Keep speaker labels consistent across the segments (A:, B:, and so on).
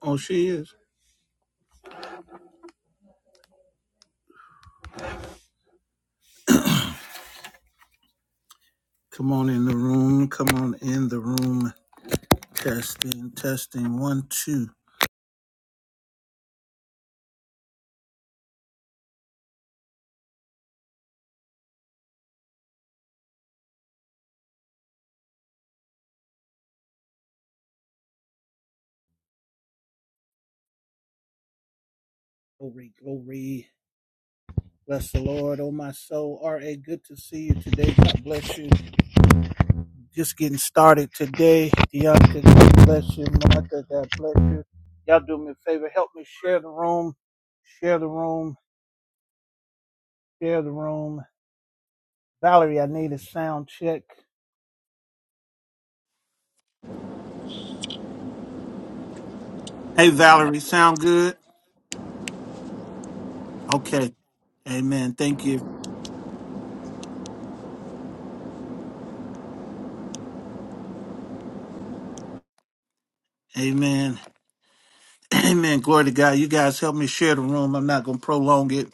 A: Oh, she is. Come on in the room. Come on in the room. Testing, testing. One, two. Glory, glory. Bless the Lord, oh my soul. R.A., good to see you today. God bless you. Just getting started today. Deonta, God bless you. Martha, God bless you. Y'all do me a favor. Help me share the room. Share the room. Share the room. Valerie, I need a sound check. Hey, Valerie, sound good? Okay. Amen. Thank you. Amen. Amen. Glory to God. You guys help me share the room. I'm not going to prolong it.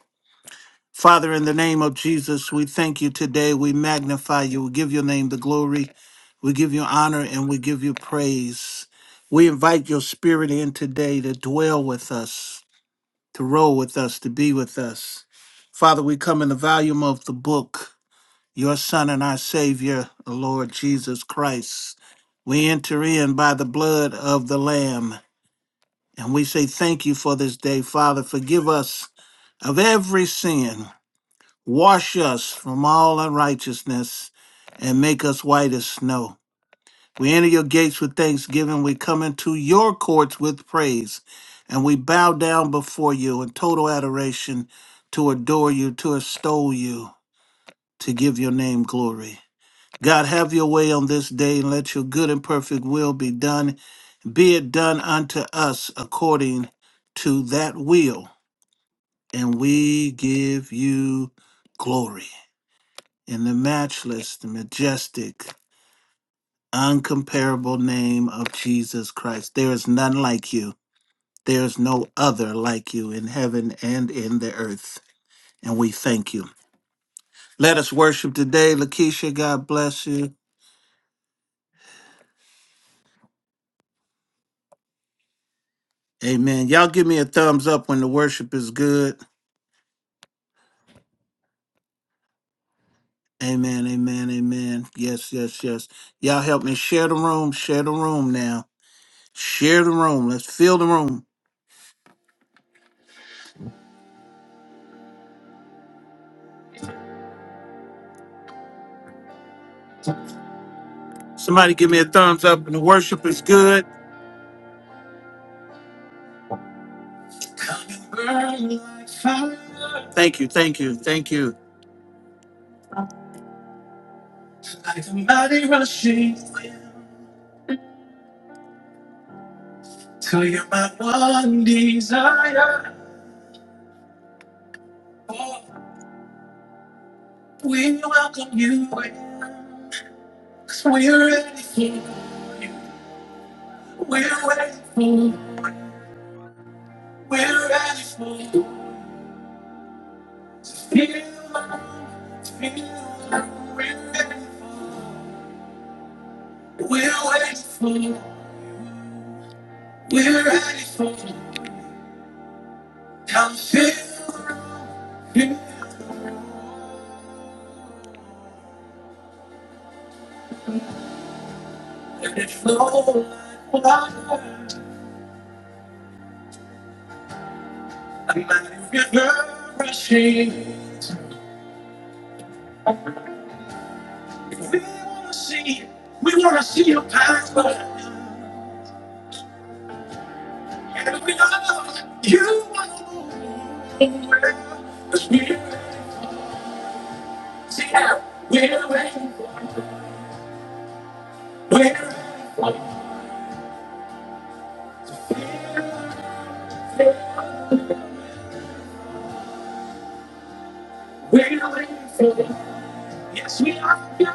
A: Father, in the name of Jesus, we thank you today. We magnify you. We give your name the glory. We give you honor and we give you praise. We invite your spirit in today to dwell with us, to roll with us, to be with us. Father, we come in the volume of the book, your Son and our Savior, the Lord Jesus Christ. We enter in by the blood of the Lamb and we say thank you for this day, Father. Forgive us of every sin. Wash us from all unrighteousness and make us white as snow. We enter your gates with thanksgiving. We come into your courts with praise. And we bow down before you in total adoration to adore you, to extol you, to give your name glory. God, have your way on this day and let your good and perfect will be done be it done unto us according to that will. And we give you glory in the matchless, the majestic, uncomparable name of Jesus Christ. There is none like you. There is no other like you in heaven and in the earth. And we thank you. Let us worship today. Lakeisha, God bless you. Amen. Y'all give me a thumbs up when the worship is good. Amen, amen, amen. Yes, yes, yes. Y'all help me share the room, share the room now. Share the room. Let's fill the room. Somebody give me a thumbs up and the worship is good. Come and burn like fire. Thank you, thank you, thank you. Like a mighty rushing wind, till you're my one desire. Oh, we welcome you in, we we're ready for you. We're ready for you. We're ready for you. feel, love, feel, love, We're waiting for you. We're ready for you. Come feel you. Let it flow like water. A mighty river rushing. We wanna see. We wanna see your power. And we know you wanna move. 'Cause we're ready. See, how we're waiting for We're ready for We're grateful. Yes, we are. Feel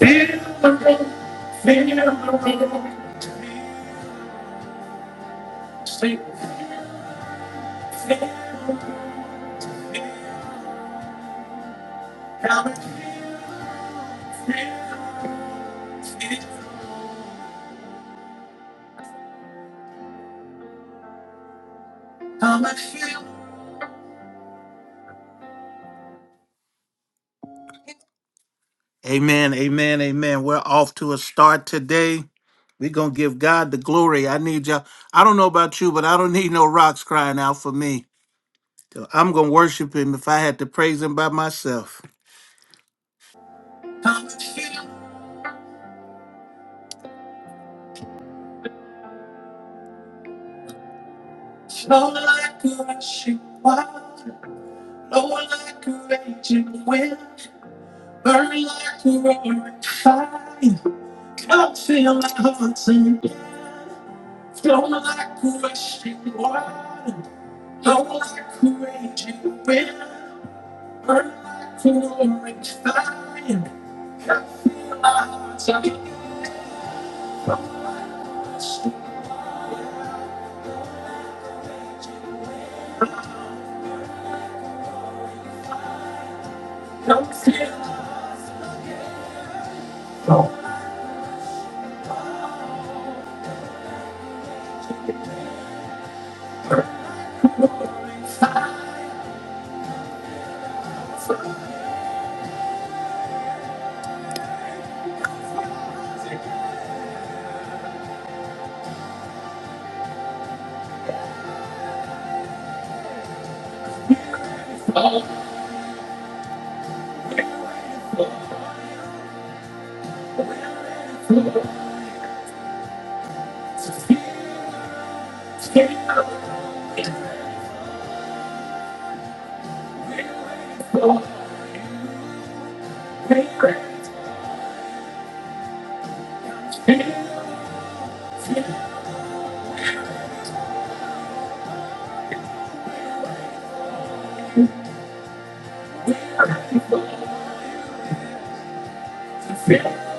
A: the room, feel the room. Sleep, feel it. Come and feel it. Come feel Amen, amen, amen. We're off to a start today. We're going to give God the glory. I need y'all. I don't know about you, but I don't need no rocks crying out for me. So I'm going to worship him if I had to praise him by myself. How much feel. Slow like a rushing water, low like a raging wind, burn like a roaring fire. Come feel my heart and flow like a rushing water, low like a raging wind, burn like a roaring fire. My heart's on yours, come feel my heart, flow, flow, flow, feel, feel, feel, feel. feel, feel. Feel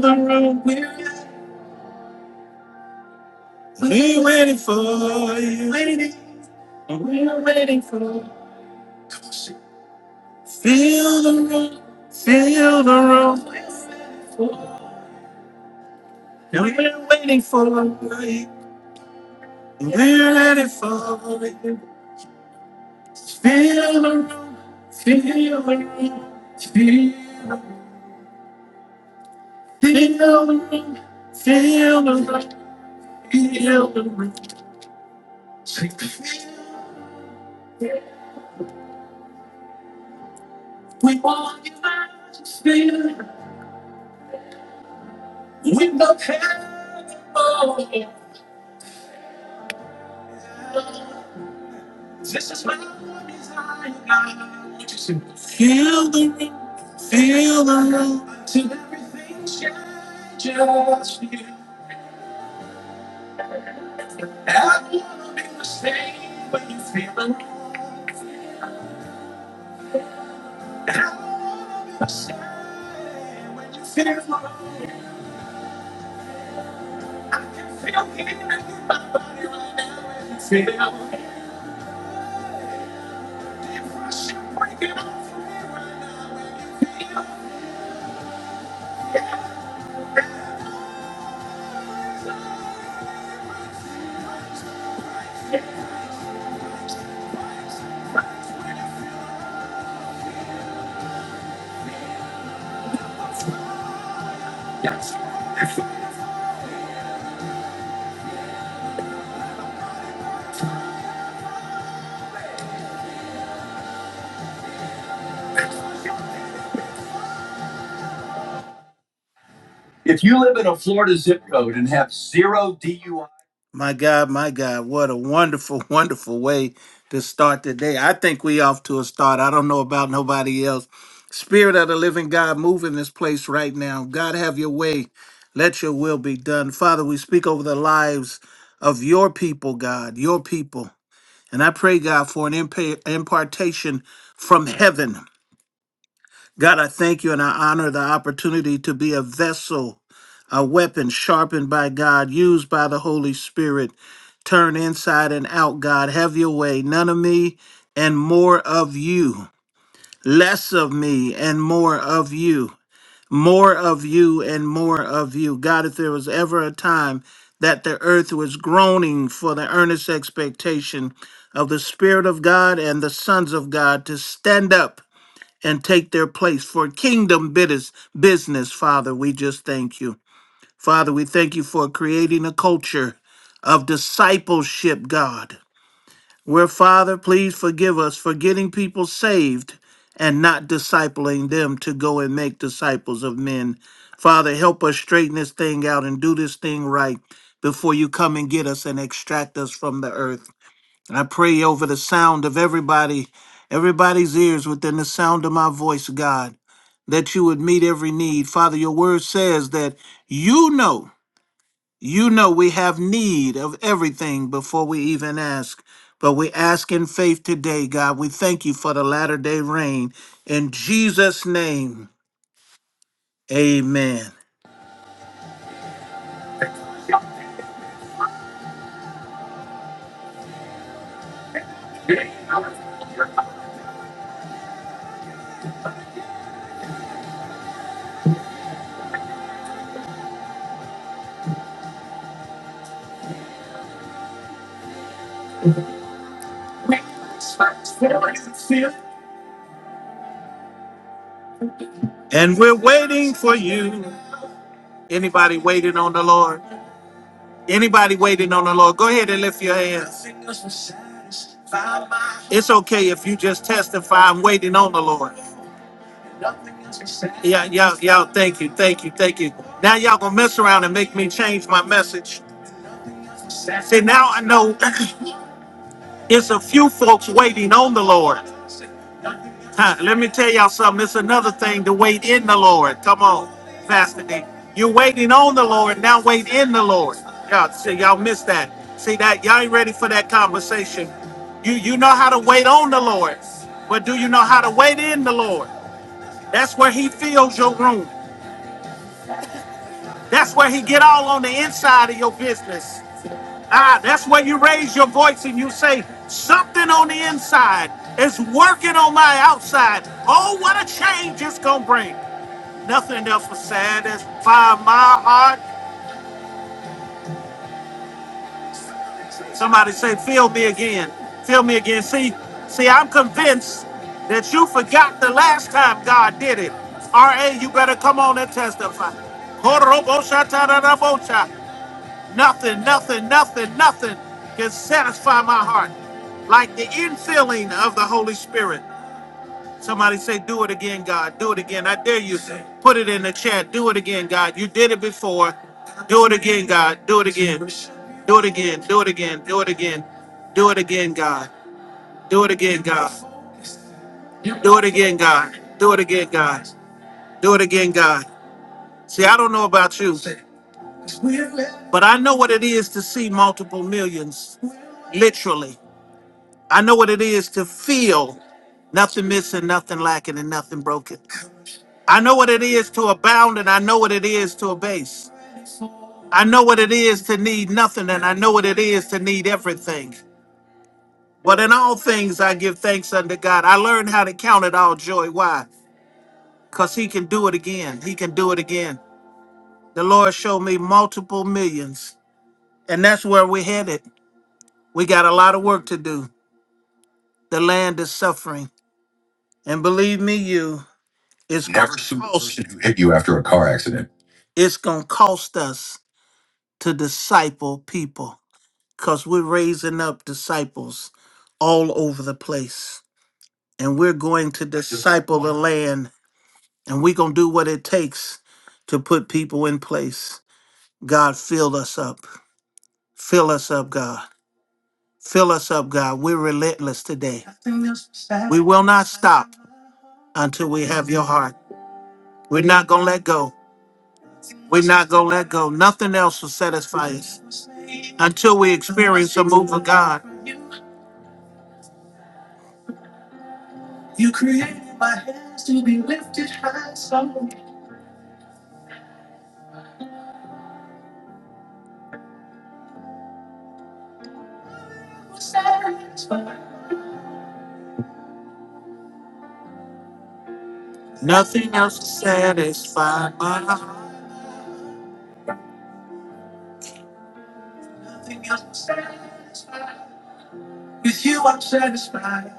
A: the room, we're we're waiting for you. Waiting, we're waiting for you. Feel the room, feel the room. we're waiting for you. We're ready for you. Feel the room, feel the room, feel the room. Feel the room, feel the room, feel the room. Take the feel. We want you to feel. it. We don't care anymore. This is my desire. I want you to feel the room, feel the room. Till everything's just for you. I wanna be the same when you feel the room. I wanna be the same when you feel the room. If you live in a Florida zip code and have zero DUI, my God, my God, what a wonderful, wonderful way to start the day. I think we off to a start. I don't know about nobody else. Spirit of the living God, move in this place right now. God, have your way. Let your will be done. Father, we speak over the lives of your people, God, your people. And I pray, God, for an impa- impartation from heaven. God, I thank you and I honor the opportunity to be a vessel, a weapon sharpened by God, used by the Holy Spirit. Turn inside and out, God. Have your way. None of me and more of you. Less of me and more of you more of you and more of you. God, if there was ever a time that the earth was groaning for the earnest expectation of the Spirit of God and the sons of God to stand up and take their place for kingdom bus- business, Father, we just thank you. Father, we thank you for creating a culture of discipleship, God where, Father, please forgive us for getting people saved and not discipling them to go and make disciples of men. Father, help us straighten this thing out and do this thing right before you come and get us and extract us from the earth. I pray over the sound of everybody, everybody's ears within the sound of my voice, God, that you would meet every need. Father, your word says that you know you know we have need of everything before we even ask. But we ask in faith today, God. We thank you for the latter day rain. In Jesus' name, amen. And we're waiting for you. Anybody waiting on the Lord? Anybody waiting on the Lord? Go ahead and lift your hands. It's okay if you just testify, I'm waiting on the Lord. Yeah, y'all, y'all, thank you, thank you, thank you. Now y'all gonna mess around and make me change my message. See, now I know it's a few folks waiting on the Lord. Huh, let me tell y'all something. It's another thing to wait in the Lord. Come on, Pastor D. You're waiting on the Lord, now wait in the Lord. Y'all, see, y'all missed that. See that y'all ain't ready for that conversation. You you know how to wait on the Lord, but do you know how to wait in the Lord? That's where he fills your room. That's where he get all on the inside of your business. Ah, that's where you raise your voice and you say, something on the inside is working on my outside. Oh, what a change it's gonna bring. Nothing else was said. That's by my heart. Somebody say, feel me again. Feel me again. See, see, I'm convinced that you forgot the last time God did it. R.A., you better come on and testify. Nothing, nothing, nothing, nothing can satisfy my heart like the infilling of the Holy Spirit. Somebody say, Do it again, God. Do it again. I dare you. Put it in the chat. Do it again, God. You did it before. Do it again, God. Do it again. Do it again. Do it again. Do it again. Do it again, God. Do it again, God. Do it again, God. Do it again, God. Do it again, God. See, I don't know about you, but I know what it is to see multiple millions, literally. I know what it is to feel nothing missing, nothing lacking, and nothing broken. I know what it is to abound, and I know what it is to abase. I know what it is to need nothing, and I know what it is to need everything. But in all things, I give thanks unto God. I learned how to count it all joy. Why? Because He can do it again. He can do it again. The Lord showed me multiple millions, and that's where we're headed. We got a lot of work to do. The land is suffering, and believe me, you, it's gonna Never sue the cost. person who hit you after a car accident. It's gonna cost us to disciple people, cause we're raising up disciples all over the place, and we're going to disciple the land, and we're gonna do what it takes to put people in place. God, fill us up, fill us up, God. Fill us up, God. We're relentless today. We will not stop until we have your heart. We're not going to let go. We're not going to let go. Nothing else will satisfy us until we experience the move of God. You created my hands to be lifted high, so satisfied. Nothing else will satisfy my heart. Nothing else will satisfy. With you, I'm satisfied.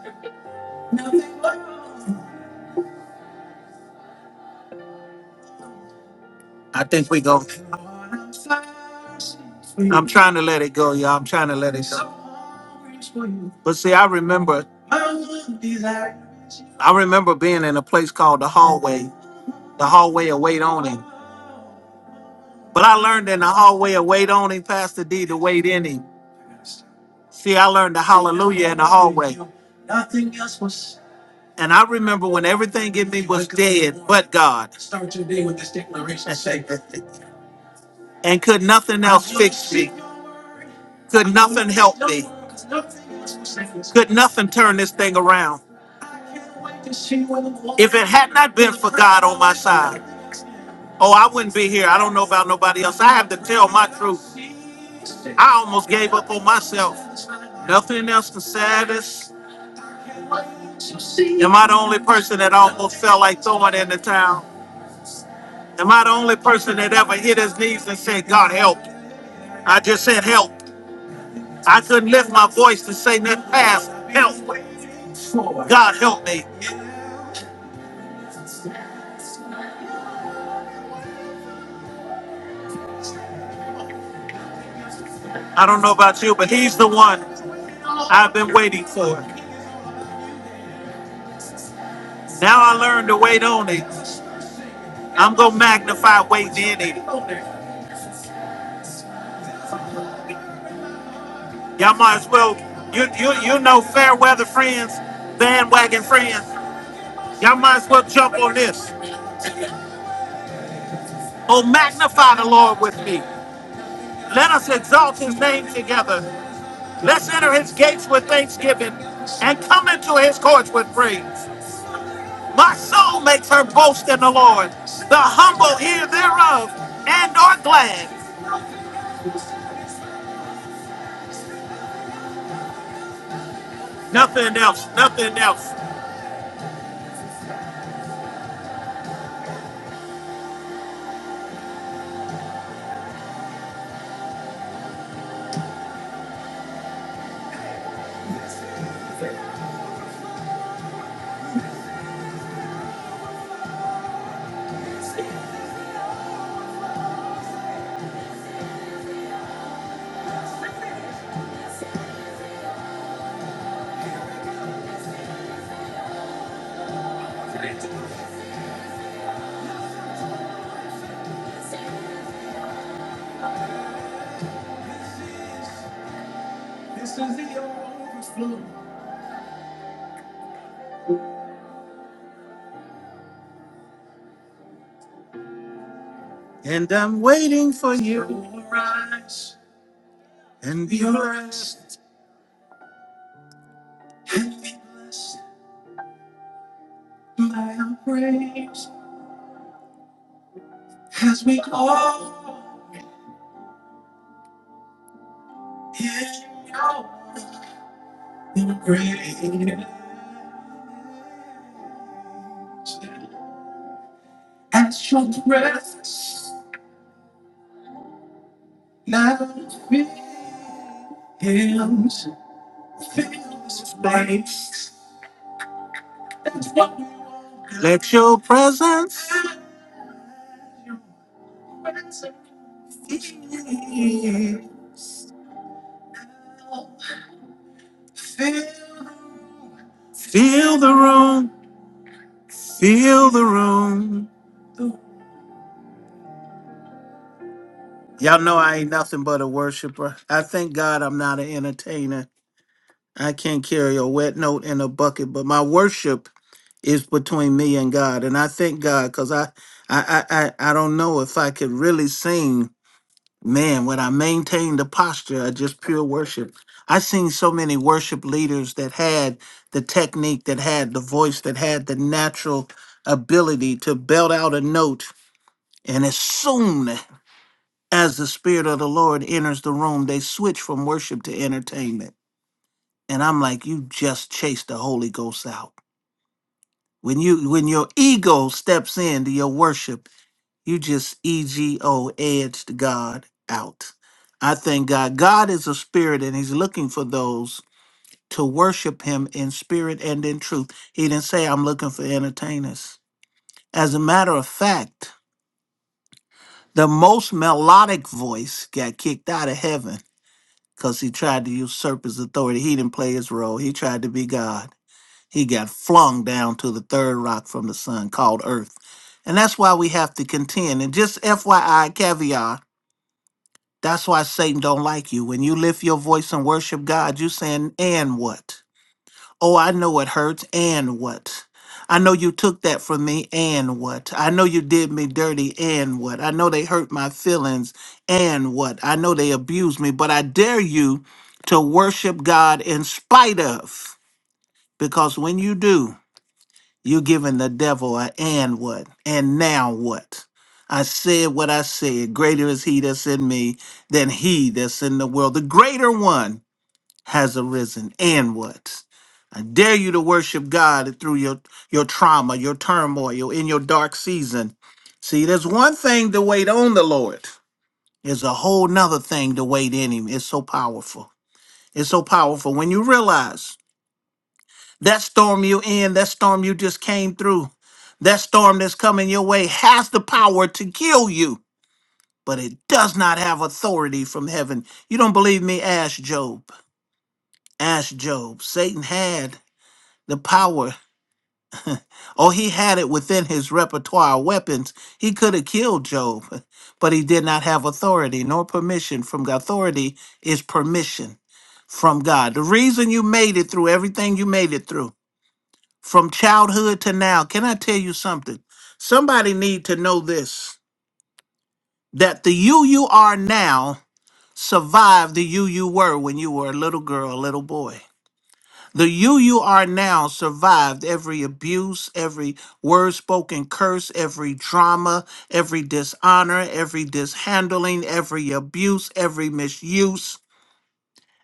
A: Nothing more. I think we go. I'm trying to let it go, y'all. I'm trying to let it go. But see, I remember, I remember being in a place called the hallway, the hallway of wait on him. But I learned in the hallway of wait on him, Pastor D, to wait in him. See, I learned the hallelujah in the hallway. And I remember when everything in me was dead but God. and could nothing else fix me. Could nothing help me. Could nothing turn this thing around. If it had not been for God on my side, oh, I wouldn't be here. I don't know about nobody else. I have to tell my truth. I almost gave up on myself. Nothing else can satisfy. Am I the only person that almost felt like throwing in the towel? Am I the only person that ever hit his knees and said, God help? I just said help. I couldn't lift my voice to say that past help. God help me. I don't know about you, but he's the one I've been waiting for. Now I learned to wait on him. I'm gonna magnify waiting in him. Y'all might as well you you you know fair weather friends, bandwagon friends. Y'all might as well jump on this. Oh magnify the Lord with me. Let us exalt his name together. Let's enter his gates with thanksgiving and come into his courts with praise. My soul makes her boast in the Lord. The humble hear thereof and are glad. Nothing else, nothing else. And I'm waiting for you to rise and be blessed. And be blessed by your praise as we call in your Great. At your breath, now feel his face. Let your presence feel feel the room, feel the room. Y'all know I ain't nothing but a worshiper. I thank God I'm not an entertainer. I can't carry a wet note in a bucket, but my worship is between me and God. And I thank God because I, I, I, I I don't know if I could really sing. Man, when I maintain the posture of just pure worship, i seen so many worship leaders that had the technique, that had the voice, that had the natural ability to belt out a note. And as soon as the Spirit of the Lord enters the room, they switch from worship to entertainment. And I'm like, you just chased the Holy Ghost out. When you when your ego steps into your worship, you just ego edged God out. I thank God. God is a spirit and he's looking for those to worship him in spirit and in truth. He didn't say I'm looking for entertainers. As a matter of fact, the most melodic voice got kicked out of heaven because he tried to usurp his authority. He didn't play his role. He tried to be God. He got flung down to the third rock from the sun called earth. And that's why we have to contend. And just FYI, caveat, that's why Satan don't like you. When you lift your voice and worship God, you saying, and what? Oh, I know it hurts, and what? I know you took that from me, and what? I know you did me dirty, and what? I know they hurt my feelings, and what? I know they abused me, but I dare you to worship God in spite of, because when you do, you're giving the devil a and what? And now what? I said what I said. Greater is he that's in me than he that's in the world. The greater one has arisen and what i dare you to worship god through your your trauma your turmoil in your dark season see there's one thing to wait on the lord there's a whole nother thing to wait in him it's so powerful it's so powerful when you realize that storm you in that storm you just came through that storm that's coming your way has the power to kill you but it does not have authority from heaven you don't believe me ask job ask job satan had the power. Oh, he had it within his repertoire of weapons. He could have killed Job, but he did not have authority nor permission from God. Authority is permission from God. The reason you made it through everything you made it through, from childhood to now, can I tell you something? Somebody need to know this that the you you are now survived the you you were when you were a little girl, a little boy. The you you are now survived every abuse, every word spoken curse, every drama, every dishonor, every dishandling, every abuse, every misuse.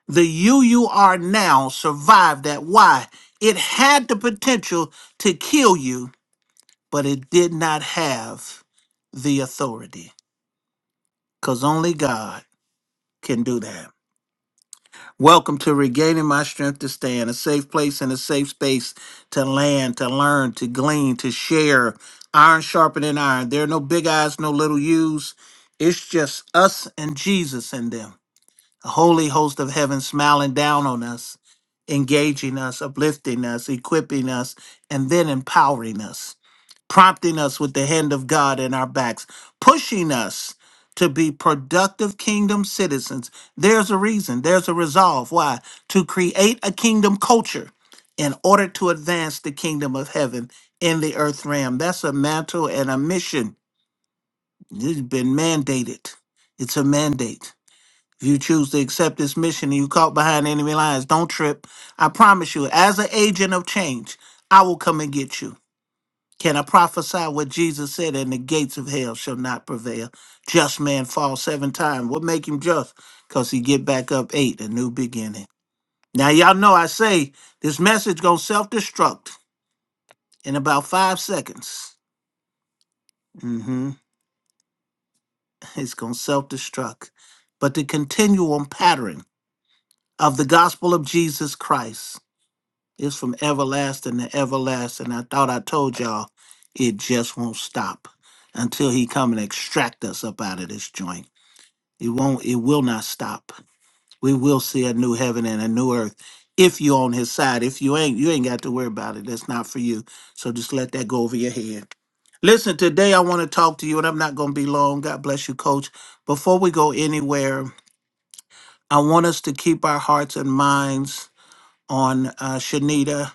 A: The you you are now survived that. Why? It had the potential to kill you, but it did not have the authority. Because only God can do that. Welcome to Regaining My Strength to Stand, a safe place and a safe space to land, to learn, to glean, to share. Iron sharpening iron. There are no big eyes, no little U's. It's just us and Jesus and them. A holy host of heaven smiling down on us, engaging us, uplifting us, equipping us, and then empowering us prompting us with the hand of God in our backs, pushing us to be productive kingdom citizens. There's a reason, there's a resolve. Why? To create a kingdom culture in order to advance the kingdom of heaven in the earth realm. That's a mantle and a mission. It's been mandated, it's a mandate. If you choose to accept this mission and you caught behind enemy lines, don't trip. I promise you, as an agent of change, I will come and get you. Can I prophesy what Jesus said? And the gates of hell shall not prevail. Just man fall seven times. What make him just? Cause he get back up eight, a new beginning. Now y'all know I say this message gonna self destruct in about five seconds. hmm It's gonna self destruct. But the continuum pattern of the gospel of Jesus Christ is from everlasting to everlasting. I thought I told y'all it just won't stop until he come and extract us up out of this joint. It won't, it will not stop. We will see a new heaven and a new earth if you're on his side. If you ain't, you ain't got to worry about it. That's not for you. So just let that go over your head. Listen, today I want to talk to you, and I'm not going to be long. God bless you, coach. Before we go anywhere, I want us to keep our hearts and minds on uh, Shanita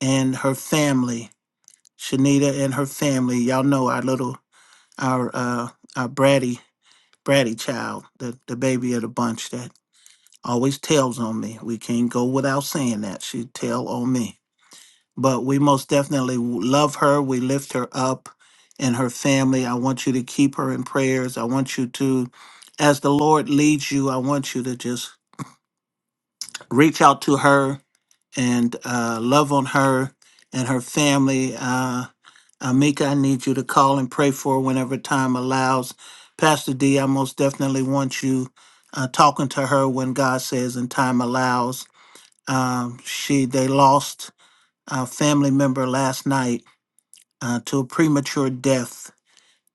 A: and her family. Shanita and her family. Y'all know our little, our, uh, our bratty, bratty child, the, the baby of the bunch always tells on me. We can't go without saying that. She tell on me. But we most definitely w- love her. We lift her up and her family. I want you to keep her in prayers. I want you to, as the Lord leads you, I want you to just reach out to her and uh, love on her and her family. Uh, Amika, I need you to call and pray for her whenever time allows. Pastor D, I most definitely want you uh, talking to her when God says and time allows um, she they lost a family member last night uh, to a premature death.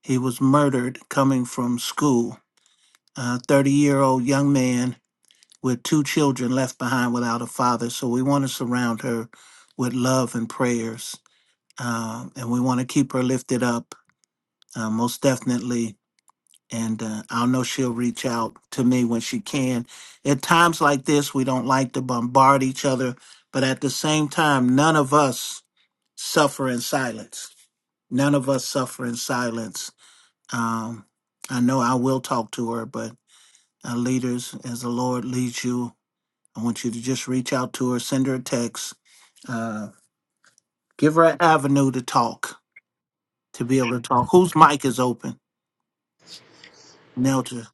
A: He was murdered coming from school. A 30 year old young man with two children left behind without a father. So we want to surround her with love and prayers. Uh, and we want to keep her lifted up, uh, most definitely. And uh, I know she'll reach out to me when she can. At times like this, we don't like to bombard each other, but at the same time, none of us suffer in silence. None of us suffer in silence. Um, I know I will talk to her, but uh, leaders, as the Lord leads you, I want you to just reach out to her, send her a text, uh, give her an avenue to talk, to be able to talk. Whose mic is open? Nelja.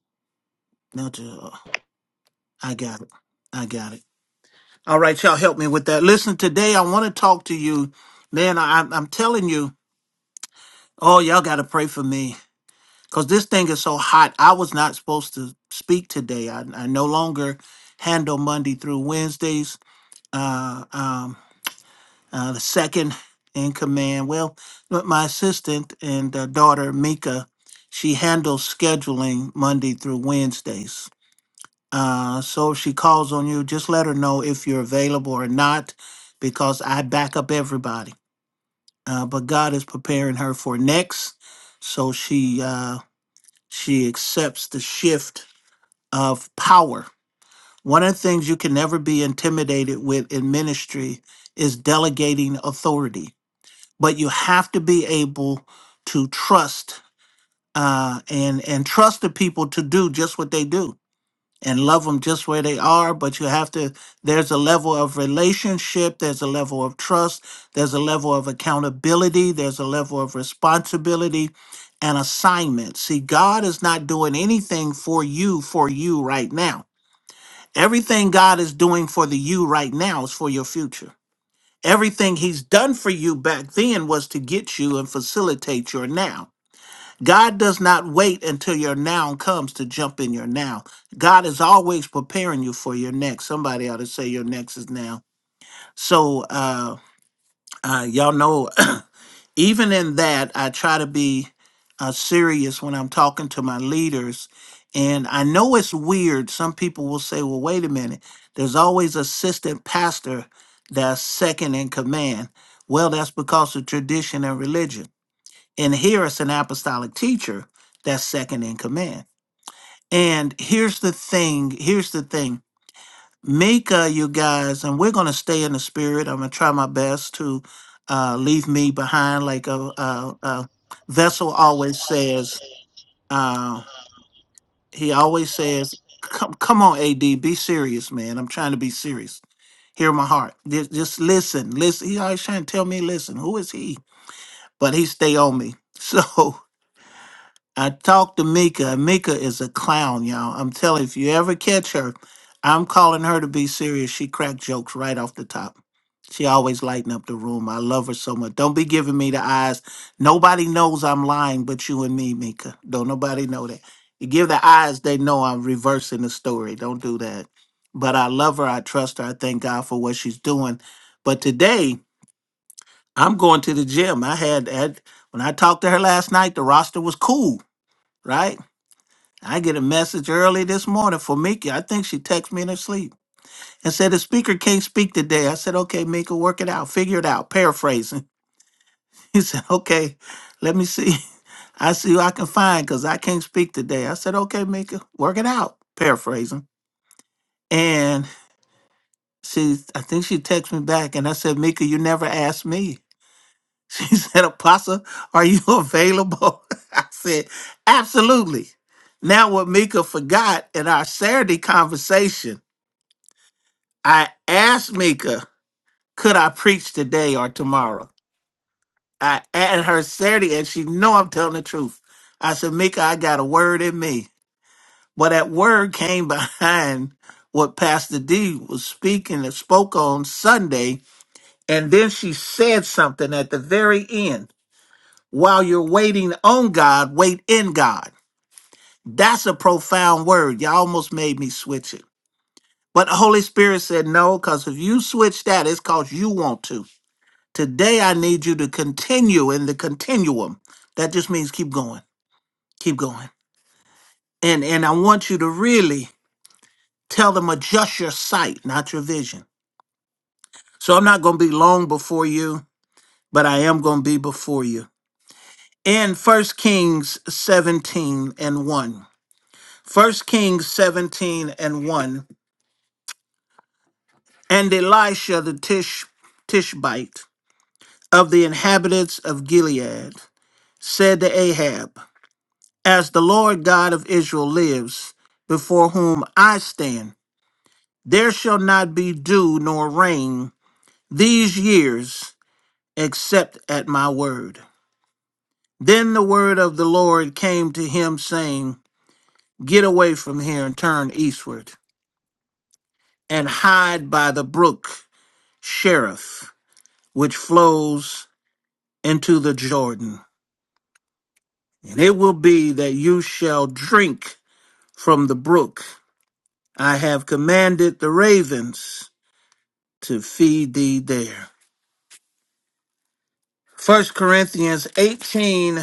A: Nelja. uh, I got it. I got it. All right, y'all help me with that. Listen, today I want to talk to you. Man, I, I'm telling you, oh, y'all got to pray for me. because this thing is so hot. I was not supposed to speak today. I, I no longer handle Monday through Wednesdays. Uh, um, uh, the second in command, well, but my assistant and uh, daughter Mika, she handles scheduling Monday through Wednesdays. Uh, so if she calls on you, just let her know if you're available or not, because I back up everybody. Uh, but God is preparing her for next, so she uh, she accepts the shift of power. One of the things you can never be intimidated with in ministry is delegating authority, but you have to be able to trust uh, and and trust the people to do just what they do and love them just where they are. But you have to. There's a level of relationship. There's a level of trust. There's a level of accountability. There's a level of responsibility and assignment. See, God is not doing anything for you for you right now. Everything God is doing for the you right now is for your future. Everything he's done for you back then was to get you and facilitate your now. God does not wait until your now comes to jump in your now. God is always preparing you for your next. Somebody ought to say your next is now. So uh, uh y'all know even in that, I try to be uh, serious when I'm talking to my leaders. And I know it's weird. Some people will say, well, wait a minute, there's always assistant pastor that's second in command. Well, that's because of tradition and religion. And here it's an apostolic teacher that's second in command. And here's the thing here's the thing Mika, you guys, and we're going to stay in the spirit. I'm going to try my best to uh, leave me behind, like a,
B: Like, um,
A: a, a vessel
B: that's
A: always
B: what I always
A: says.
B: say.
A: Uh,
B: Um,
A: he always
B: they
A: says,
B: always say,
A: "Come, come on, Ad, be serious, man. I'm trying to be serious. Hear my heart. Just, just listen, listen." He always trying to tell me, "Listen, who is he?" But he stay on me. So I talked to Mika. Mika is a clown, y'all. I'm telling if you ever catch her, I'm calling her to be serious. She cracked jokes right off the top. She always lighten up the room. I love her so much. Don't be giving me the eyes. Nobody knows I'm lying but you and me, Mika. Don't nobody know that. You give the eyes, they know I'm reversing the story. Don't do that. But I love her. I trust her. I thank God for what she's doing. But today, I'm going to the gym. I had, had when I talked to her last night, the roster was cool right? I get a message early this morning for Mika. I think she texted me in her sleep and said the speaker can't speak today. I said, okay, Mika, work it out, figure it out, paraphrasing. He said, okay, let me see. I see who I can find because I can't speak today. I said, okay, Mika, work it out, paraphrasing. And she, I think she texted me back and I said, Mika, you never asked me. She said, Apostle, are you available? I said, absolutely. Now, what Mika forgot in our Saturday conversation I asked Mika, could I preach today or tomorrow? I asked her Saturday, and she know I'm telling the truth. I said, Mika, I got a word in me. But that word came behind what Pastor D was speaking and spoke on Sunday. And then she said something at the very end. While you're waiting on God, wait in God. That's a profound word. Y'all almost made me switch it. But the Holy Spirit said no, because if you switch that, it's because you want to. Today, I need you to continue in the continuum. That just means keep going, keep going. And and I want you to really tell them adjust your sight, not your vision. So I'm not going to be long before you, but I am going to be before you. In First Kings 17 and 1. First Kings 17 and 1. And Elisha the Tish, Tishbite of the inhabitants of Gilead said to Ahab, As the Lord God of Israel lives, before whom I stand, there shall not be dew nor rain these years except at my word. Then the word of the Lord came to him, saying, Get away from here and turn eastward, and hide by the brook Cherith, which flows into the Jordan. And it will be that you shall drink from the brook. I have commanded the ravens to feed thee there. First Corinthians 18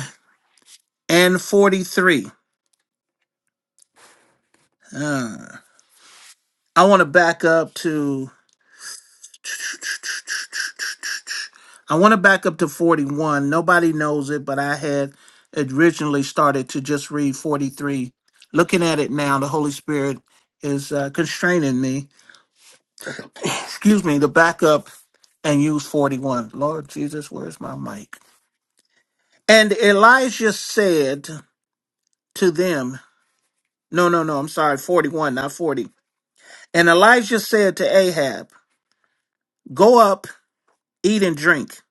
A: and 43. Uh, I want to back up to I want to back up to 41. Nobody knows it, but I had originally started to just read 43. Looking at it now, the Holy Spirit is uh, constraining me, excuse me, to back up and use 41. Lord Jesus, where's my mic? And Elijah said to them, No, no, no. I'm sorry. 41, not 40. And Elijah said to Ahab, Go up, eat and drink,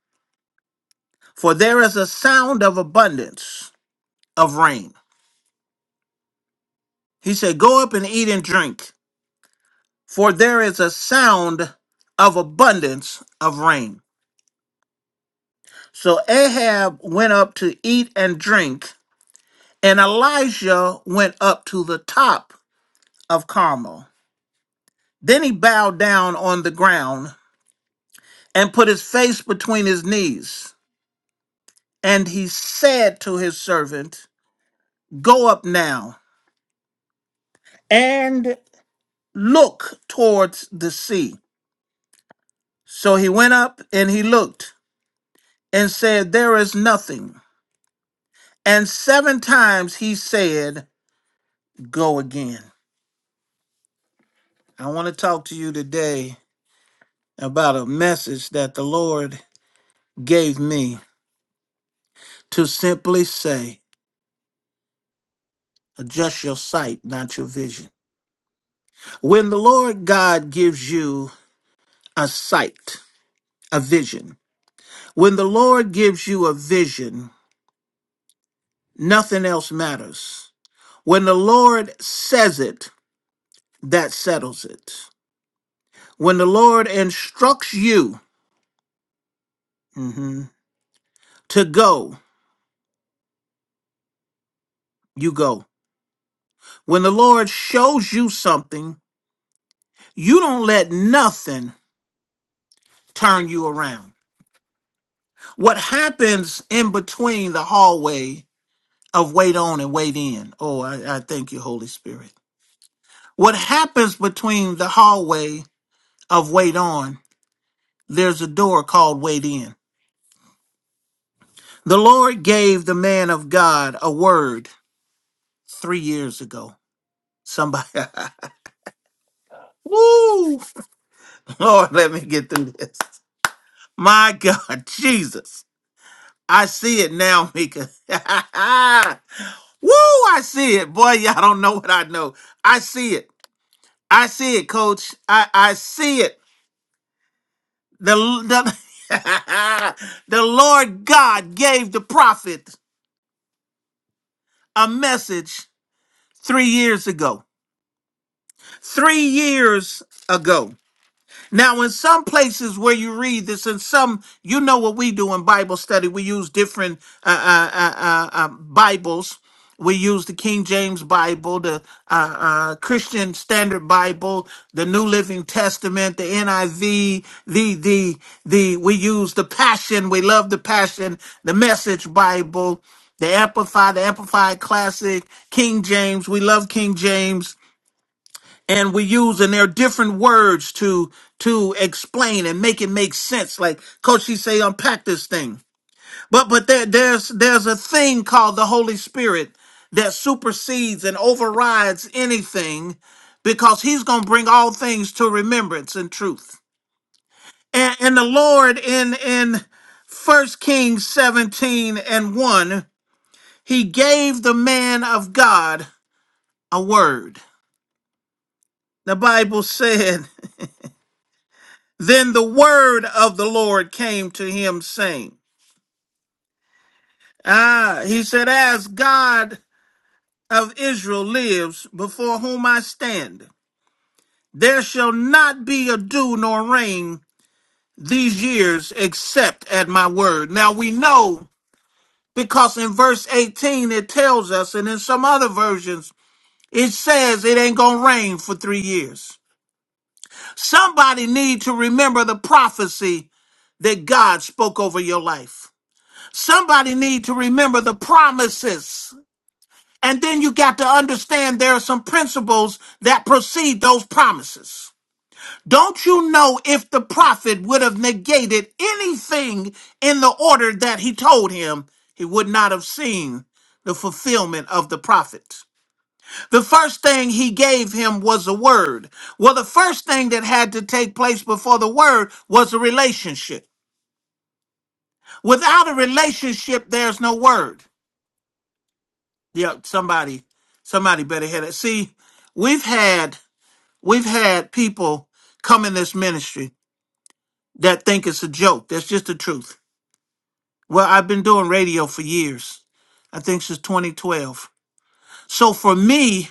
A: for there is a sound of abundance of rain. He said, Go up and eat and drink, for there is a sound of abundance of rain. So Ahab went up to eat and drink, and Elijah went up to the top of Carmel. Then he bowed down on the ground and put his face between his knees. And he said to his servant, Go up now and look towards the sea. So he went up and he looked and said, There is nothing. And seven times he said, Go again. I want to talk to you today about a message that the Lord gave me to simply say, Adjust your sight, not your vision. When the Lord God gives you a sight, a vision, When the Lord gives you a vision, nothing else matters. When the Lord says it, that settles it. When the Lord instructs you mhm, to go, you go. When the Lord shows you something, you don't let nothing turn you around. What happens in between the hallway of wait on and wait in? Oh, I, I thank you, Holy Spirit. What happens between the hallway of wait on There's a door called Wait In. The Lord gave the man of God a word three years ago. Somebody, woo, Lord, let me get through this. My God, Jesus. I see it now, Mika. woo, I see it. Boy, y'all don't know what I know. I see it. I see it, coach. I, I see it. The, the, the Lord God gave the prophet a message three years ago. three years ago. Now, in some places where you read this, and some, you know what we do in Bible study, we use different uh, uh, uh, uh, uh, Bibles. We use the King James Bible, the uh, uh, Christian Standard Bible, the New Living Testament, the NIV, the the the. We use the Passion. We love the Passion, the Message Bible, the Amplified, the Amplified Classic, King James. We love King James and we use and there are different words to to explain and make it make sense. Like Coach, she say unpack this thing. But but there there's there's a thing called the Holy Spirit that supersedes and overrides anything because he's gonna bring all things to remembrance and truth. And and the Lord in in first Kings 17 and 1, he gave the man of God a word. The Bible said Then the word of the Lord came to him, saying, Ah, he said, As God of Israel lives, before whom I stand, there shall not be a dew nor rain these years except at my word. Now we know because in verse 18 it tells us, and in some other versions, it says it ain't gonna rain for three years. Somebody need to remember the prophecy that God spoke over your life. Somebody need to remember the promises. And then you got to understand there are some principles that precede those promises. Don't you know if the prophet would have negated anything in the order that he told him, he would not have seen the fulfillment of the prophet. The first thing he gave him was a word. Well, the first thing that had to take place before the word was a relationship. Without a relationship, there's no word. Yep, somebody, somebody better head it. See, we've had we've had people come in this ministry that think it's a joke. That's just the truth. Well, I've been doing radio for years. I think since 2012. So for me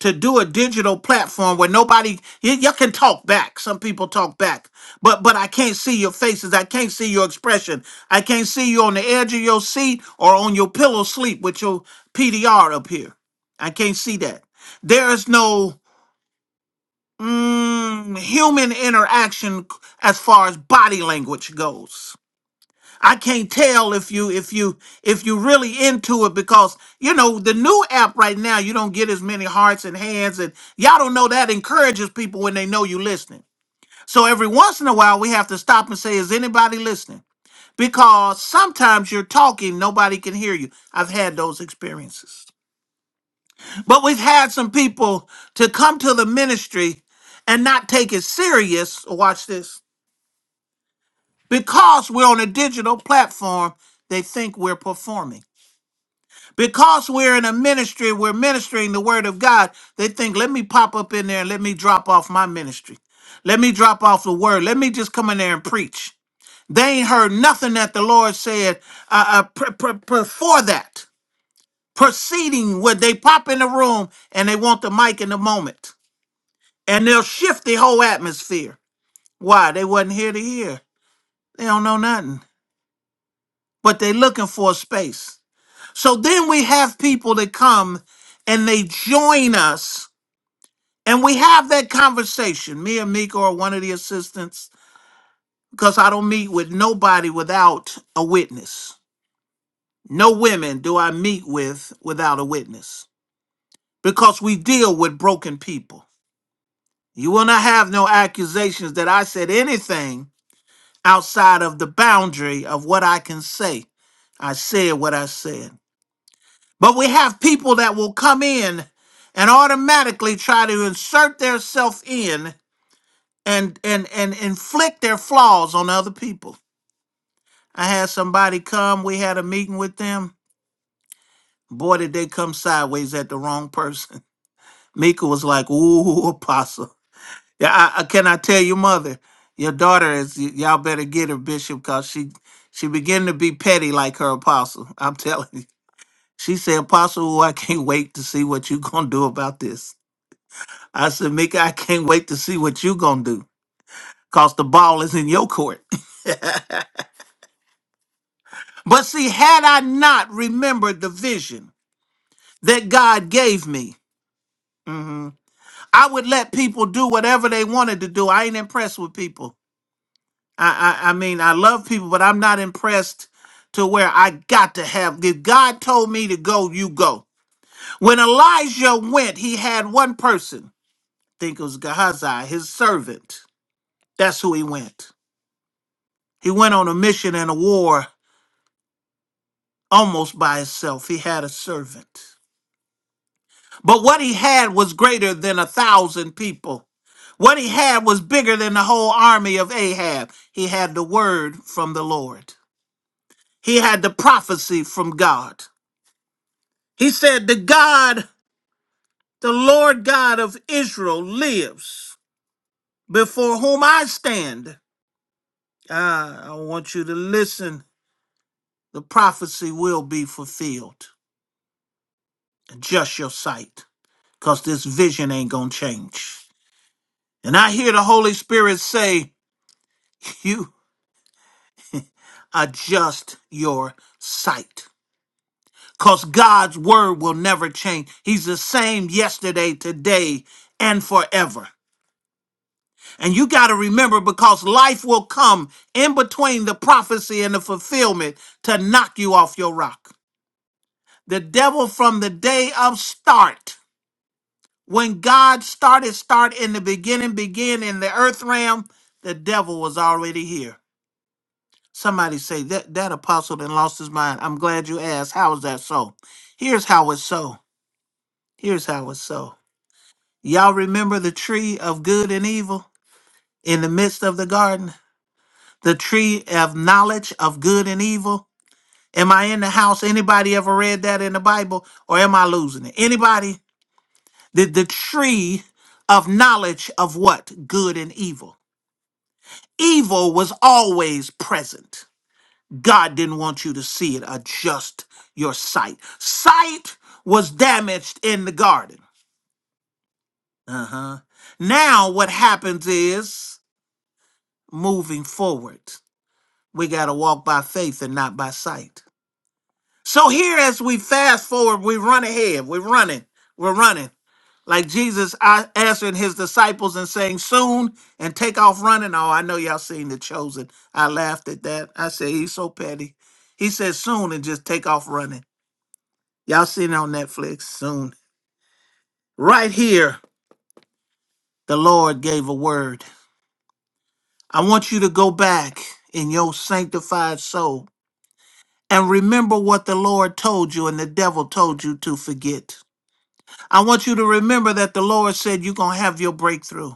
A: to do a digital platform where nobody you, you can talk back. Some people talk back, but but I can't see your faces. I can't see your expression. I can't see you on the edge of your seat or on your pillow sleep with your PDR up here. I can't see that. There is no mm, human interaction as far as body language goes. I can't tell if you if you if you really into it because you know the new app right now you don't get as many hearts and hands and y'all don't know that encourages people when they know you listening. So every once in a while we have to stop and say, is anybody listening? Because sometimes you're talking, nobody can hear you. I've had those experiences. But we've had some people to come to the ministry and not take it serious. Watch this. Because we're on a digital platform, they think we're performing. Because we're in a ministry, we're ministering the word of God. They think, let me pop up in there and let me drop off my ministry. Let me drop off the word. Let me just come in there and preach. They ain't heard nothing that the Lord said uh, uh, pre- pre- before that. Proceeding where they pop in the room and they want the mic in the moment. And they'll shift the whole atmosphere. Why? They wasn't here to hear. They don't know nothing. But they looking for a space. So then we have people that come and they join us and we have that conversation, me and Mika or one of the assistants, because I don't meet with nobody without a witness. No women do I meet with without a witness because we deal with broken people. You will not have no accusations that I said anything outside of the boundary of what I can say. I said what I said. But we have people that will come in and automatically try to insert themselves in and, and and inflict their flaws on other people. I had somebody come, we had a meeting with them. Boy, did they come sideways at the wrong person. Mika was like, ooh, apostle. Yeah, I, I, can I tell your mother? Your daughter is y- y'all better get her, Bishop, cause she she began to be petty like her apostle. I'm telling you. She said, Apostle, ooh, I can't wait to see what you're gonna do about this. I said, Mickey, I can't wait to see what you gonna do. Cause the ball is in your court. But see, had I not remembered the vision that God gave me, mhm, I would let people do whatever they wanted to do. I ain't impressed with people. I, I I mean, I love people, but I'm not impressed to where I got to have. If God told me to go, you go. When Elijah went, he had one person. I think it was Gehazi, his servant. That's who he went. He went on a mission and a war almost by himself. He had a servant. But what he had was greater than a thousand people. What he had was bigger than the whole army of Ahab. He had the word from the Lord, he had the prophecy from God. He said, The God, the Lord God of Israel lives before whom I stand. Ah, I want you to listen. The prophecy will be fulfilled. Adjust your sight, because this vision ain't going to change. And I hear the Holy Spirit say, You adjust your sight. Because God's word will never change. He's the same yesterday, today, and forever. And you got to remember because life will come in between the prophecy and the fulfillment to knock you off your rock. The devil from the day of start, when God started, start in the beginning, begin in the earth realm, the devil was already here Somebody say that that apostle then lost his mind. I'm glad you asked. How is that so? Here's how it's so. Here's how it's so. Y'all remember the tree of good and evil in the midst of the garden? The tree of knowledge of good and evil. Am I in the house? Anybody ever read that in the Bible? Or am I losing it? Anybody? The the tree of knowledge of what? Good and evil. Evil was always present God didn't want you to see it, adjust your sight. Sight was damaged in the garden. Uh huh. Now, what happens is moving forward, we got to walk by faith and not by sight. So, here as we fast forward, we run ahead, we're running, we're running. Like Jesus a- answering his disciples and saying, Soon and take off running. Oh, I know y'all seen The Chosen. I laughed at that. I said, He's so petty. He said, Soon and just take off running. Y'all seen it on Netflix soon. Right here, the Lord gave a word. I want you to go back in your sanctified soul and remember what the Lord told you and the devil told you to forget. I want you to remember that the Lord said you're going to have your breakthrough.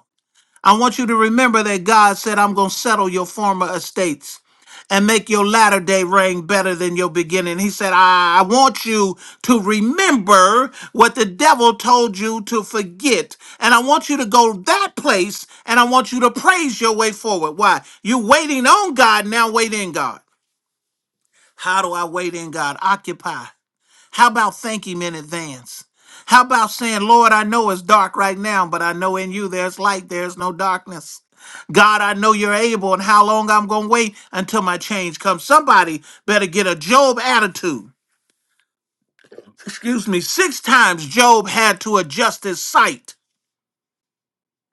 A: I want you to remember that God said, I'm going to settle your former estates and make your latter day reign better than your beginning. He said, I, I want you to remember what the devil told you to forget. And I want you to go that place and I want you to praise your way forward. Why? You're waiting on God, now wait in God. How do I wait in God? Occupy. How about thank him in advance? How about saying, Lord, I know it's dark right now, but I know in you there's light, there's no darkness. God, I know you're able, and how long I'm going to wait until my change comes. Somebody better get a Job attitude. Excuse me, six times Job had to adjust his sight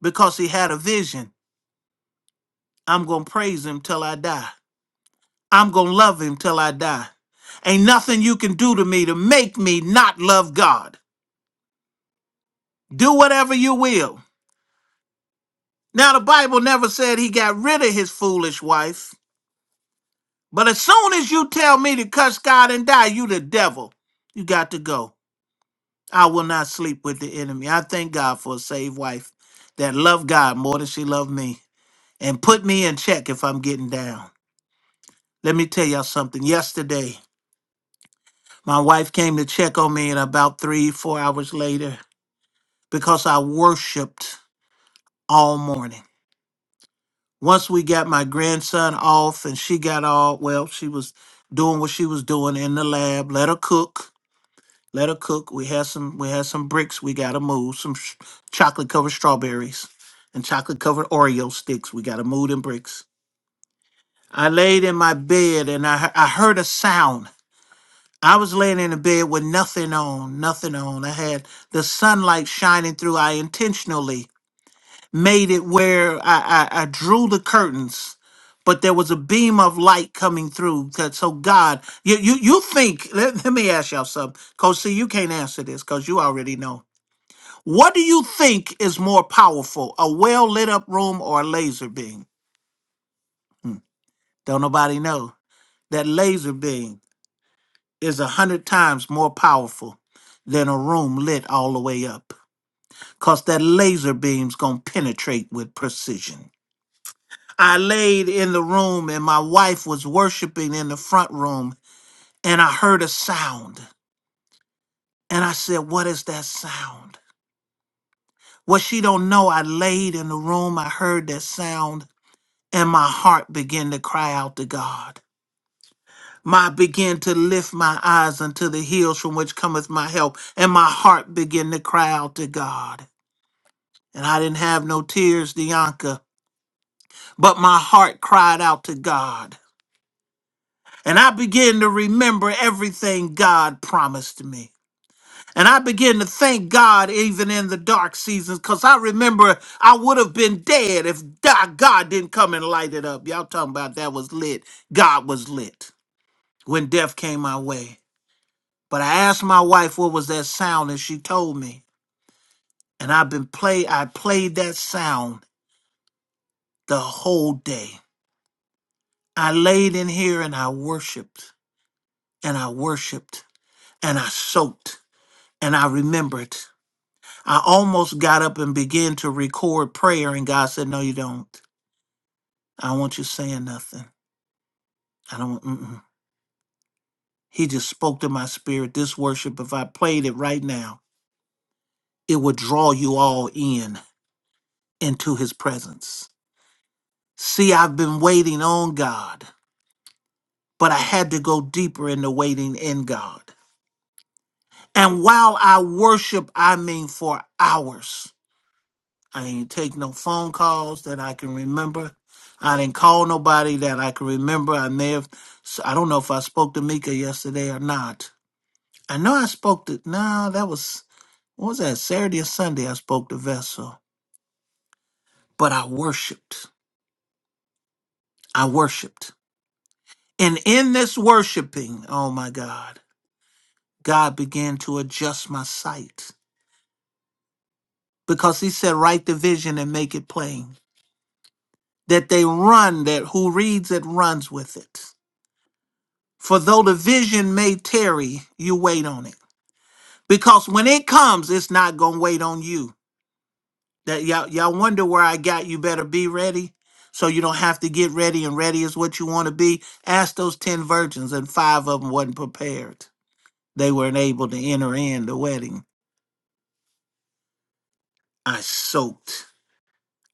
A: because he had a vision. I'm going to praise him till I die. I'm going to love him till I die. Ain't nothing you can do to me to make me not love God. Do whatever you will. Now, the Bible never said he got rid of his foolish wife, but as soon as you tell me to cuss God and die, you the devil. You got to go. I will not sleep with the enemy. I thank God for a saved wife that loved God more than she loved me and put me in check if I'm getting down. Let me tell y'all something. Yesterday, my wife came to check on me, and about three, four hours later, because I worshiped all morning. once we got my grandson off and she got all well she was doing what she was doing in the lab let her cook let her cook we had some we had some bricks we gotta move some sh- chocolate covered strawberries and chocolate covered oreo sticks we gotta move them bricks i laid in my bed and i, he- I heard a sound I was laying in the bed with nothing on, nothing on. I had the sunlight shining through. I intentionally made it where I, I, I drew the curtains, but there was a beam of light coming through. That so God, you you you think? Let, let me ask y'all something, Coach. See, you can't answer this because you already know. What do you think is more powerful, a well lit up room or a laser beam? Don't nobody know. That laser beam is a hundred times more powerful than a room lit all the way up. Cause that laser beam's gonna penetrate with precision. I laid in the room and my wife was worshiping in the front room and I heard a sound. And I said, What is that sound? What she don't know, I laid in the room, I heard that sound, and my heart began to cry out to God. My began to lift my eyes unto the hills from which cometh my help, and my heart began to cry out to God. And I didn't have no tears, Dianca, but my heart cried out to God. And I begin to remember everything God promised me. And I begin to thank God even in the dark seasons because I remember I would have been dead if da- God didn't come and light it up. Y'all talking about that was lit. God was lit when death came my way. But I asked my wife what was that sound and she told me. And I've been play I played that sound the whole day. I laid in here and I worshiped and I worshiped and I soaked and I remembered. I almost got up and began to record prayer, and God said, No, you don't. I don't want you saying nothing. I don't want, mm-mm. He just spoke to my spirit. This worship, if I played it right now, it would draw you all in into His presence. See, I've been waiting on God, but I had to go deeper in the waiting in God. And while I worship, I mean for hours. I ain't take no phone calls that I can remember. I didn't call nobody that I can remember. I may have, i I don't know if I spoke to Mika yesterday or not. I know I spoke to, no, that was, what was that, Saturday or Sunday I spoke to Vessel. But I worshiped. I worshiped. And in this worshiping, oh my God, God began to adjust my sight because he said, write the vision and make it plain. That they run, that who reads it runs with it. For though the vision may tarry, you wait on it. Because when it comes, it's not gonna wait on you. That y'all y'all wonder where I got you better be ready. So you don't have to get ready and ready is what you want to be. Ask those ten virgins and five of them wasn't prepared. They weren't able to enter in the wedding. I soaked.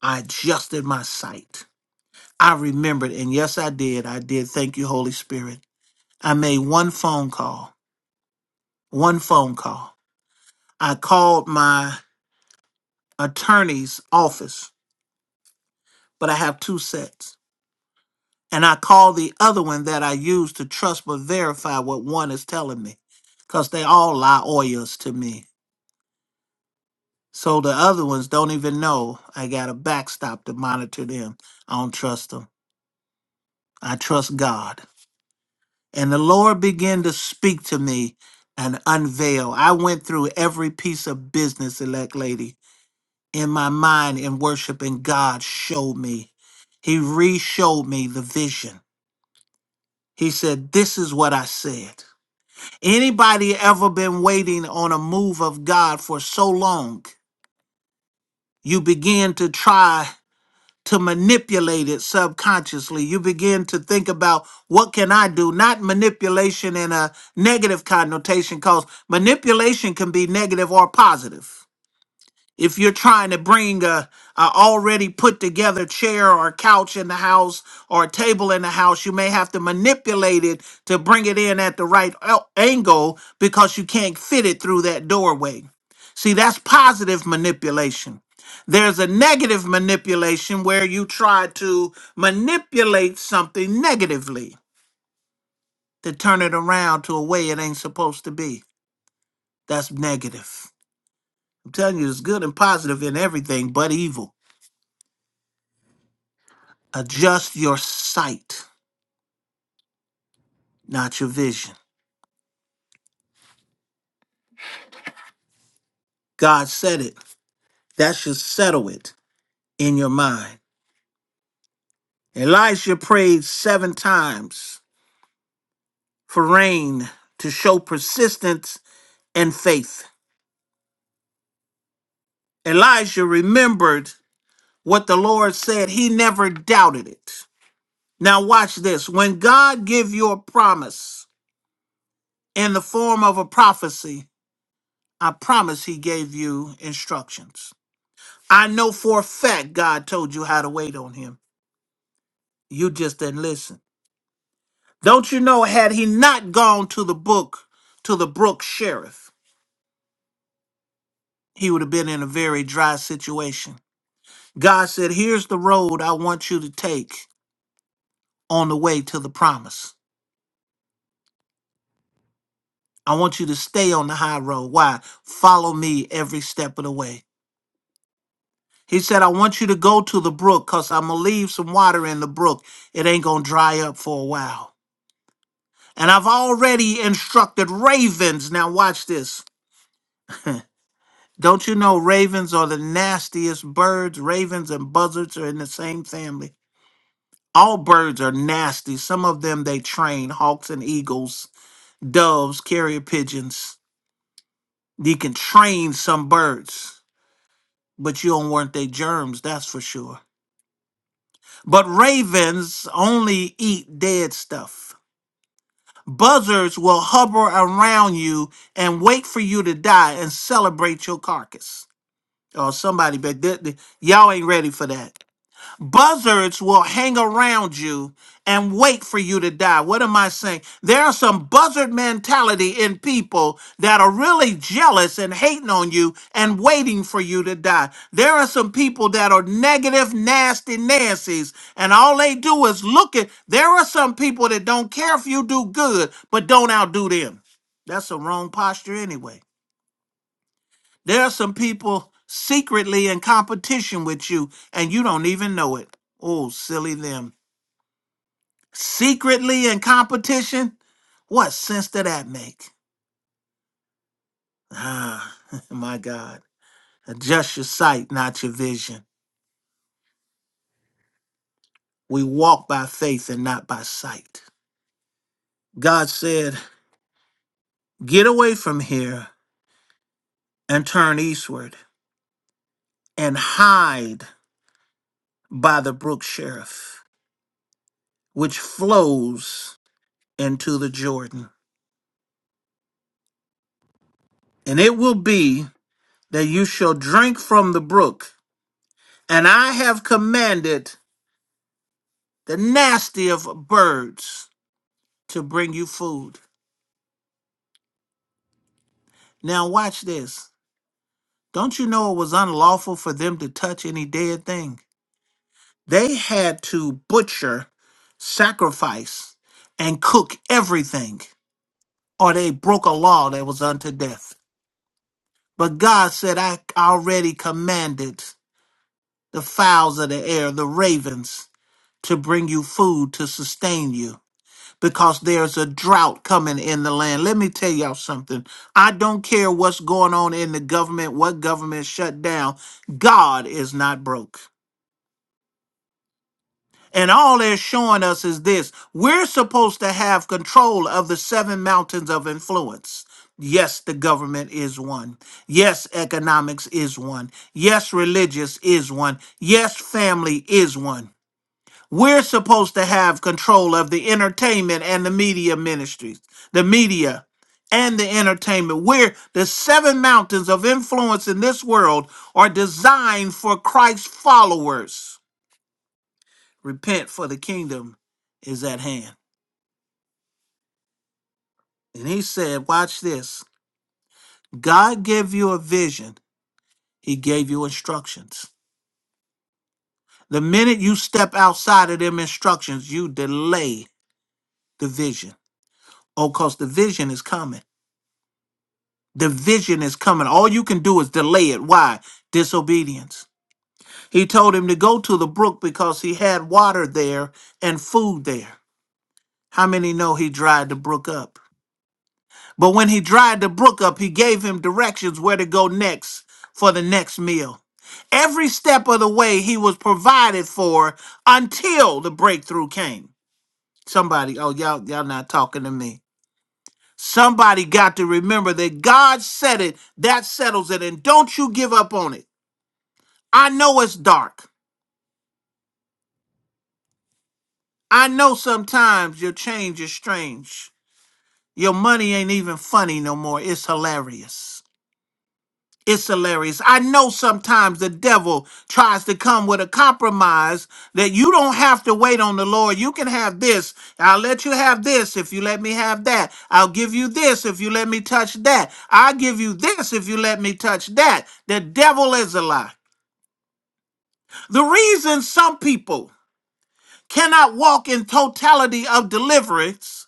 A: I adjusted my sight. I remembered, and yes, I did. I did. Thank you, Holy Spirit. I made one phone call. One phone call. I called my attorney's office, but I have two sets. And I call the other one that I use to trust but verify what one is telling me, because they all lie lawyers to me. So the other ones don't even know I got a backstop to monitor them. I don't trust them. I trust God. And the Lord began to speak to me and unveil. I went through every piece of business, elect lady, in my mind in worship, and God showed me. He re showed me the vision He said, This is what I said. Anybody ever been waiting on a move of God for so long, you begin to try to manipulate it subconsciously. You begin to think about what can I do? Not manipulation in a negative connotation, because manipulation can be negative or positive if you're trying to bring a, a already put together chair or couch in the house or a table in the house you may have to manipulate it to bring it in at the right el- angle because you can't fit it through that doorway see that's positive manipulation there's a negative manipulation where you try to manipulate something negatively to turn it around to a way it ain't supposed to be that's negative i'm telling you it's good and positive in everything but evil Adjust your sight, not your vision. God said it. That should settle it in your mind. Elisha prayed seven times for rain to show persistence and faith. Elijah remembered what the Lord said. He never doubted it. Now watch this. When God give you a promise in the form of a prophecy, I promise he gave you instructions. I know for a fact God told you how to wait on him. You just didn't listen. Don't you know, had he not gone to the book, to the brook sheriff, he would have been in a very dry situation. God said, Here's the road I want you to take on the way to the promise. I want you to stay on the high road. Why? Follow me every step of the way. He said, I want you to go to the brook because I'm going to leave some water in the brook. It ain't going to dry up for a while. And I've already instructed ravens. Now, watch this Don't you know ravens are the nastiest birds? Ravens and buzzards are in the same family. All birds are nasty. Some of them they train hawks and eagles, doves, carrier pigeons. You can train some birds, but you don't want their germs, that's for sure. But ravens only eat dead stuff. Buzzards will hover around you and wait for you to die and celebrate your carcass. Or somebody, but th- th- y'all ain't ready for that. Buzzards will hang around you and wait for you to die. What am I saying? There are some buzzard mentality in people that are really jealous and hating on you and waiting for you to die. There are some people that are negative, nasty Nancy's, and all they do is look at. There are some people that don't care if you do good, but don't outdo them. That's the wrong posture anyway. There are some people secretly in competition with you, and you don't even know it. Oh, silly them. Secretly in competition? What sense did that make? Ah, my God. Adjust your sight, not your vision. We walk by faith and not by sight. God said, Get away from here and turn eastward and hide by the brook Cherith, which flows into the Jordan. And it will be that you shall drink from the brook. And I have commanded the nasty of birds to bring you food. Now, watch this. Don't you know it was unlawful for them to touch any dead thing? They had to butcher, sacrifice, and cook everything, or they broke a law that was unto death. But God said, I already commanded the fowls of the air, the ravens, to bring you food to sustain you. because there's a drought coming in the land. Let me tell y'all something. I don't care what's going on in the government, what government shut down. God is not broke. And all they're showing us is this we're supposed to have control of the seven mountains of influence. Yes, the government is one. Yes, economics is one. Yes, religious is one. Yes, family is one. We're supposed to have control of the entertainment and the media ministries, the media and the entertainment. We're the seven mountains of influence in this world are designed for Christ's followers. Repent, for the kingdom is at hand. And he said, Watch this God gave you a vision, he gave you instructions. The minute you step outside of them instructions, you delay the vision. Oh, because the vision is coming. The vision is coming. All you can do is delay it. Why? Disobedience. He told him to go to the brook because he had water there and food there. How many know he dried the brook up? But when he dried the brook up, he gave him directions where to go next for the next meal. Every step of the way, he was provided for until the breakthrough came. Somebody, oh y'all, y'all not talking to me. Somebody got to remember that God said it, that settles it, and don't you give up on it. I know it's dark. I know sometimes your change is strange. Your money ain't even funny no more, it's hilarious. It's hilarious. I know sometimes the devil tries to come with a compromise that you don't have to wait on the Lord. You can have this. I'll let you have this if you let me have that. I'll give you this if you let me touch that. I'll give you this if you let me touch that. The devil is a lie. The reason some people cannot walk in totality of deliverance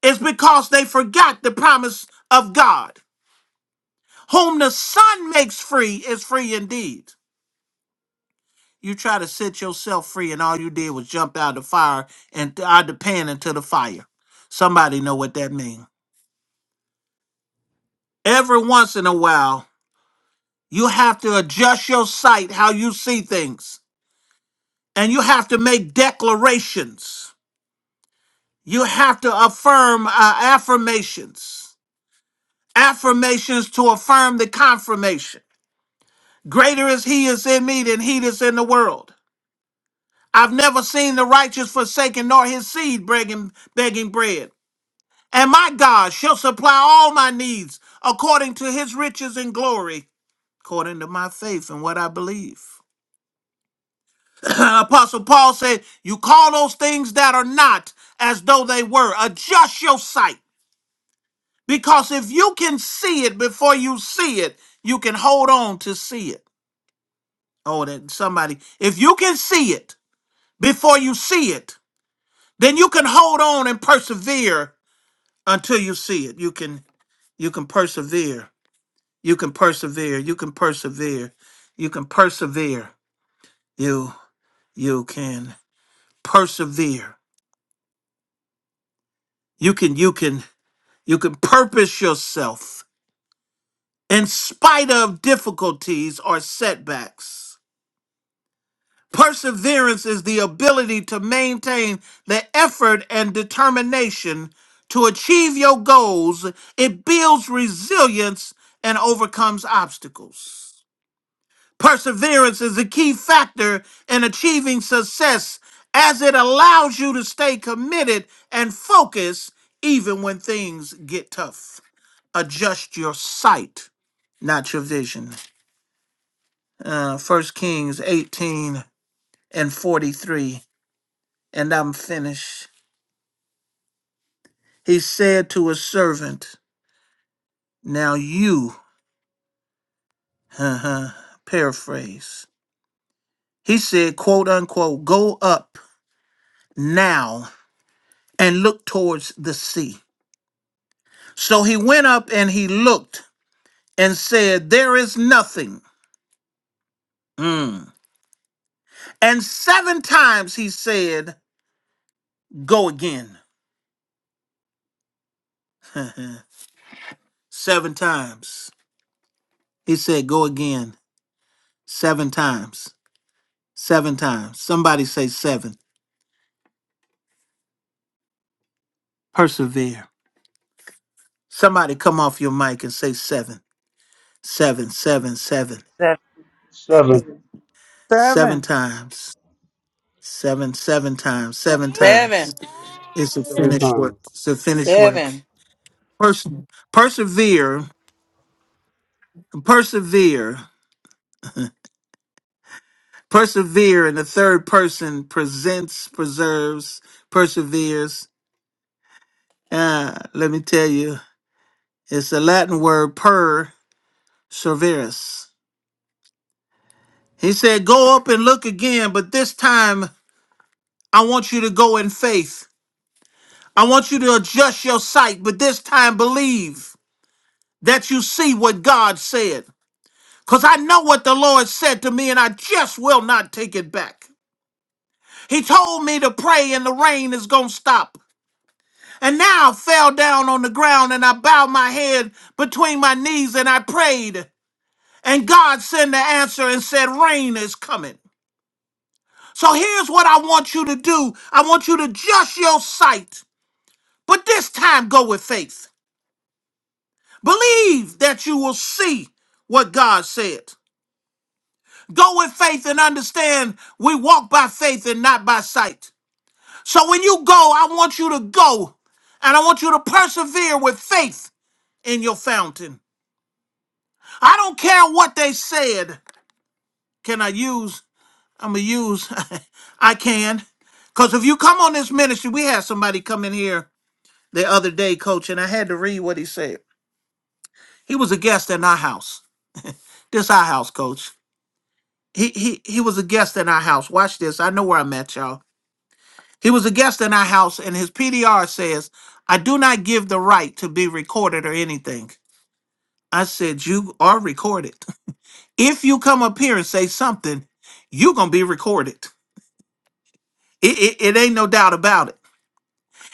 A: is because they forgot the promise of God. Whom the Son makes free is free indeed. You try to set yourself free, and all you did was jump out of the fire and out of the pan into the fire. Somebody know what that means. Every once in a while, you have to adjust your sight, how you see things, and you have to make declarations. You have to affirm uh, affirmations, affirmations to affirm the confirmation. Greater is He is in me than He that's in the world. I've never seen the righteous forsaken nor his seed begging, begging bread. And my God shall supply all my needs according to his riches and glory, according to my faith and what I believe. Apostle Paul said, You call those things that are not as though they were. Adjust your sight. Because if you can see it before you see it, you can hold on to see it. Oh, that somebody, if you can see it before you see it, then you can hold on and persevere until you see it. You can you can persevere You can persevere. You can persevere. You can persevere. You you can persevere. You can you can you can purpose yourself in spite of difficulties or setbacks. Perseverance is the ability to maintain the effort and determination to achieve your goals. It builds resilience and overcomes obstacles. Perseverance is a key factor in achieving success as it allows you to stay committed and focused even when things get tough. Adjust your sight, not your vision. Uh, 1 Kings 18 and 43, and I'm finished. He said to his servant, Now you, uh-huh, paraphrase, he said, quote unquote, go up now and look towards the sea. So he went up and he looked and said, There is nothing. Mm. And seven times he said, Go again. seven times. He said, Go again. Seven times. Seven times. Somebody say seven. Persevere. Somebody come off your mic and say seven. Seven, seven, seven.
C: that
D: Seven,
E: Seven.
A: Seven
F: Seven.
A: times. Seven, seven times. Seven
G: Seven.
A: times. It's a
D: seven
A: finished work.
D: times.
A: It's a finished work.
G: Seven.
A: Pers- persevere persevere persevere in the third person presents preserves perseveres uh, let me tell you it's the latin word per serverus he said go up and look again but this time i want you to go in faith i want you to adjust your sight but this time believe that you see what god said because i know what the lord said to me and i just will not take it back he told me to pray and the rain is going to stop. And now I fell down on the ground and I bowed my head between my knees and I prayed. And God sent the answer and said, Rain is coming. So here's what I want you to do I want you to adjust your sight, but this time go with faith. Believe that you will see what God said. Go with faith and understand we walk by faith and not by sight. So when you go, I want you to go and I want you to persevere with faith in your fountain. I don't care what they said. Can I use? I'm gonna use. I can, cause if you come on this ministry, we had somebody come in here the other day, coach, and I had to read what he said. He was a guest in our house. This our house, coach. He he he was a guest in our house. Watch this. I know where I'm at, y'all. He was a guest in our house, and his PDR says, "I do not give the right to be recorded or anything." I said, "You are recorded. If you come up here and say something, you gonna be recorded." It, it, it ain't no doubt about it.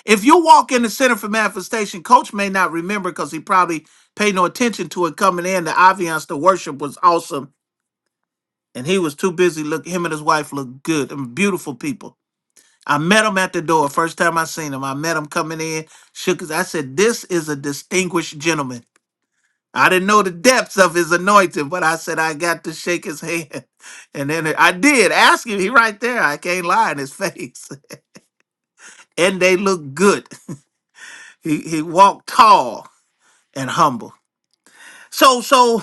A: If you walk in the Center for Manifestation, Coach may not remember because he probably paid no attention to it coming in. The ambiance, the worship was awesome, and he was too busy. Look, him and his wife looked good and beautiful people. I met him at the door first time I seen him. I met him coming in, shook his. I said, "This is a distinguished gentleman." I didn't know the depths of his anointing, but I said I got to shake his hand, and then I did. Ask him. He right there. I can't lie in his face, and they look good. He he walked tall and humble. So so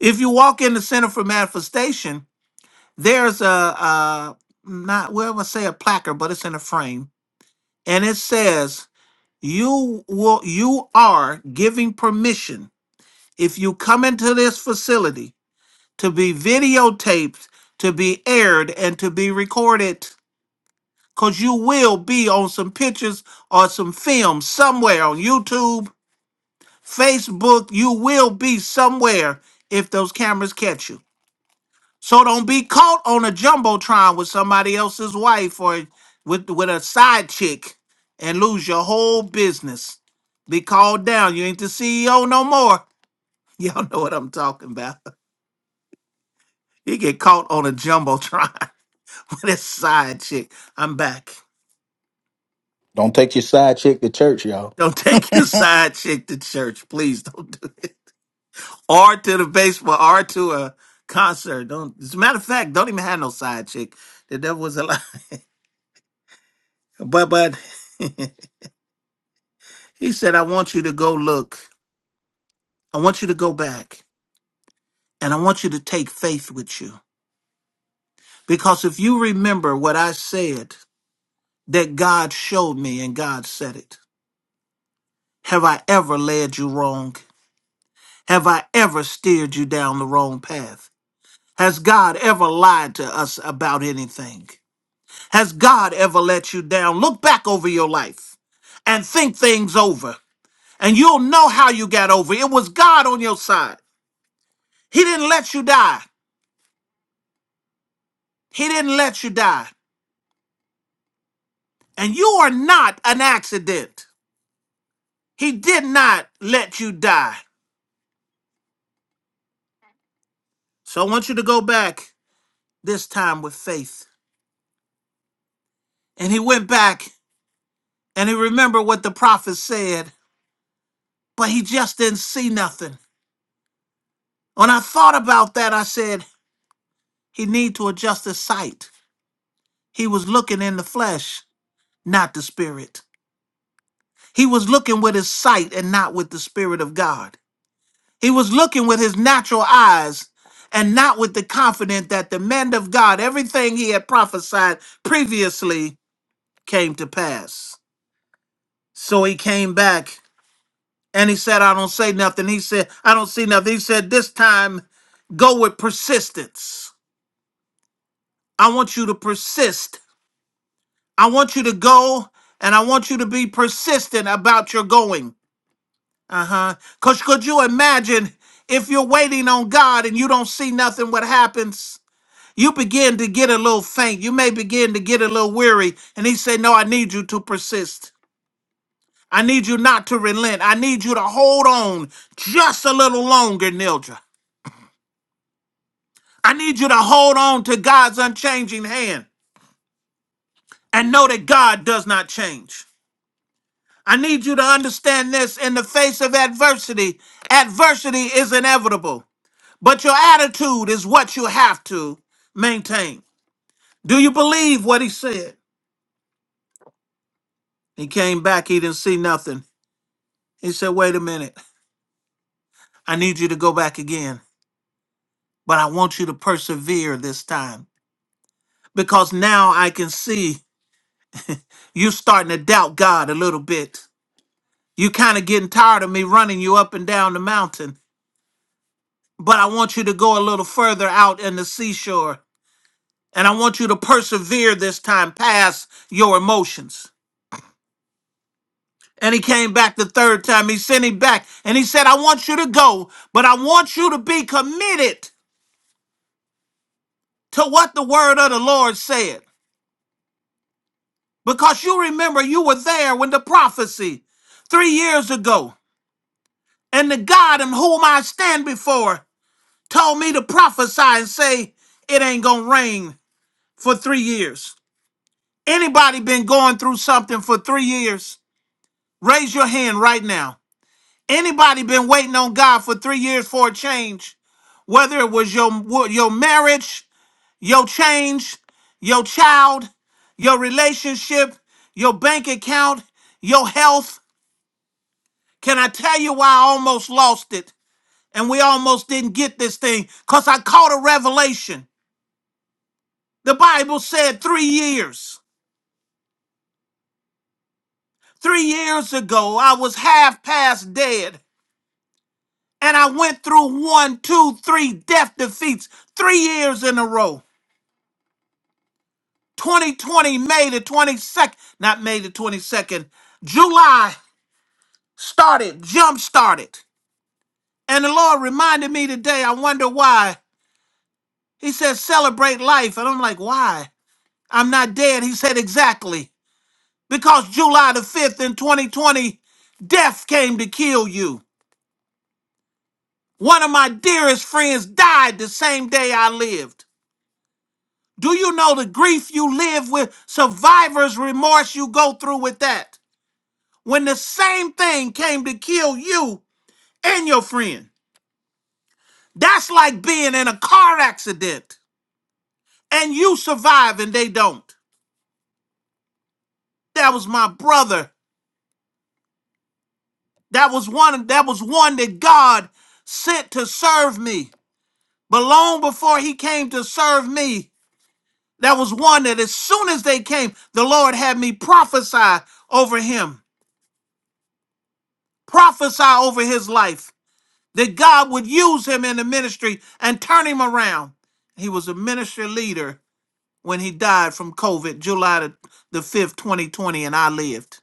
A: if you walk in the Center for Manifestation, there's a uh not well I say a placard, but it's in a frame, and it says you will you are giving permission if you come into this facility to be videotaped, to be aired, and to be recorded. Cause you will be on some pictures or some film somewhere on YouTube Facebook, you will be somewhere if those cameras catch you. So don't be caught on a jumbotron with somebody else's wife or with with a side chick and lose your whole business. Be called down. You ain't the CEO no more. Y'all know what I'm talking about. You get caught on a jumbotron with a side chick. I'm back.
H: Don't take your side chick to church, y'all.
A: Don't take your side chick to church. Please don't do it. or to the baseball or to a concert. Don't as a matter of fact, don't even have no side chick. The devil was a lie. But but he said, I want you to go look. I want you to go back. And I want you to take faith with you. Because if you remember what I said that God showed me and God said it, have I ever led you wrong? Have I ever steered you down the wrong path? Has God ever lied to us about anything? Has God ever let you down? Look back over your life and think things over, and you'll know how you got over. It was God on your side. He didn't let you die. He didn't let you die. And you are not an accident. He did not let you die. So I want you to go back this time with faith. And he went back and he remembered what the prophet said, but he just didn't see nothing. When I thought about that, I said, he need to adjust his sight. He was looking in the flesh, not the spirit. He was looking with his sight and not with the spirit of God. He was looking with his natural eyes and not with the confidence that the man of God, everything he had prophesied previously, came to pass. So he came back and he said, I don't say nothing. He said, I don't see nothing. He said, This time, go with persistence. I want you to persist. I want you to go and I want you to be persistent about your going. Uh-huh. Cause could you imagine if you're waiting on God and you don't see nothing, what happens? You begin to get a little faint. You may begin to get a little weary. And he said, No, I need you to persist. I need you not to relent. I need you to hold on just a little longer, Nildra. I need you to hold on to God's unchanging hand and know that God does not change. I need you to understand this in the face of adversity. Adversity is inevitable. But your attitude is what you have to maintain. Do you believe what he said? He came back, he didn't see nothing. He said, Wait a minute, I need you to go back again, but I want you to persevere this time because now I can see you starting to doubt God a little bit. You kind of getting tired of me running you up and down the mountain, but I want you to go a little further out in the seashore and I want you to persevere this time past your emotions. And he came back the third time. He sent him back. And he said, I want you to go, but I want you to be committed to what the word of the Lord said. Because you remember you were there when the prophecy three years ago, and the God in whom I stand before told me to prophesy and say, It ain't gonna rain for three years. Anybody been going through something for three years? Raise your hand right now. Anybody been waiting on God for three years for a change? Whether it was your your marriage, your change, your child, your relationship, your bank account, your health. Can I tell you why I almost lost it? And we almost didn't get this thing because I caught a revelation. The Bible said three years. Three years ago, I was half past dead and I went through one, two, three death defeats three years in a row. 2020, May the 22nd, not May the 22nd, July started, jump started. And the Lord reminded me today, I wonder why. He said, celebrate life. And I'm like, why? I'm not dead. He said, exactly. Because July the 5th in 2020, death came to kill you. One of my dearest friends died the same day I lived. Do you know the grief you live with, survivor's remorse you go through with that? when the same thing came to kill you and your friend. That's like being in a car accident and you survive and they don't. That was my brother. That was one that was one that God sent to serve me. But long before he came to serve me, that was one that as soon as they came, the Lord had me prophesy over him, prophesy over his life, that God would use him in the ministry and turn him around. He was a ministry leader when he died from COVID, July the, the 5th, 2020, and I lived.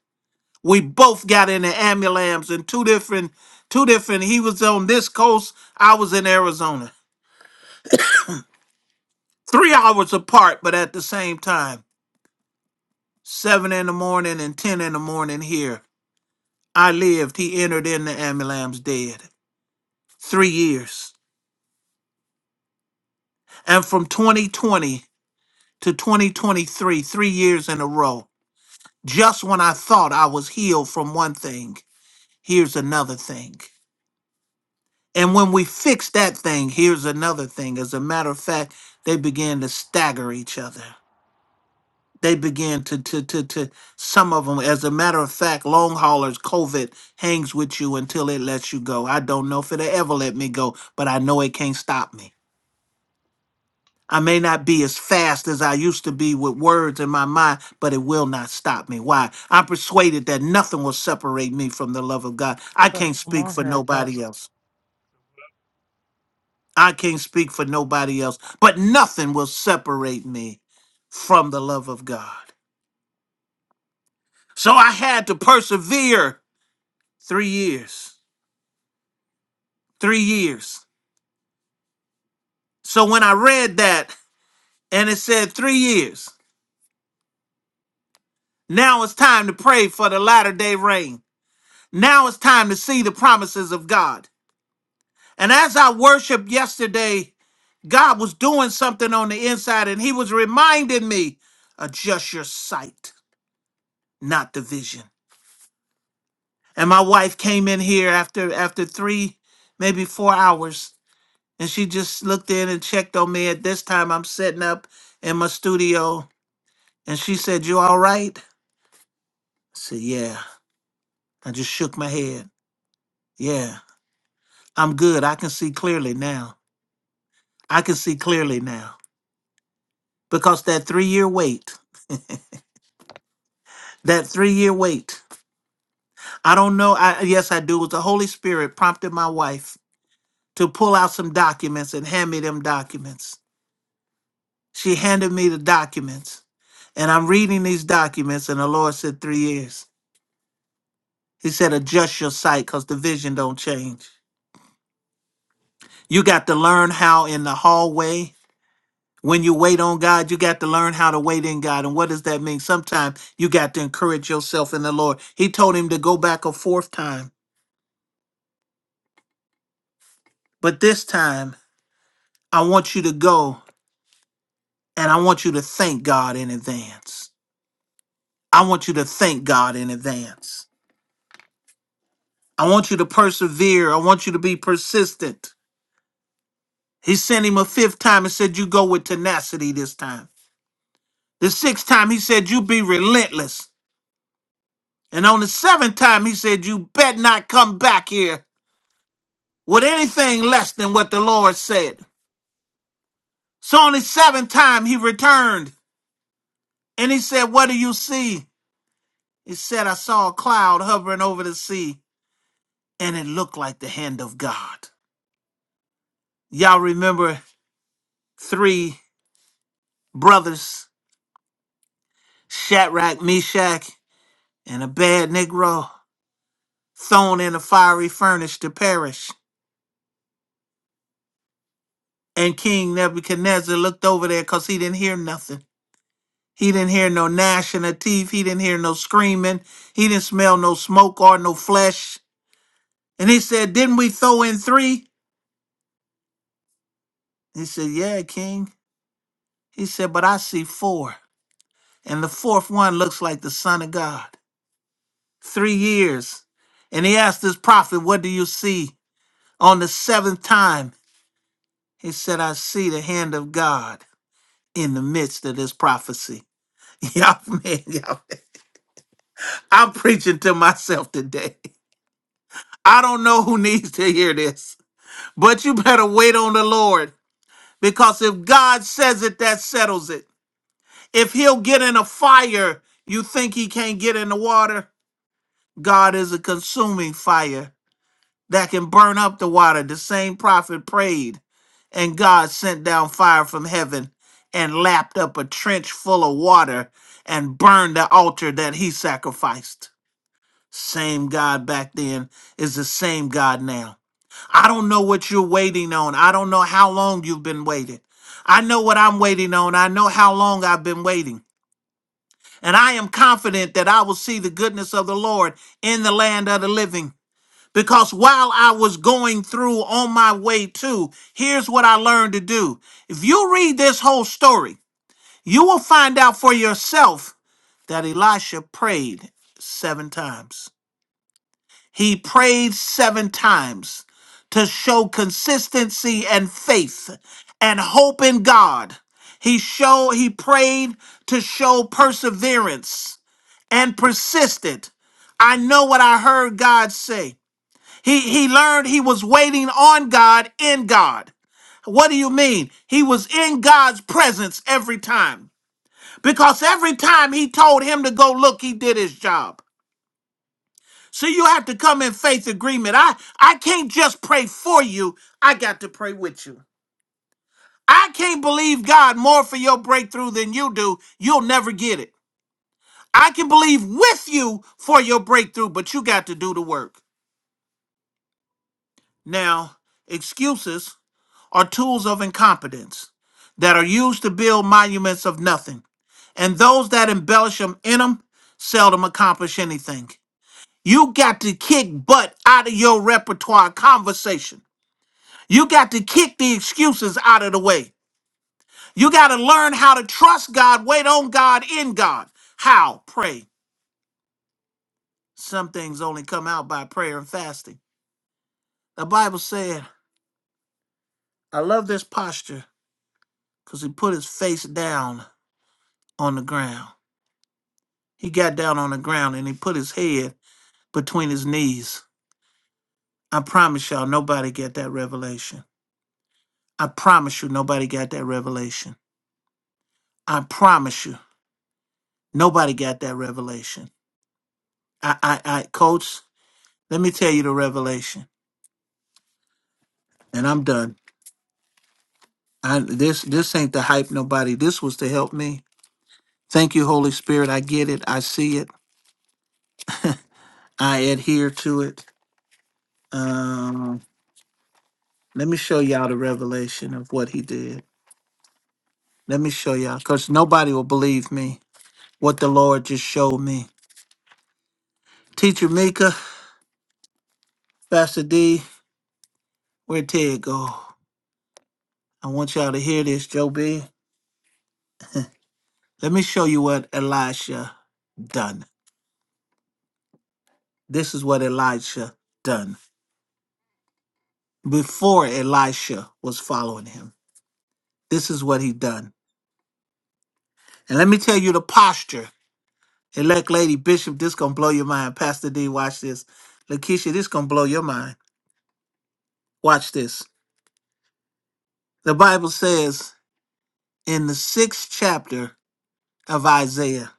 A: We both got in the ambulance in two different, two different, he was on this coast, I was in Arizona. Three hours apart, but at the same time. Seven in the morning and 10 in the morning here. I lived. He entered in the ambulance dead. Three years. And from 2020 to 2023, three years in a row. Just when I thought I was healed from one thing, here's another thing. And when we fix that thing, here's another thing. As a matter of fact, they began to stagger each other. They began to to to to some of them. As a matter of fact, long haulers, COVID hangs with you until it lets you go. I don't know if it'll ever let me go, but I know it can't stop me. I may not be as fast as I used to be with words in my mind, but it will not stop me. Why? I'm persuaded that nothing will separate me from the love of God.
B: You
A: I
B: better
A: can't
B: come
A: speak
B: on
A: for
B: here, Apostle.
A: nobody else. I can't speak for nobody else, but nothing will separate me from the love of God. So I had to persevere three years. Three years. So when I read that and it said three years, now it's time to pray for the latter day rain. Now it's time to see the promises of God. And as I worshiped yesterday, God was doing something on the inside and He was reminding me adjust your sight, not the vision. And my wife came in here after after three, maybe four hours, and she just looked in and checked on me. At this time, I'm setting up in my studio, and she said, "You all right?" I said, "Yeah." I just shook my head. Yeah, I'm good. I can see clearly now. I can see clearly now because that three year wait, that three year wait. I don't know. I yes, I do. It was the Holy Spirit prompted my wife to pull out some documents and hand me them documents She handed me the documents, and I'm reading these documents, and the Lord said, Three years. He said, Adjust your sight because the vision don't change. You got to learn how in the hallway, when you wait on God, you got to learn how to wait in God. And what does that mean? Sometimes you got to encourage yourself in the Lord. He told him to go back a fourth time, but this time, I want you to go and I want you to thank God in advance. I want you to thank God in advance. I want you to persevere. I want you to be persistent. He sent him a fifth time and said, You go with tenacity this time. The sixth time, he said, You be relentless. And on the seventh time, he said, You bet not come back here with anything less than what the Lord said. So on the seventh time, he returned and he said, What do you see? He said, I saw a cloud hovering over the sea and it looked like the hand of God. Y'all remember three brothers, Shadrach, Meshach, and a bad Negro thrown in a fiery furnace to perish. And King Nebuchadnezzar looked over there because he didn't hear nothing. He didn't hear no gnashing of teeth. He didn't hear no screaming. He didn't smell no smoke or no flesh. And he said, Didn't we throw in three?" He said, Yeah, King. He said, But I see four. And the fourth one looks like the Son of God. Three years. And he asked his prophet, What do you see? On the seventh time, he said, I see the hand of God. in the midst of this prophecy. Y'all, man, y'all, I'm preaching to myself today. I don't know who needs to hear this, but you better wait on the Lord because if God says it, that settles it. If He'll get in a fire, you think He can't get in the water? God is a consuming fire. that can burn up the water. The same prophet prayed, and God sent down fire from heaven and lapped up a trench full of water and burned the altar that he sacrificed. Same God back then is the same God now. I don't know what you're waiting on. I don't know how long you've been waiting. I know what I'm waiting on. I know how long I've been waiting. And I am confident that I will see the goodness of the Lord in the land of the living. Because while I was going through on my way to, here's what I learned to do. If you read this whole story, you will find out for yourself that Elisha prayed seven times. He prayed seven times to show consistency and faith and hope in God. He showed he prayed to show perseverance and persistent. I know what I heard God say. He he learned he was waiting on God in God. What do you mean? He was in God's presence every time. Because every time he told him to go look, he did his job. So you have to come in faith agreement. I I can't just pray for you. I got to pray with you. I can't believe God more for your breakthrough than you do. You'll never get it. I can believe with you for your breakthrough, but you got to do the work. Now, excuses are tools of incompetence that are used to build monuments of nothing, and those that embellish them in them seldom accomplish anything. You got to kick butt out of your repertoire conversation. You got to kick the excuses out of the way. You got to learn how to trust God, wait on God, in God. How? Pray. Some things only come out by prayer and fasting. The Bible said, I love this posture because he put his face down on the ground. He got down on the ground and he put his head between his knees. I promise y'all, nobody got that revelation. I promise you, nobody got that revelation. I promise you, nobody got that revelation. I, I, I, coach, let me tell you the revelation, and I'm done. I, this, this ain't to hype nobody. This was to help me. Thank you, Holy Spirit. I get it. I see it. I adhere to it. Um, let me show y'all the revelation of what he did. Let me show y'all, because nobody will believe me. what the Lord just showed me. Teacher Mika, Pastor D, where Ted go? I want y'all to hear this, Joe B. Let me show you what Elisha done. This is what Elisha done before Elisha was following him. This is what he done. And let me tell you the posture. Elect Lady Bishop, this gonna blow your mind. Pastor D, watch this. Lakeisha, this gonna blow your mind. Watch this. The Bible says in the sixth chapter of Isaiah,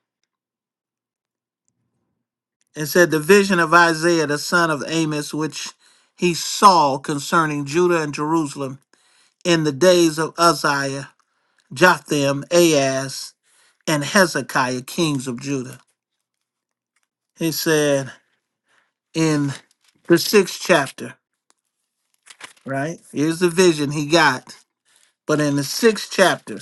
A: and said, The vision of Isaiah, the son of Amos, which he saw concerning Judah and Jerusalem in the days of Uzziah, Jotham, Ahaz, and Hezekiah, kings of Judah. He said in the sixth chapter, right? Here's the vision he got. But in the sixth chapter,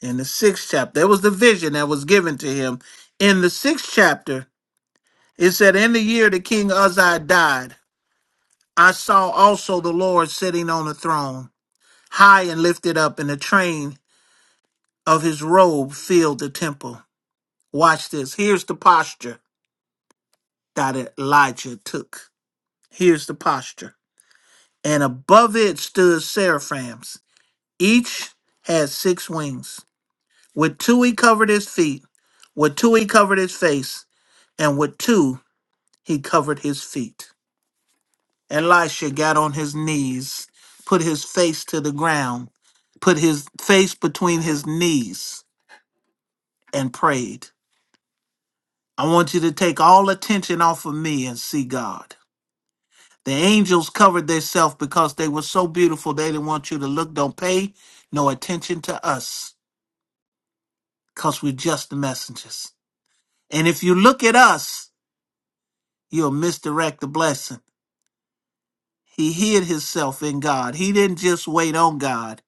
A: in the sixth chapter, there was the vision that was given to him. In the sixth chapter, it said, In the year the King Uzziah died, I saw also the Lord sitting on a throne high and lifted up, and the train of his robe filled the temple. Watch this. Here's the posture that Elijah took. Here's the posture. And above it stood seraphims. Each had six wings. With two he covered his feet, with two he covered his face, and with two he covered his feet. Elisha got on his knees, put his face to the ground, put his face between his knees, and prayed. I want you to take all attention off of me and see God. The angels covered themselves because they were so beautiful they didn't want you to look. Don't pay no attention to us because we're just the messengers. And if you look at us, you'll misdirect the blessing. He hid himself in God. He didn't just wait on God,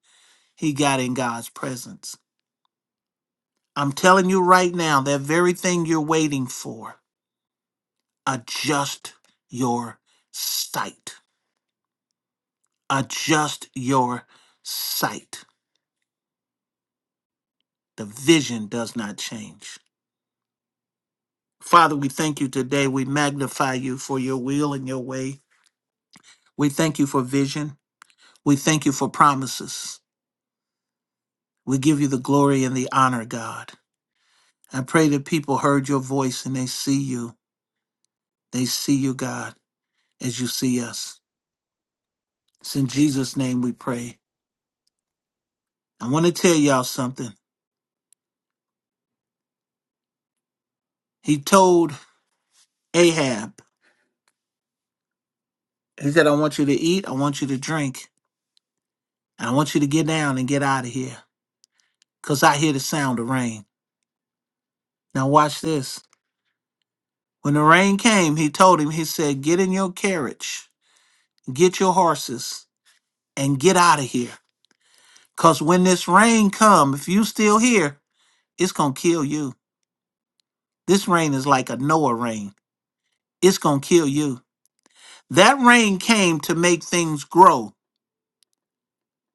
A: he got in God's presence. I'm telling you right now, that very thing you're waiting for, adjust your sight. adjust your sight. The vision does not change. Father, we thank you today. We magnify you for your will and your way. We thank you for vision. We thank you for promises. We give you the glory and the honor, God. I pray that people heard your voice and they see you. They see you, God, as you see us. It's in Jesus' name we pray. I want to tell y'all something. He told Ahab, he said, I want you to eat, I want you to drink, and I want you to get down and get out of here. 'cause I hear the sound of rain. Now watch this. When the rain came, he told him, he said, Get in your carriage, get your horses, and get out of here. 'Cause when this rain come, if you still here, it's gonna kill you. This rain is like a Noah rain. It's gonna kill you. That rain came to make things grow,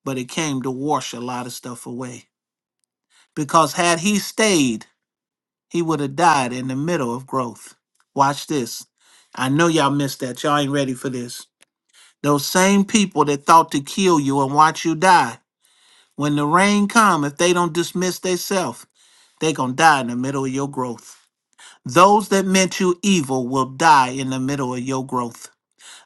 A: but it came to wash a lot of stuff away. Because had he stayed, he would have died in the middle of growth. Watch this. I know y'all missed that. Y'all ain't ready for this. Those same people that thought to kill you and watch you die, when the rain come, if they don't dismiss theyself, they gonna die in the middle of your growth. Those that meant you evil will die in the middle of your growth.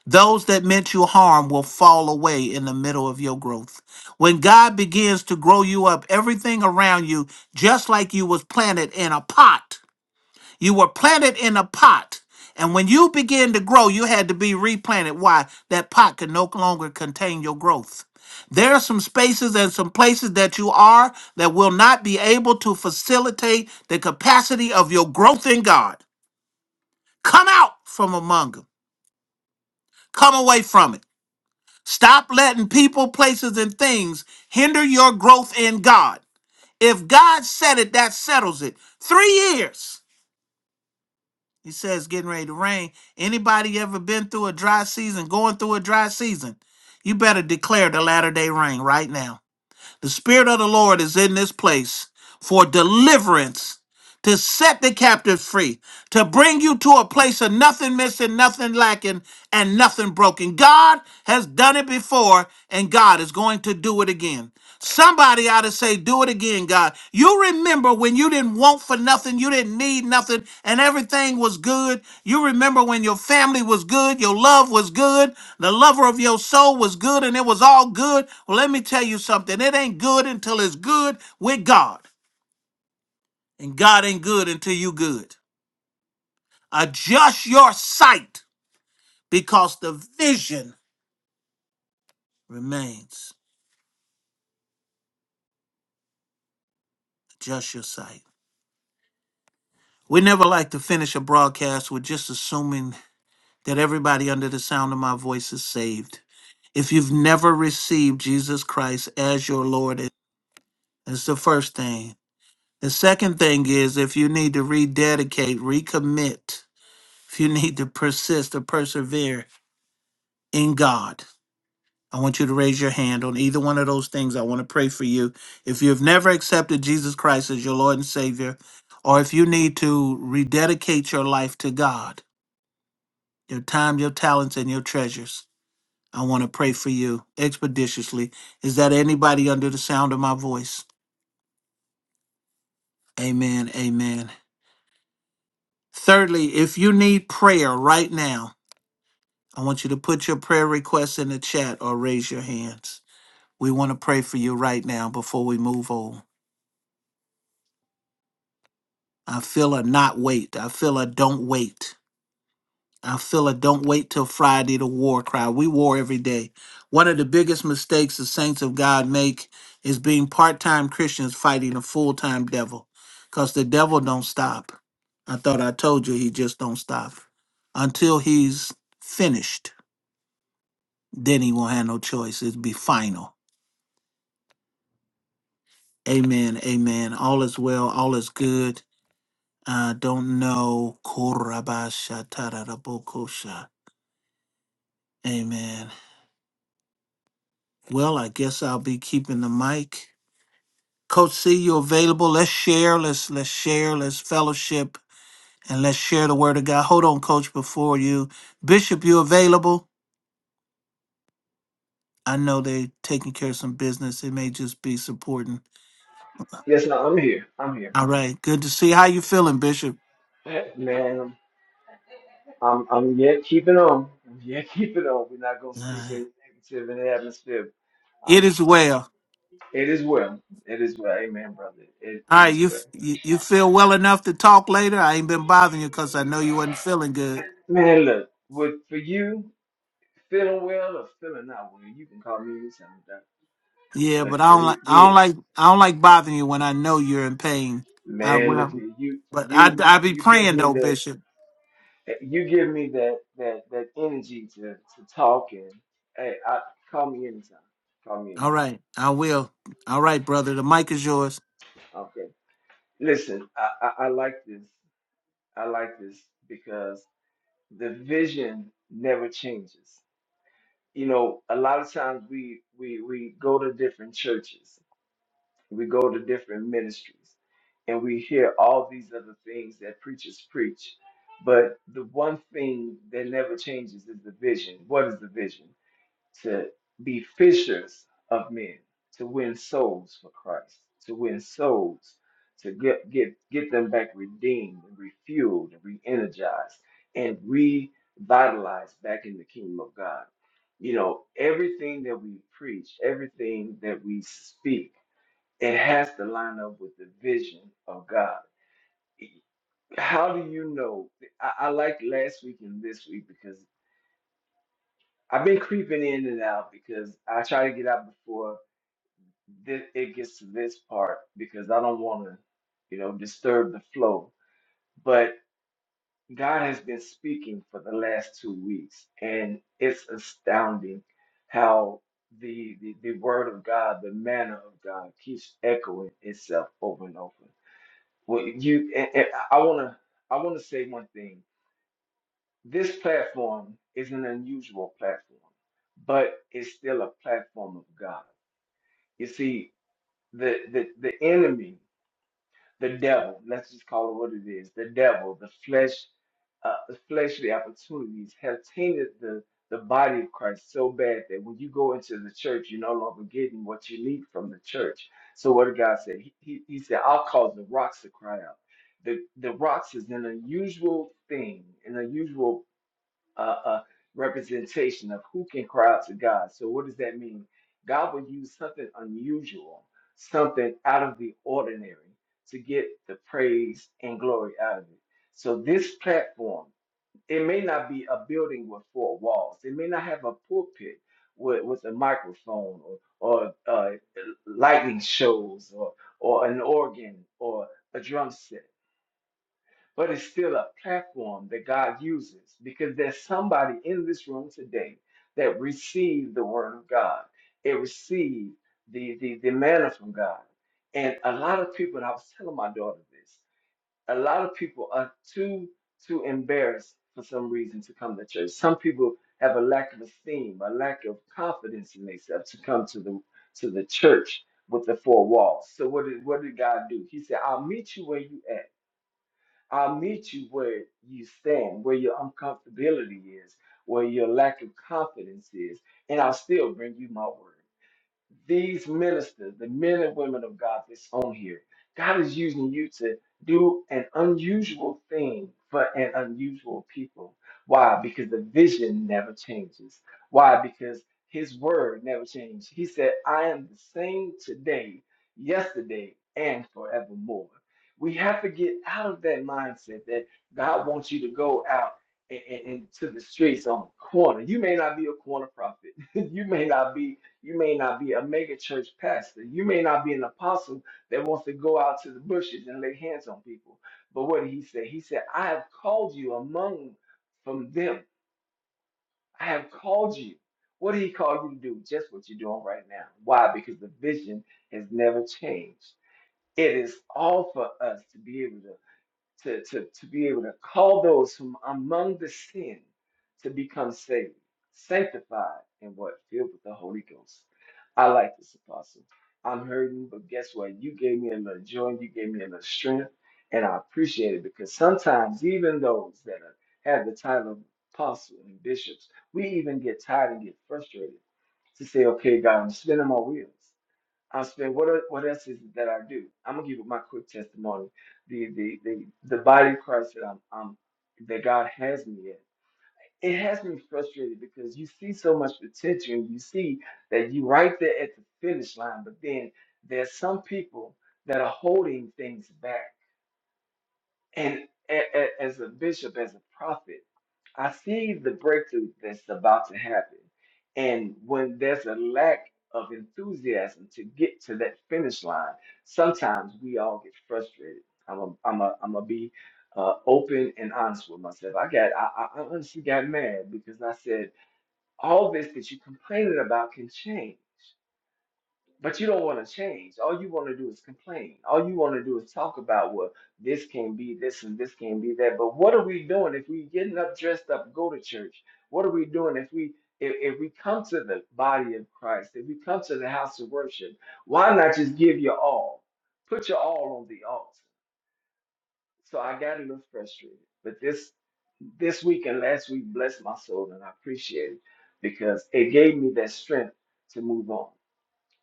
A: Those that meant you harm will fall away in the middle of your growth. When God begins to grow you up, everything around you, just like you was planted in a pot, you were planted in a pot. And when you began to grow, you had to be replanted. Why? That pot could no longer contain your growth. There are some spaces and some places that you are that will not be able to facilitate the capacity of your growth in God. Come out from among them. Come away from it. Stop letting people, places, and things hinder your growth in God. If God said it, that settles it. Three years. He says getting ready to rain. Anybody ever been through a dry season, going through a dry season? You better declare the latter day rain right now. The Spirit of the Lord is in this place for deliverance to set the captives free, to bring you to a place of nothing missing, nothing lacking, and nothing broken. God has done it before, and God is going to do it again. Somebody ought to say, Do it again, God. You remember when you didn't want for nothing, you didn't need nothing, and everything was good. You remember when your family was good, your love was good, the lover of your soul was good, and it was all good. Well, let me tell you something it ain't good until it's good with God. And God ain't good until you good. Adjust your sight because the vision remains. Adjust your sight. We never like to finish a broadcast with just assuming that everybody under the sound of my voice is saved. If you've never received Jesus Christ as your Lord, it- that's the first thing. The second thing is if you need to rededicate, recommit, if you need to persist or persevere in God. I want you to raise your hand on either one of those things. I want to pray for you. If you've never accepted Jesus Christ as your Lord and Savior, or if you need to rededicate your life to God, your time, your talents, and your treasures, I want to pray for you expeditiously. Is that anybody under the sound of my voice? Amen. Amen. Thirdly, if you need prayer right now, I want you to put your prayer requests in the chat or raise your hands. We want to pray for you right now before we move on. I feel a not wait. I feel a don't wait. I feel a don't wait till Friday to war cry. We war every day. One of the biggest mistakes the saints of God make is being part-time Christians fighting a full-time devil. Cause the devil don't stop. I thought I told you he just don't stop. Until he's finished, then he won't have no choice. It'll be final. Amen. Amen. All is well. All is good. I don't know. Korabasha tararabokosha. Amen. Well, I guess I'll be keeping the mic. Coach C, you available? Let's share. Let's let's share. Let's fellowship and let's share the word of God. Hold on, Coach, before you. Bishop, you available? I know they taking care of some business. It may just be supporting.
I: Yes, no, I'm here. I'm here.
A: All right. Good to see. How you feeling, Bishop?
I: Man, I'm I'm yet keeping on. I'm yet keeping on. We're not gonna speak
A: Uh,
I: any negative in the atmosphere. I'm
A: It is
I: I'm
A: well.
I: it is well. It is well. Amen, brother. It
A: All
I: it
A: right,
I: is
A: you,
I: well.
A: f- you you feel well enough to talk later. I ain't been bothering you because I know you wasn't feeling good.
I: Man, look, with for you feeling well or feeling not well, you can call me anytime. doc.
A: Yeah,
I: Look
A: but I
I: here,
A: don't
I: we,
A: like I don't
I: we
A: like I don't like bothering you when I know you're in pain. I
I: man, look
A: will.
I: here, you
A: But I
I: you
A: I be
I: you give
A: praying
I: me
A: though,
I: that
A: Bishop.
I: you give me that that that energy to to talk and hey, I call me anytime. Call me
A: All
I: anytime.
A: right, I will. All right, brother. The mic is yours.
I: Okay. Listen, I, I, I like this. I like this because the vision never changes. You know, a lot of times we we we go to different churches, we go to different ministries, and we hear all these other things that preachers preach. But the one thing that never changes is the vision. What is the vision? to be fishers of men, to win souls for Christ, to win souls, to get get get them back redeemed and refueled and re-energized and revitalized back in the kingdom of God. You know, everything that we preach, everything that we speak, it has to line up with the vision of God. How do you know? I, I like last week and this week because I've been creeping in and out because I try to get out before thi- it gets to this part because I don't want to, you know, disturb the flow. But God has been speaking for the last two weeks, and it's astounding how the, the the word of God, the manner of God, keeps echoing itself over and over. Well, you, and, and I want to, I want to say one thing. This platform is an unusual platform, but it's still a platform of God. You see, the the the enemy. the devil, let's just call it what it is, the devil, the flesh, uh, the fleshly opportunities have tainted the, the body of Christ so bad that when you go into the church, you're no longer getting what you need from the church. So what did God say? He, he, he said, I'll cause the rocks to cry out. The, the rocks is an unusual thing, an unusual a, a representation of who can cry out to God. So, what does that mean? God will use something unusual, something out of the ordinary to get the praise and glory out of it. So, this platform, it may not be a building with four walls, it may not have a pulpit with, with a microphone or, or uh, lightning shows or, or an organ or a drum set but it's still a platform that God uses because there's somebody in this room today that received the word of God. It received the, the, the manna from God. And a lot of people, and I was telling my daughter this, a lot of people are too, too embarrassed for some reason to come to church. Some people have a lack of esteem, a lack of confidence in themselves to come to the to the church with the four walls. So what did what did God do? He said, I'll meet you where you at I'll meet you where you stand, where your uncomfortability is, where your lack of confidence is, and I'll still bring you my word these ministers, the men and women of God that's on here, God is using you to do an unusual thing for an unusual people. Why? Because the vision never changes. Why? Because his word never changed. He said, I am the same today, yesterday, and forevermore. We have to get out of that mindset that God wants you to go out and, and, and to the streets on the corner. You may not be a corner prophet. you may not be you may not be a mega church pastor. You may not be an apostle that wants to go out to the bushes and lay hands on people. But what did he say? He said, I have called you among from them. I have called you. What did he call you to do? Just what you're doing right now. Why? Because the vision has never changed. It is all for us to be able to to, to, to be able to call those from among the sin to become saved, sanctified, and what? Filled with the Holy Ghost. I like this, Apostle. I'm hurting, but guess what? You gave me enough joy, you gave me enough strength, and I appreciate it because sometimes even those that are, have the title of apostle and bishops, we even get tired and get frustrated to say, okay, God, I'm spinning my wheels. I spend what are, what else is it that I do? I'm gonna give you my quick testimony. The the the the body of Christ that I'm, I'm that God has me in. It has me frustrated because you see so much potential and you see that you right there at the finish line, but then there's some people that are holding things back. And a- a- as a bishop, as a prophet. I see the breakthrough that's about to happen. And when there's a lack of enthusiasm to get to that finish line, sometimes we all get frustrated. I'm a, I'm a, I'm a be uh, open and honest with myself. I got, I, I I honestly got mad because I said, all this that you complaining about can change. But you don't want to change. All you want to do is complain. All you want to do is talk about well, this can be this and this can be that. But what are we doing if we getting up, dressed up, go to church? What are we doing if we if, if we come to the body of Christ, if we come to the house of worship, why not just give your all? Put your all on the altar. So I got a little frustrated. But this this week and last week blessed my soul and I appreciate it because it gave me that strength to move on.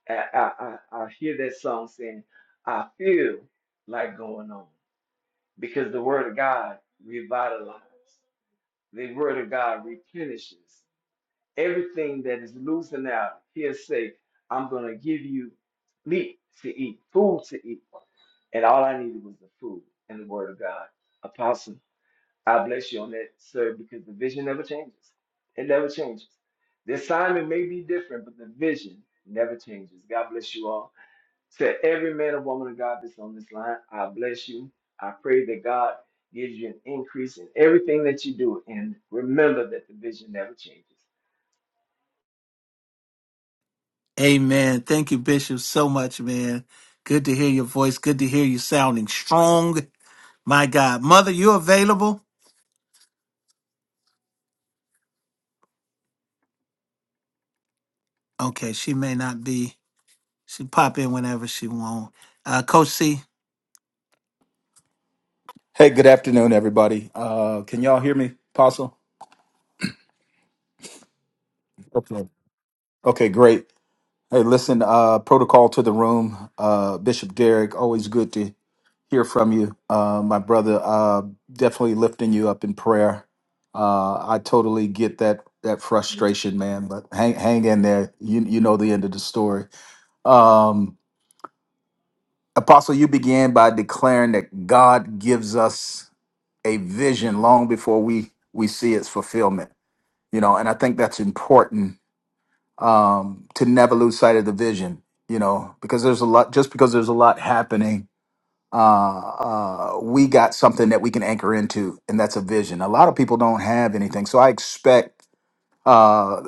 I: I, I, I I hear that song saying, I feel like going on because the word of God revitalizes. The word of God replenishes everything that is losing out. He'll say, I'm going to give you meat to eat, food to eat. And all I needed was the food and the word of God. Apostle, I bless you on that, sir, because the vision never changes. It never changes. The assignment may be different, but the vision never changes. God bless you all. To every man and woman of God that's on this line, I bless you. I pray that God gives you an increase in everything that you do. And remember that the vision never changes.
A: Amen. Thank you, Bishop, so much, man. Good to hear your voice. Good to hear you sounding strong. My God, mother, you available? Okay, she may not be. She pop in whenever she want. Uh, Coach C.
H: Hey, good afternoon, everybody. Uh, can y'all hear me, Apostle? Okay. Okay, great. Hey, listen, uh, protocol to the room. Uh, Bishop Derek, always good to hear from you. Uh, my brother, uh, definitely lifting you up in prayer. Uh, I totally get that that frustration, man, but hang hang in there. You you know the end of the story. Um, Apostle, you began by declaring that God gives us. a vision long before we we see its fulfillment you know and i think that's important um to never lose sight of the vision you know because there's a lot just because there's a lot happening uh uh we got something that we can anchor into and that's a vision a lot of people don't have anything so i expect uh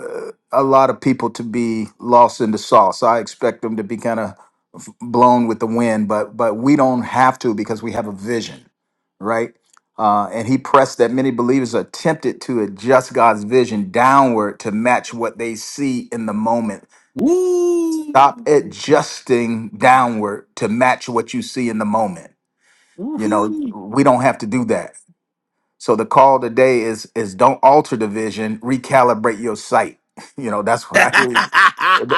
H: a lot of people to be lost in the sauce i expect them to be kind of blown with the wind, but but we don't have to because we have a vision, right? Uh, and he pressed that many believers are tempted to adjust God's vision downward to match what they see in the moment.
A: Woo!
H: Stop adjusting downward to match what you see in the moment. You know, we don't have to do that. So the call today is is don't alter the vision, recalibrate your sight. You know, that's what I hear.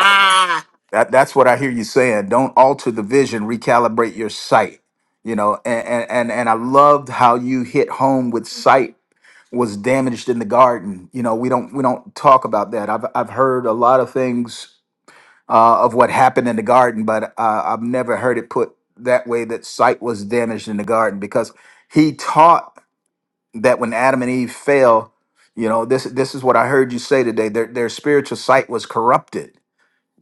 H: That that's what I hear you saying. Don't alter the vision, recalibrate your sight. You know, and and and, and I loved how you hit home with sight was damaged in the garden. You know, we don't we don't talk about that. I've I've heard a lot of things uh, of what happened in the garden, but uh, I've never heard it put that way that sight was damaged in the garden because he taught that when Adam and Eve fell, you know, this this is what I heard you say today. Their their spiritual sight was corrupted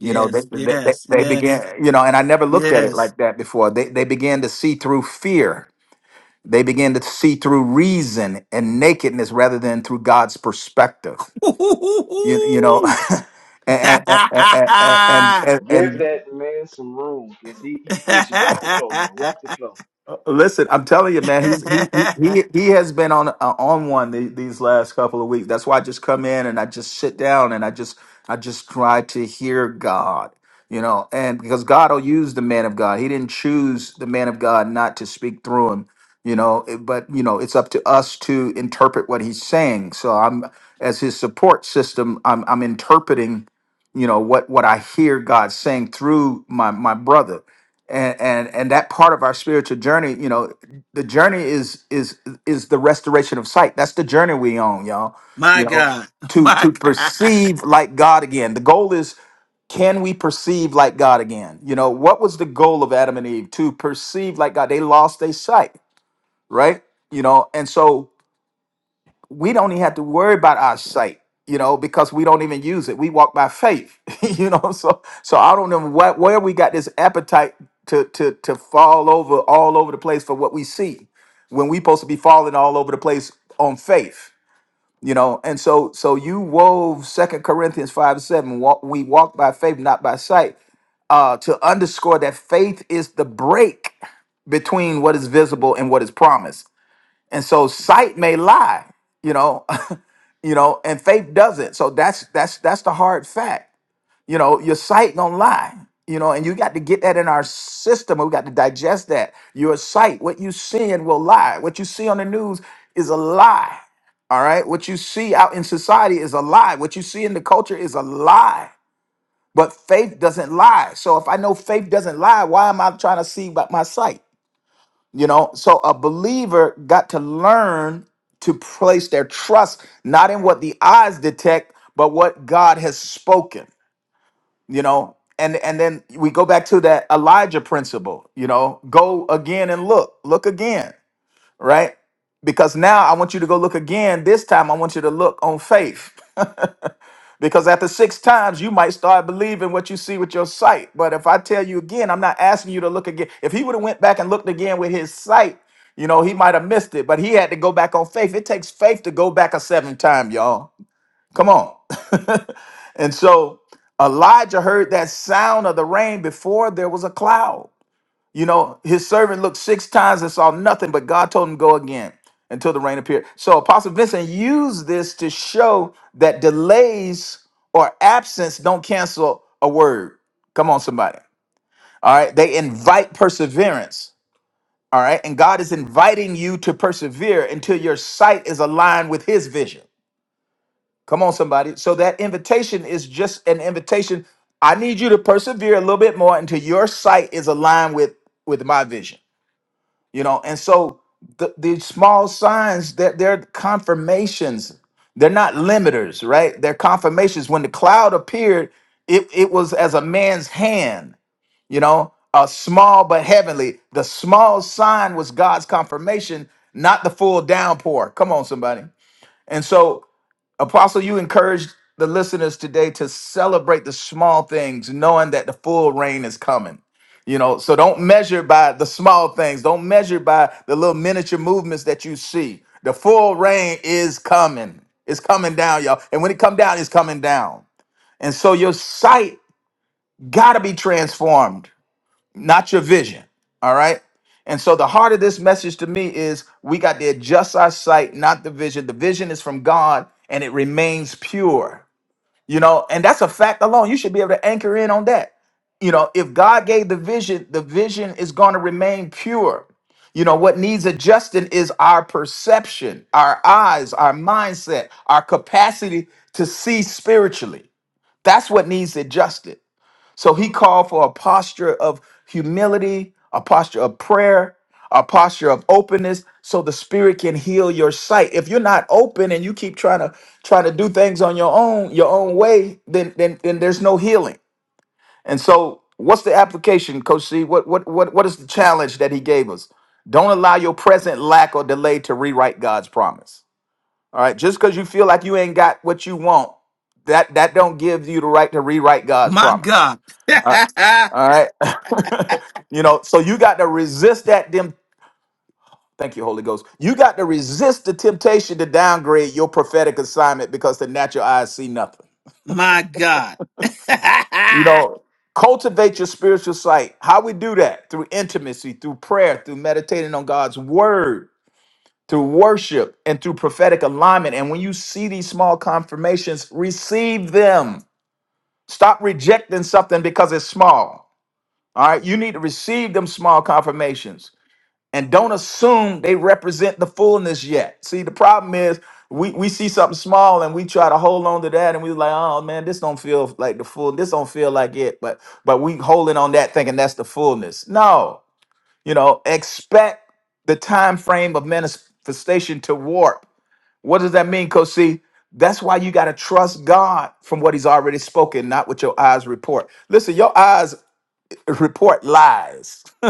H: you know they, they, they
A: yes,
H: they began
A: yes,
H: you know and i never looked at it
A: yes,
H: like that before they, they began to see through fear they began to see through reason and nakedness rather than through god's perspective you, you know
A: my
H: and, and, and, and, and,
I: Give
H: and
I: that man some room because he, he preaching. Walk the flow, man. Walk the flow.
H: Uh, Listen, I'm telling you, man, he's he he he he has been on uh, on one the, these last couple of weeks. That's why I just come in and I just sit down and I just I just try to hear God, you know, and because God will use the man of God. He didn't choose the man of God not to speak through him, you know. it- But you know, it's up to us to interpret what he's saying. So I'm as his support system. I'm I'm interpreting, you know, what what I hear God saying through my my brother and and and that part of our spiritual journey you know the journey is is is the restoration of sight that's the journey we on y'all you know
A: God.
H: to
A: My
H: to
A: God.
H: perceive like god again the goal is can we perceive like god again you know what was the goal of adam and eve to perceive like god they lost their sight right you know and so we don't even have to worry about our sight, you know, because we don't even use it. We walk by faith, you know. So, so I don't know what where we got this appetite to to to fall over all over the place for what we see, when we supposed to be falling all over the place on faith, you know. And so, so you wove Second Corinthians five seven. Walk, we walk by faith, not by sight, uh, to underscore that faith is the break between what is visible and what is promised. And so sight may lie, you know, you know and faith doesn't so that's that's that's the hard fact you know your sight gonna lie you know and you got to get that in our system we got to digest that your sight what you seeing will lie what you see on the news is a lie all right what you see out in society is a lie what you see in the culture is a lie but faith doesn't lie so if i know faith doesn't lie why am i trying to see by my sight you know, so a believer got to learn to place their trust not in what the eyes detect, but what God has spoken, you know. And and then we go back to that Elijah principle, you know, go again and look, look again, right? Because now I want you to go look again. This time I want you to look on faith. Because after six times, you might start believing what you see with your sight. But if I tell you again, I'm not asking you to look again. If he would have went back and looked again with his sight, you know, he might have missed it. But he had to go back on faith. It takes faith to go back a seventh time, y'all. Come on. and so Elijah heard that sound of the rain before there was a cloud. You know, his servant looked six times and saw nothing, but God told him go again until the rain appeared. So Apostle Vincent used this to show that delays or absence don't cancel a word. Come on, somebody. All right. They invite perseverance. All right. And God is inviting you to persevere until your sight is aligned with his vision. Come on, somebody. So that invitation is just an invitation. I need you to persevere a little bit more until your sight is aligned with with my vision you know and so the, the small signs that they're, they're confirmations they're not limiters right they're confirmations when the cloud appeared it, it was as a man's hand you know a small but heavenly the small sign was god's confirmation not the full downpour come on somebody and so Apostle, you encouraged the listeners today to celebrate the small things, knowing that the full rain is coming. You know, so don't measure by the small things, don't measure by the little miniature movements that you see. The full rain is coming. It's coming down, y'all. And when it come down, it's coming down. And so your sight gotta be transformed, not your vision. All right. And so the heart of this message to me is we got to adjust our sight, not the vision. The vision is from God and it remains pure you know and that's a fact alone you should be able to anchor in on that you know if god gave the vision the vision is going to remain pure you know what needs adjusting is our perception our eyes our mindset our capacity to see spiritually that's what needs adjusted so he called for a posture of humility, a posture of prayer, a posture of openness so the spirit can heal your sight. If you're not open and you keep trying to trying to do things on your own, your own way, then then then there's no healing. And so what's the application, Coach C? What what what what is the challenge that he gave us? Don't allow your present lack or delay to rewrite God's promise. All right, just because you feel like you ain't got what you want, that that don't give you the right to rewrite God's
A: My
H: promise.
A: God.
H: All right. All right. you know, so you got to resist that dem thank you, Holy Ghost. You got to resist the temptation to downgrade your prophetic assignment because the natural eyes see nothing.
A: my God.
H: You know, cultivate your spiritual sight. How we do that? Through intimacy, through prayer, through meditating on God's word, through worship, and through prophetic alignment. And when you see these small confirmations, receive them. Stop rejecting something because it's small. All right, you need to receive them small confirmations and don't assume they represent the fullness yet. See, the problem is we, we see something small and we try to hold on to that and we like, oh man, this don't feel like the full, this don't feel like it, but but we holding on that thinking that's the fullness. No, you know, expect the time frame of manifestation to warp. What does that mean, Coach C? That's why you got to trust God from what He's already spoken, not what your eyes report. Listen, your eyes report lies.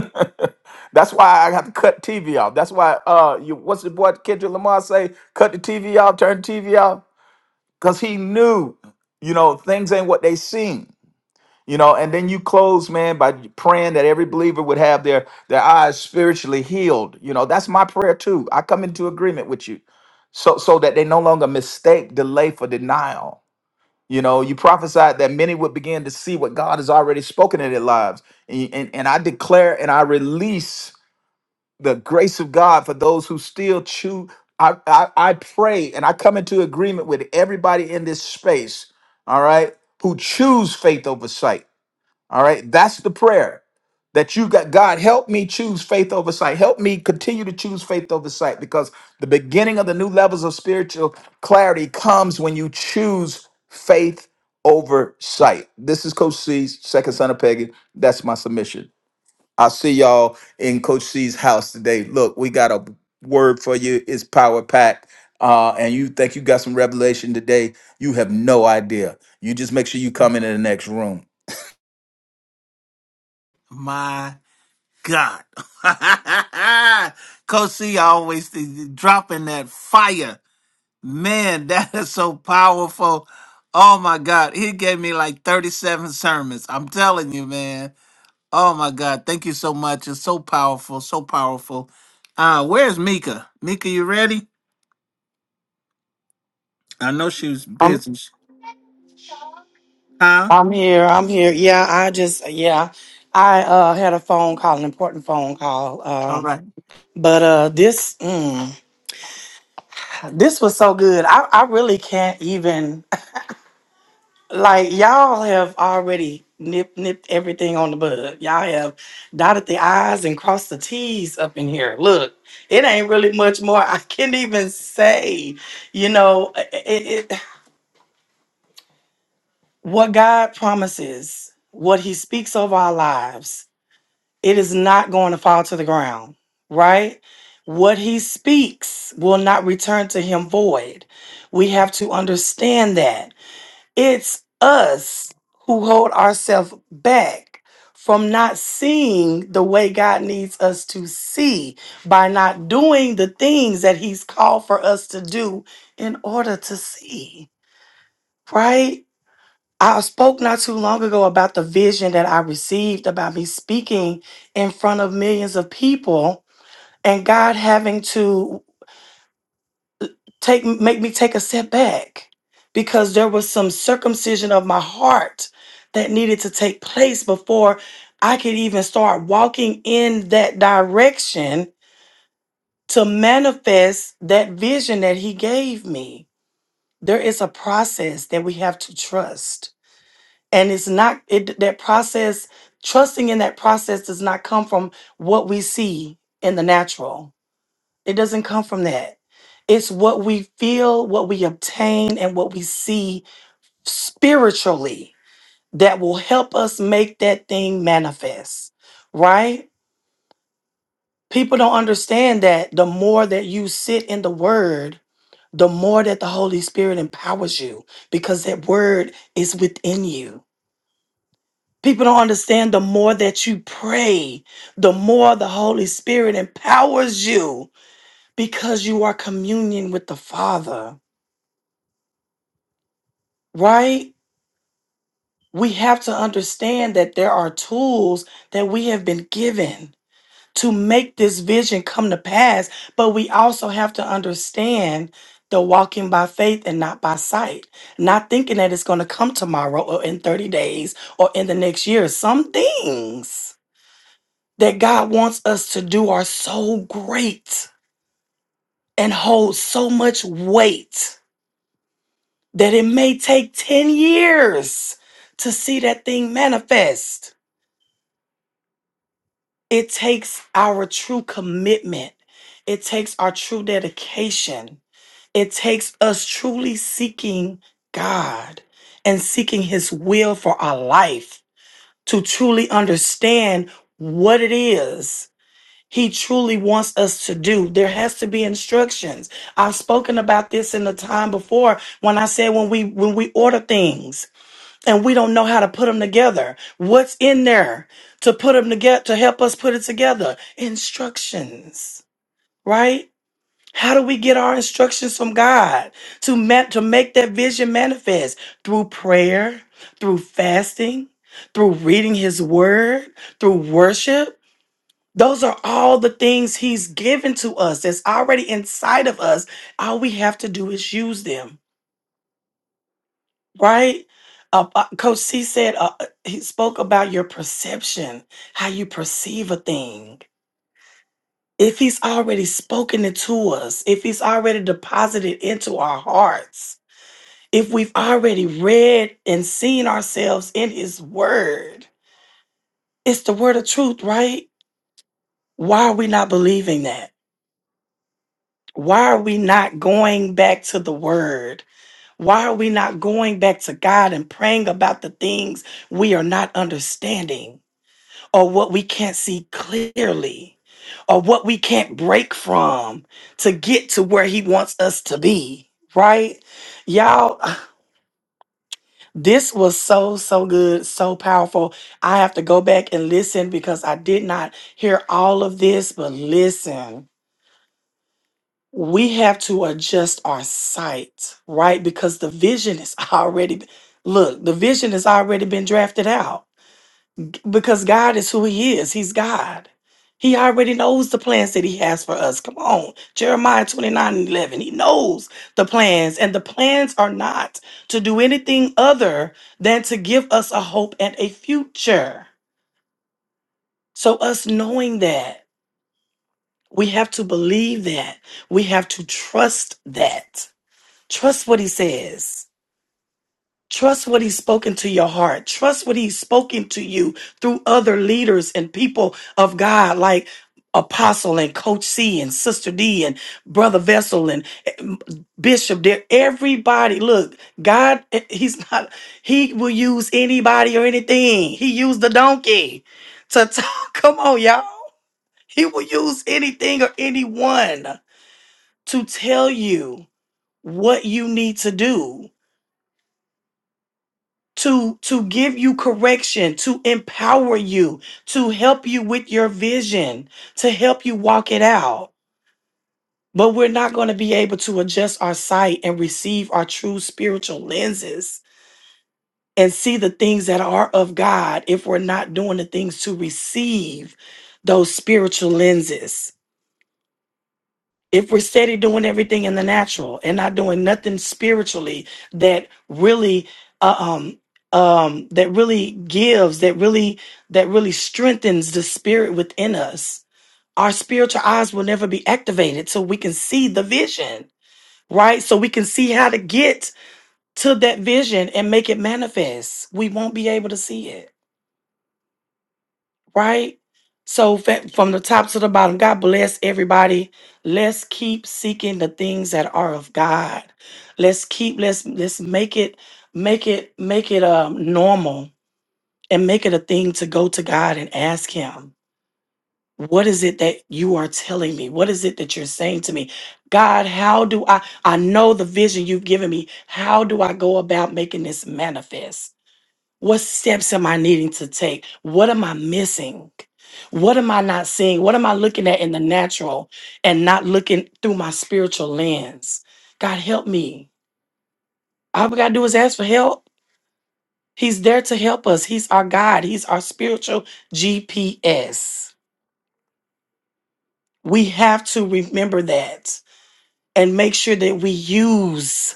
H: That's why I have to cut TV off. That's why uh you what's the boy Kendrick Lamar say? Cut the TV off, turn the TV off. Cause he knew, you know, things ain't what they seem. You know, and then you close, man, by praying that every believer would have their their eyes spiritually healed. You know, that's my prayer too. I come into agreement with you. So so that they no longer mistake delay for denial you know, you prophesied that many would begin to see what God has already spoken in their lives. And, and, and I declare and I release the grace of God for those who still choose. I, I, I pray and I come into agreement with everybody in this space, all right, who choose faith over sight. All right. That's the prayer that you've got. God, help me choose faith over sight. Help me continue to choose faith over sight because the beginning of the new levels of spiritual clarity comes when you choose faith over sight. This is Coach C's second son of Peggy. That's my submission. I'll see y'all in Coach C's house today. Look, we got a word for you. It's power packed. Uh, and you think you got some revelation today, you have no idea. You just make sure you come into the next room.
A: my God. Coach C always th- dropping that fire. Man, that is so powerful. Oh my God. He gave me like 37 sermons. I'm telling you, man. Oh my God. Thank you so much. It's so powerful. So powerful. Uh, where's Mika? Mika, you ready? I know she was
G: I'm
A: busy. Huh?
G: I'm here. I'm here. Yeah, I just yeah, I uh had a phone call, an important phone call.
A: All
G: Um,
A: right.
G: but uh this mm, this was so good. I I really can't even like y'all have already nipped, nipped everything on the bud. Y'all have dotted the i's and crossed the t's up in here. Look, it ain't really much more I can even say. You know, it, What God promises, what He speaks over our lives, it is not going to fall to the ground, right? What He speaks will not return to Him void. We have to understand that. It's us who hold ourselves back from not seeing the way God needs us to see by not doing the things that He's called for us to do in order to see, right? I spoke not too long ago about the vision that I received about me speaking in front of millions of people and God having to take make me take a step back because there was some circumcision of my heart that needed to take place before I could even start walking in that direction to manifest that vision that he gave me. There is a process that we have to trust and it's not it that process trusting in that process does not come from what we see in the natural it doesn't come from that it's what we feel what we obtain and what we see spiritually that will help us make that thing manifest right people don't understand that the more that you sit in the word the more that the holy spirit empowers you because that word is within you People don't understand the more that you pray, the more the Holy Spirit empowers you because you are communion with the Father, right? We have to understand that there are tools that we have been given to make this vision come to pass, but we also have to understand the walking by faith and not by sight, not thinking that it's going to come tomorrow or in 30 days or in the next year. Some things. that God wants us to do are so great and hold so much weight that it may take 10 years to see that thing manifest. It takes our true commitment, it takes our true dedication, it takes us truly seeking God and seeking His will for our life to truly understand what it is he truly wants us to do. There has to be instructions. I've spoken about this in the time before when I said when we when we order things and we don't know how to put them together. What's in there to put them together to help us put it together? Instructions, right? How do we get our instructions from God to ma- to make that vision manifest through prayer, through fasting, through reading His Word, through worship? Those are all the things he's given to us that's already inside of us. All we have to do is use them, right? Uh, uh, Coach C said uh, uh, he spoke about your perception, how you perceive a thing. If he's already spoken it to us, if he's already deposited into our hearts, if we've already read and seen ourselves in his word, it's the word of truth, right? Why are we not believing that? Why are we not going back to the word? Why are we not going back to God and praying about the things we are not understanding or what we can't see clearly or what we can't break from to get to where He wants us to be? Right? Y'all, this was so, so good, so powerful. I have to go back and listen because I did not hear all of this, but listen. we have to adjust our sight, right? Because the vision is already look, the vision has already been drafted out because God is who he is. He's God. He already knows the plans that he has for us. Come on. Jeremiah 29 and 11. He knows the plans, and the plans are not to do anything other than to give us a hope and a future. So, us knowing that, we have to believe that. We have to trust that Trust what he says. Trust what he's spoken to your heart. Trust what he's spoken to you through other leaders and people of God, like Apostle and Coach C and Sister D and Brother Vessel and eh, Bishop. There, everybody. Look, God, eh, he's not. He will use anybody or anything. He used the donkey to talk. Come on, y'all. He will use anything or anyone to tell you what you need to do to to give you correction to empower you to help you with your vision to help you walk it out but we're not going to be able to adjust our sight and receive our true spiritual lenses and see the things that are of god if we're not doing the things to receive those spiritual lenses if we're steady doing everything in the natural and not doing nothing spiritually that really uh, um um that really gives that really that really strengthens the spirit within us our spiritual eyes will never be activated so we can see the vision right so we can see how to get to that vision and make it manifest we won't be able to see it right? So fa- from the top to the bottom, God bless everybody. Let's keep seeking the things that are of God. Let's keep let's let's make it make it make it um normal and make it a thing to go to God and ask him, what is it that you are telling me? What is it that you're saying to me? God, how do I I know the vision you've given me. How do I go about making this manifest? What steps am I needing to take? What am I missing? What am I not seeing? What am I looking at in the natural and not looking through my spiritual lens? God, help me. All we got to do is ask for help. He's there to help us. He's our God, He's our spiritual GPS. We have to remember that and make sure that we use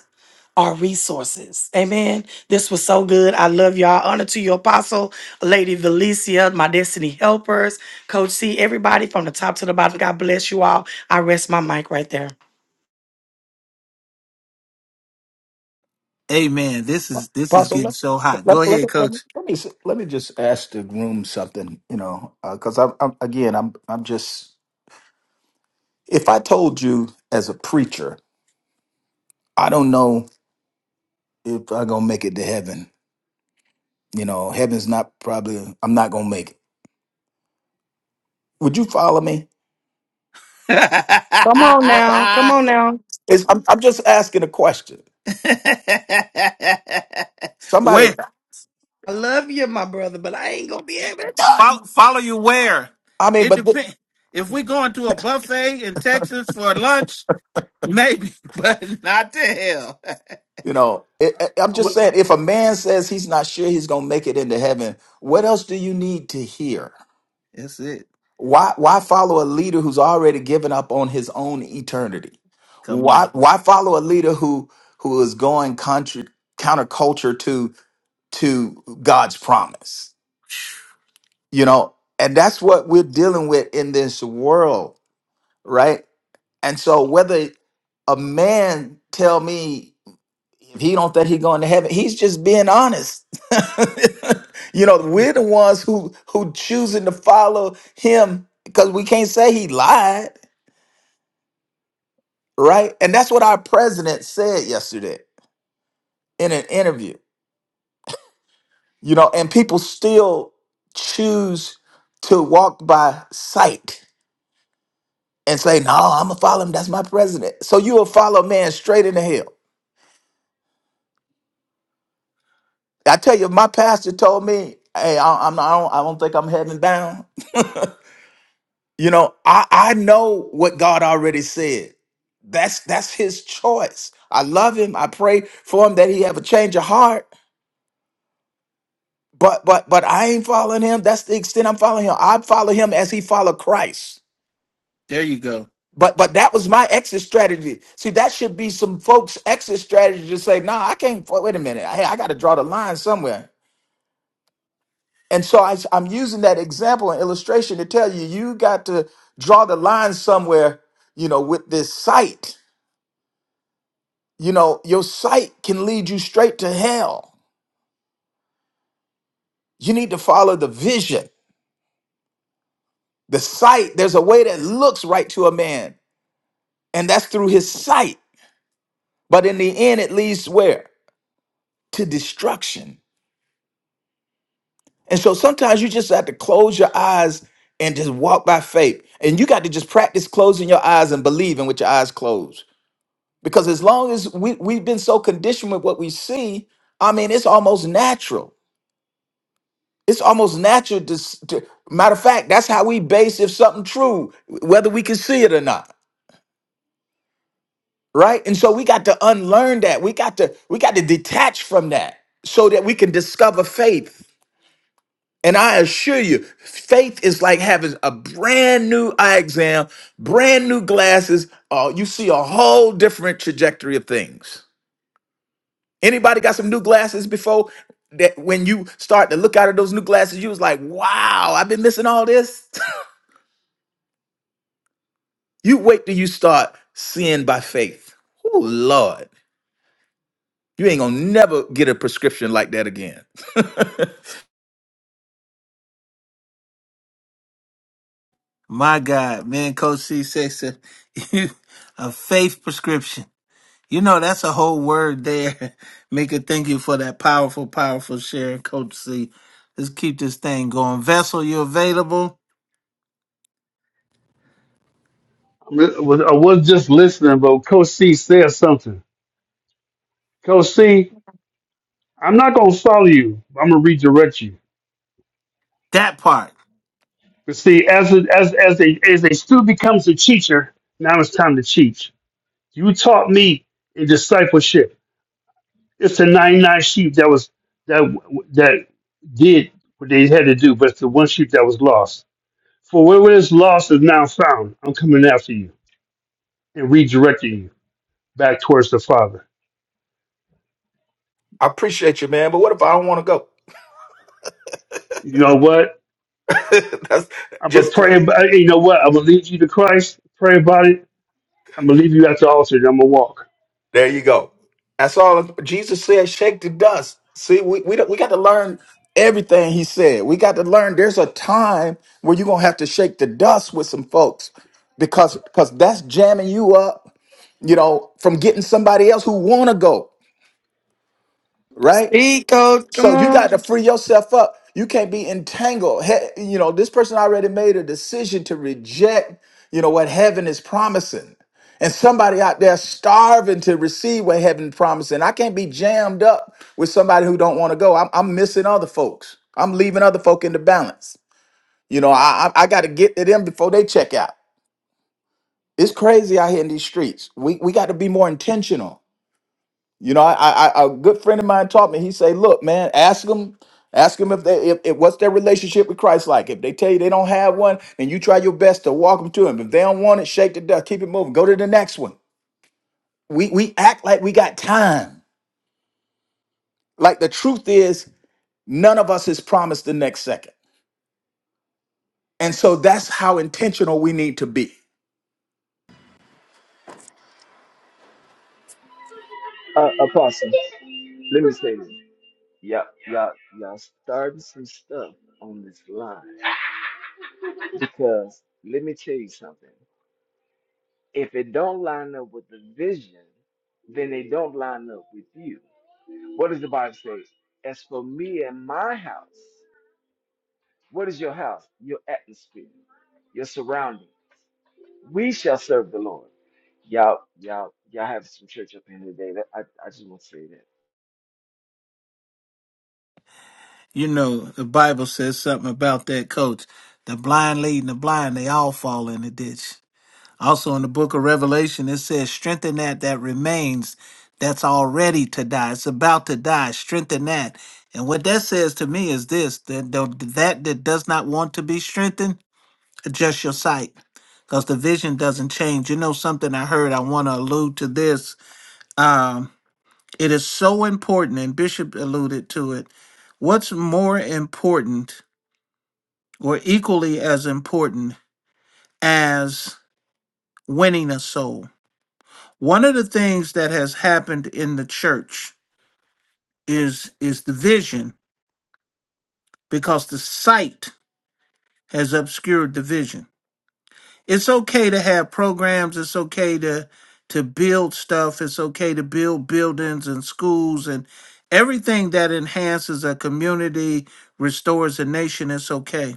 G: our resources. Amen. This was so good. I love y'all. Honor to your apostle, Lady Valicia, my destiny helpers, Coach C, everybody from the top to the bottom. God bless you all. I rest my mic right there.
A: Amen. This is this is
H: Apostle,
A: getting
H: let,
A: so hot. Go
H: let, let,
A: ahead,
H: me- let, me
A: coach.
H: let me s- let me just ask the room something, you know, because I'm, I'm again, I'm I'm just if I told you as a preacher, I don't know if I'm gonna make it to heaven. You know, heaven's not probably. I'm not gonna make it. Would you follow me?
G: Come on now. Come on now.
H: It's, I'm I'm just asking a question. Somebody,
A: where
G: I love you, my brother, but I ain't going to be able to
H: I,
G: do
A: follow,
G: it.
A: follow you where?
H: I mean,
A: It
H: but th-
A: depends. If we going to a buffet in Texas for lunch, maybe, but not to hell.
H: you know, it, it- I'm
D: I'm,
H: just saying, if a man says he's not sure he's gonna make it into heaven, what else do you need to hear?
A: That's it.
H: Why why follow a leader who's already given up on his own eternity?
A: Come on.
H: Why why follow a leader who who is going contra, counterculture to to God's promise? You know, and that's what we're dealing with in this world, right? And so whether a man tell me if he don't think he going to heaven, he's just being honest. you know, we're the ones who who choosing to follow him because we can't say he lied right? And that's what our president said yesterday in an interview. You know, and people still choose to walk by sight and say, "No, I'm gonna follow him. That's my president." So you will follow a man straight into hell. I tell you, my pastor told me, "Hey, I, I'm not, I don't, I don't think I'm heading down." You know, I I know what God already said. That's that's His choice. I love Him. I pray for Him that He have a change of heart But but but I ain't following him. That's the extent I'm following him. I follow him as he followed Christ.
A: There you go.
H: But but that was my exit strategy. See, that should be some folks' exit strategy to say, no, nah, I can't. fo- Wait a minute. Hey, I got to draw the line somewhere. And so I, I'm using that example and illustration to tell you, you got to draw the line somewhere. You know, with this sight, you know, your sight can lead you straight to hell. You need to follow the vision, the sight. There's a way that looks right to a man, and that's through his sight. But in the end, it leads where? To destruction. And so sometimes you just have to close your eyes and just walk by faith. And you got to just practice closing your eyes and believing with your eyes closed. Because as long as we, we've been so conditioned with what we see, I mean, it's almost natural. It's almost natural to, s- to matter of fact, that's how we base if something true, whether we can see it or not. Right. And so we got to unlearn that. We got to we got to detach from that so that we can discover faith And I assure you, faith is like having a brand new eye exam, brand new glasses. Uh, you see a whole different trajectory of things. Anybody got some new glasses before that when you start to look out of those new glasses, you was like, wow, I've been missing all this. you wait till you start seeing by faith. Oh Lord. You ain't gonna never get a prescription like that again. I
A: My God, man, Coach C says a, a faith prescription. You know, that's a whole word there. Mika, thank you for that powerful, powerful share, Coach C. Let's keep this thing going. Vessel, you available?
D: I'm, was- I was just listening, but Coach C said something. Coach C, I'm not gonna follow you. I'm gonna redirect you.
A: That part.
D: But see, as a, as as a as a student becomes a teacher, now it's time to teach. You taught me in discipleship. It's the 99 sheep that was that that did what they had to do, but it's the one sheep that was lost. For where it is lost is now found. I'm coming after you and redirecting you back towards the Father.
H: appreciate you, man, but what if I don't want to go?
D: You know what?
H: That's
D: I'm gonna
H: just
D: pray. About, hey, you know what? I'm gonna lead you to Christ. Pray about it. I'm gonna leave you at the altar. And I'm gonna walk.
H: There you go. That's all Jesus said. Shake the dust. See, we we, don't- we got to learn everything he said. We got to learn. There's a time where you're gonna have to shake the dust with some folks because because that's jamming you up. You know, from getting somebody else who wanna go right.
G: Speak, Coach. Come
H: So you got to
G: on.
H: free yourself up. You can't be entangled. He- you know, this person already made a decision to reject, you know, what heaven is promising. And somebody out there starving to receive what heaven is promising. I can't be jammed up with somebody who don't want to go. I'm, I'm missing other folks. I'm leaving other folk in the balance. You know, I, I, I got to get to them before they check out. It's crazy out here in these streets. We, we got to be more intentional you know, I, I, I- a good friend of mine taught me. He say, "Look, man, ask them, ask them if they, if, if what's their relationship with Christ like. If they tell you they don't have one, then you try your best to walk them to Him. If they don't want it, shake the dust, keep it moving, go to the next one. We we act like we got time. Like the truth is, none of us is promised the next second, and so that's how intentional we need to be.
I: Uh, Apostle, let me say this. Y'all, y'all, y'all starting some stuff on this line because let me tell you something. If it don't line up with the vision, then they don't line up with you. What does the Bible say? As for me and my house, what is your house? Your atmosphere, your surrounding. We shall serve the Lord. Y'all, y'all, y'all have some church up in here today. That I, I just want to say
A: You know, the Bible says something about that, Coach. The blind leading the blind, they all fall in the ditch. Also in the book of Revelation, it says, strengthen that that remains that's already to die. It's about to die. Strengthen that. And what that says to me is this that don't- that, that does not want to be strengthened, adjust your sight. Because the vision doesn't change. You know something I heard, I want to allude to this. Um, it is so important, and Bishop alluded to it. What's more important or equally as important as winning a soul? one of the things that has happened in the church is is division because the sight has obscured the vision it's okay to have programs it's okay to to build stuff it's okay to build buildings and schools and everything that enhances a community restores a nation it's okay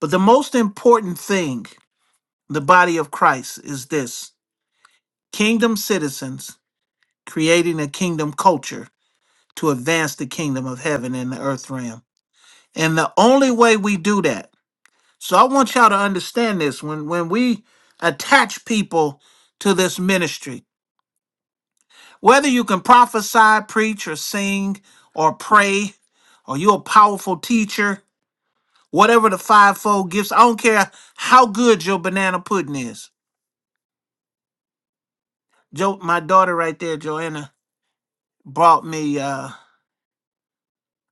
A: but the most important thing the body of christ is this kingdom citizens creating a kingdom culture to advance the kingdom of heaven in the earth realm. And the only way we do that, so I want y'all to understand this when, when we attach people to this ministry, whether you can prophesy, preach, or sing, or pray, or you're a powerful teacher, whatever the fivefold gifts, I don't care how good your banana pudding is. Jo, my daughter right there, Joanna, brought me uh,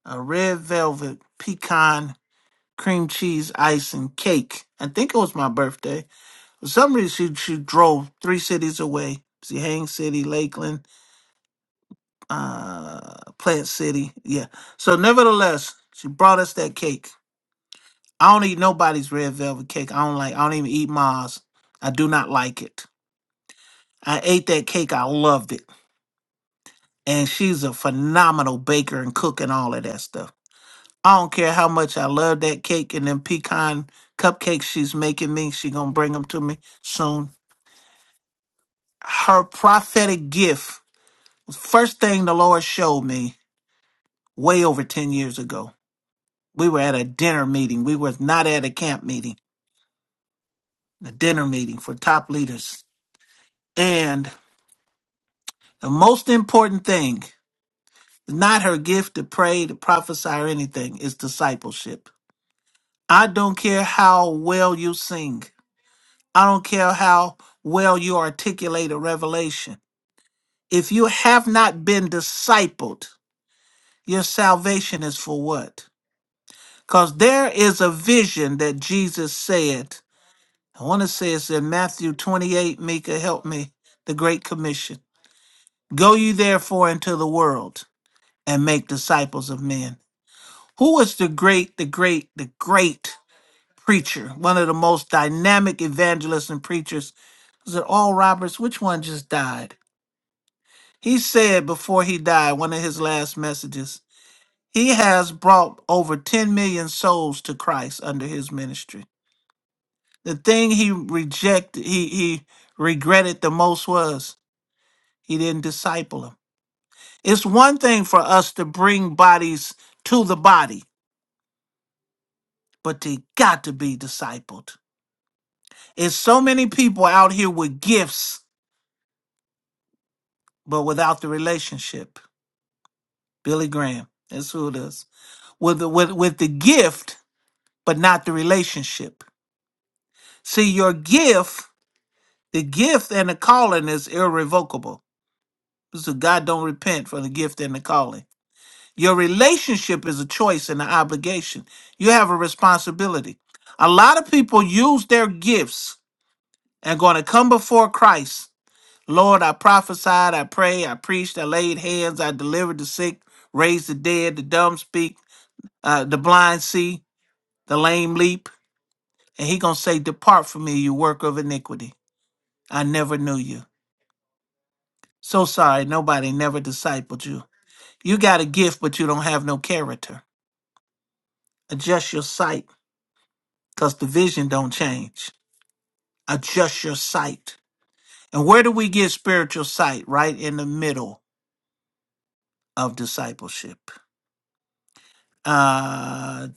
A: a red velvet pecan cream cheese ice and cake. I think it was my birthday. For some reason, she, she drove three cities away. See, Haines City, Lakeland, uh, Plant City. Yeah. So, nevertheless, she brought us that cake. I don't eat nobody's red velvet cake. I don't like. I don't even eat Mars. I do not like it. I ate that cake. I loved it. And she's a phenomenal baker and cook and all of that stuff. I don't care how much I love that cake and them pecan cupcakes she's making me. She gonna bring them to me soon her prophetic gift first thing the lord showed me way over 10 years ago we were at a dinner meeting we were not at a camp meeting a dinner meeting for top leaders and the most important thing not her gift to pray to prophesy or anything is discipleship i don't care how well you sing i don't care how well you articulate a revelation if you have not been discipled your salvation is for what Because there is a vision that Jesus said. I want to say it's in Matthew 28, Mika, help me, the Great Commission. Go you therefore into the world and make disciples of men. Who was the great, the great, the great preacher? One of the most dynamic evangelists and preachers. Was it All Roberts? Which one just died? He said before he died, one of his last messages, he has brought over 10 million souls to Christ under his ministry. The thing he rejected, he he regretted the most was he didn't disciple him. It's one thing for us to bring bodies to the body, but they got to be discipled. It's so many people out here with gifts, but without the relationship. Billy Graham, that's who it is. With the, with with the gift, but not the relationship. See, your gift, the gift and the calling is irrevocable. So God don't repent for the gift and the calling Your relationship is a choice and an obligation. You have a responsibility. A lot of people use their gifts and going to come before Christ. Lord, I prophesied, I prayed, I preached, I laid hands, I delivered the sick, raised the dead, the dumb speak, uh, the blind see, the lame leap. And he going to say, depart from me, you worker of iniquity. I never knew you. So sorry, nobody never discipled you. You got a gift, but you don't have no character. Adjust your sight because the vision don't change. Adjust your sight. And where do we get spiritual sight? Right in the middle of discipleship. Uh,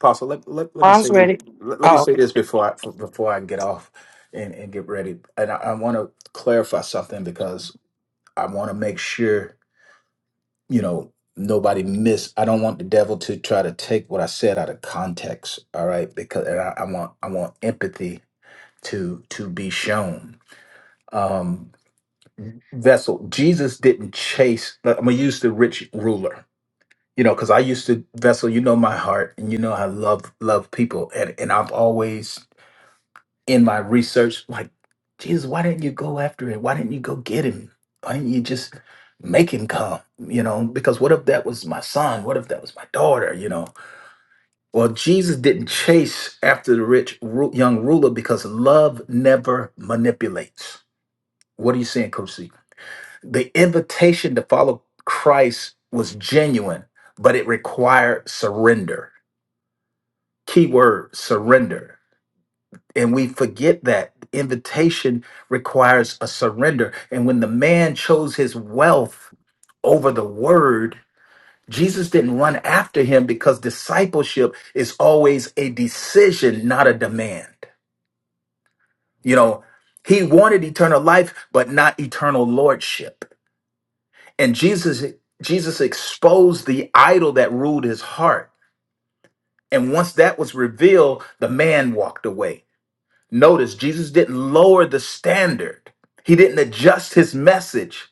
H: Apostle, let, let, let me
G: I'm
H: say this.
G: ready.
H: Let, let me
G: Oh,
H: say this before I f- before I get off and, and get ready. And I, I want to clarify something I want to make sure, you know, nobody miss. I don't want the devil to try to take what I said out of context. All right, because and I, I want I want empathy to to be shown. Um, vessel, Jesus didn't chase. uh, I'm gonna use the rich ruler. You know, because I used to vessel. You know my heart, and you know I love love people, and and I've always in my research, like, Jesus, why didn't you go after him? Why didn't you go get him? Why didn't you just make him come? You know, because what if that was my son? What if that was my daughter? You know, well, Jesus didn't chase after the rich ru- young ruler because love never manipulates. What are you saying, Coach C? The invitation to follow Christ was genuine, but it required surrender. Keyword: surrender And we forget that invitation requires a surrender. And when the man chose his wealth over the word, Jesus didn't run after him because discipleship is always a decision, not a demand. You know, he wanted eternal life, but not eternal lordship. And Jesus Jesus exposed the idol that ruled his heart. And once that was revealed, the man walked away Notice Jesus didn't lower the standard, he didn't adjust his message,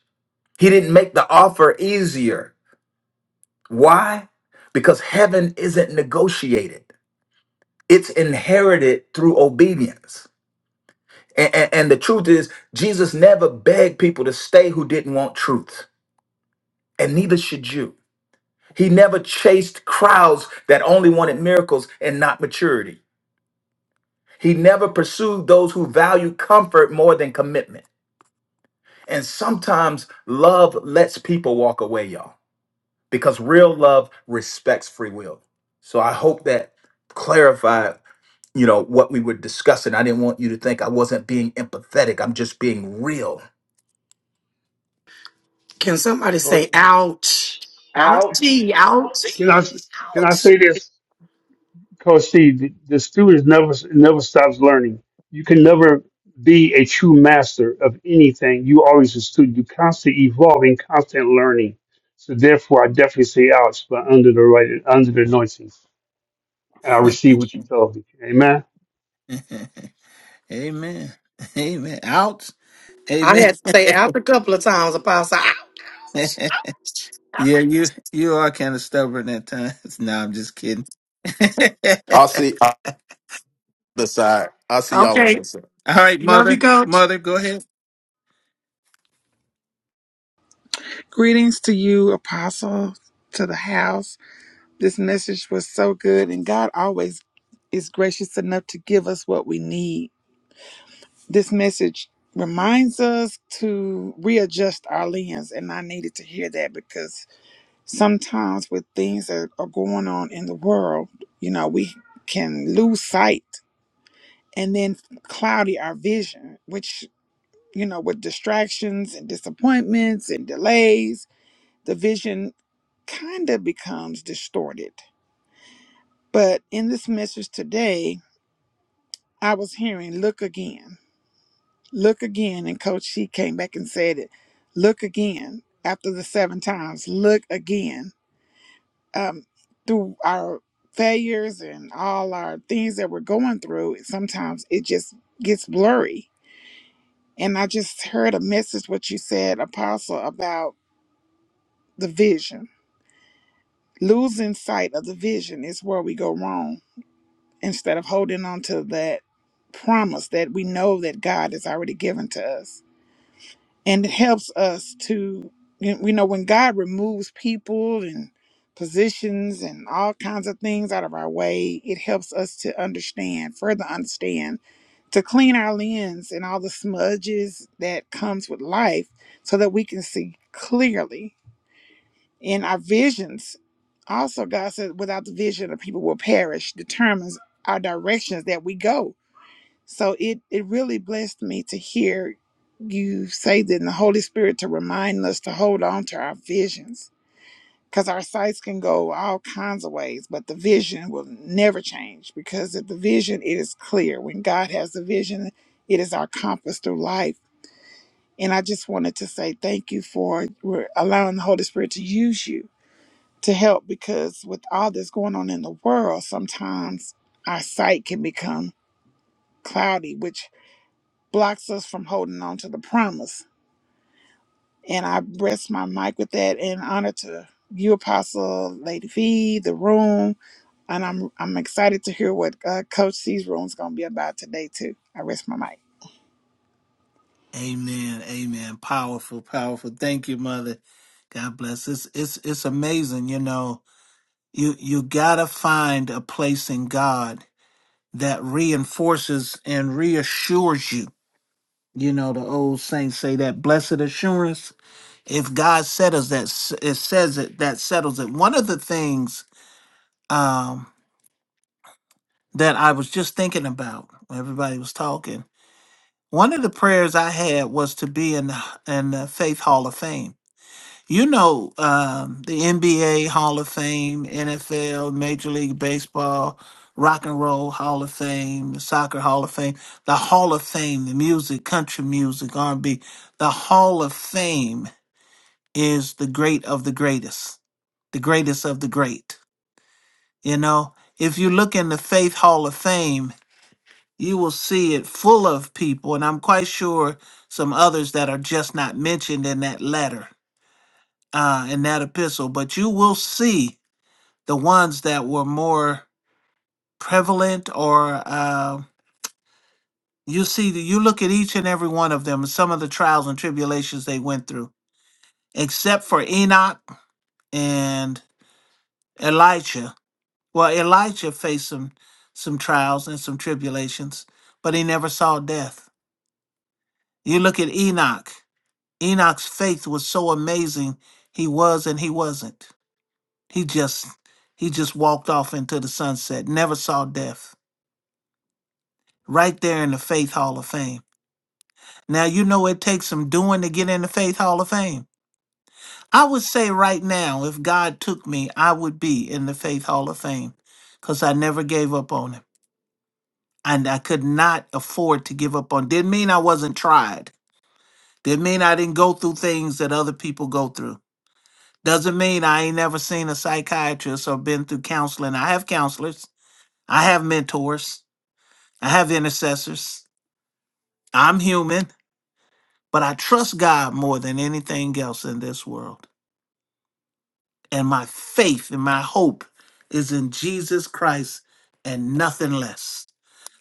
H: he didn't make the offer easier. Why? Because heaven isn't negotiated, it's inherited through obedience. And, and, and the truth is, Jesus never begged people to stay who didn't want truth, and neither should you. He never chased crowds that only wanted miracles and not maturity. He never pursued those who valued comfort more than commitment. And sometimes love lets people walk away, y'all, because real love respects free will. So I hope that clarified, you know, what we were discussing. I didn't want you to think I wasn't being empathetic. I'm just being real.
G: can somebody
D: Co-
G: say ouch?
I: that.
G: Ouchie,
I: Ouch.
G: ouchie,
D: Can I can I
G: ouch.
D: say this, Coach C? The, the student never never stops learning. You can never be a true master of anything. You always a student. You constantly evolving, constant learning. So therefore, I definitely say, "Ouch!" But under the right, under the anointing, and I receive what you told me. Amen.
A: amen. Amen. Out.
G: I
A: Amen.
G: had to say "ouch" a couple of times, Apostle.
A: yeah,
G: Ouch.
A: you you are kind of stubborn at times. no, I'm just kidding.
H: I'll
A: All
H: see I'll see the side. I'll see y'all on
G: Okay.
H: that side.
A: right,
G: Love you,
A: mother.
G: Coach.
A: Mother, go ahead.
F: Greetings to you, Apostle, to the house. This message was so good, and God always is gracious enough to give us what we need. This message reminds us to readjust our lens, and I needed to hear that because sometimes with things that are going on in the world, you know, we can lose sight and then cloudy our vision, which, you know, with distractions and disappointments and delays the vision kind of becomes distorted. But in this message today, I was hearing look again, look again. And Coach She came back and said it look again after the seven times, look again. Um, through our failures and all our things that we're going through, sometimes it just gets blurry. And I just heard a message, what you said, Apostle, about the vision. Losing sight of the vision is where we go wrong instead of holding on to that promise that we know that God has already given to us. And it helps us to, you we know, when God removes people and positions and all kinds of things out of our way, it helps us to understand, further understand, to clean our lens and all the smudges that comes with life so that we can see clearly in our visions. Also, God said, without the vision, the people will perish, determines our directions that we go so it it really blessed me to hear you say that in the Holy Spirit to remind us to hold on to our visions because our sights can go all kinds of ways, but the vision will never change because if the vision it is clear. When God has a vision, it is our compass through life. And I just wanted to say thank you for re- allowing the Holy Spirit to use you to help because with all that's going on in the world, sometimes our sight can become cloudy, which blocks us from holding on to the promise. And I rest my mic with that in honor to you, Apostle Lady V, the room, and I'm I'm excited to hear what uh, Coach C's room's going to be about today too. I rest my mic.
A: Amen. Amen. Powerful, powerful. Thank you, mother. God bless. It's it's it's amazing, you know You you gotta find a place in God that reinforces and reassures you. You know the old saints say that blessed assurance. If God settles that, s- it says it that settles it. One of the things um, that I was just thinking about when everybody was talking. One of the prayers I had was to be in the, in the Faith Hall of Fame You know, um, the NBA Hall of Fame, NFL, Major League Baseball, Rock and Roll Hall of Fame, Soccer Hall of Fame, the Hall of Fame, the music, country music, R&B. The Hall of Fame is the great of the greatest, the greatest of the great. You know, if you look in the Faith Hall of Fame, you will see it full of people, and I'm quite sure some others that are just not mentioned in that letter uh, in that epistle, but you will see the ones that were more prevalent or uh, you see that you look at each and every one of them some of the trials and tribulations they went through except for enoch and elijah well elijah faced some some trials and some tribulations but he never saw death you look at enoch enoch's faith was so amazing he was and he wasn't he just he just walked off into the sunset never saw death right there in the faith hall of fame Now, you know it takes some doing to get in the Faith Hall of Fame. I would say right now, if God took me, I would be in the Faith Hall of Fame because I never gave up on him. And I could not afford to give up on. Didn't mean I wasn't tried. Didn't mean I didn't go through things that other people go through. Doesn't mean I ain't never seen a psychiatrist or been through counseling. I have counselors. I have mentors. I have intercessors. I'm human, but I trust God more than anything else in this world. and my faith and my hope is in Jesus Christ and nothing less.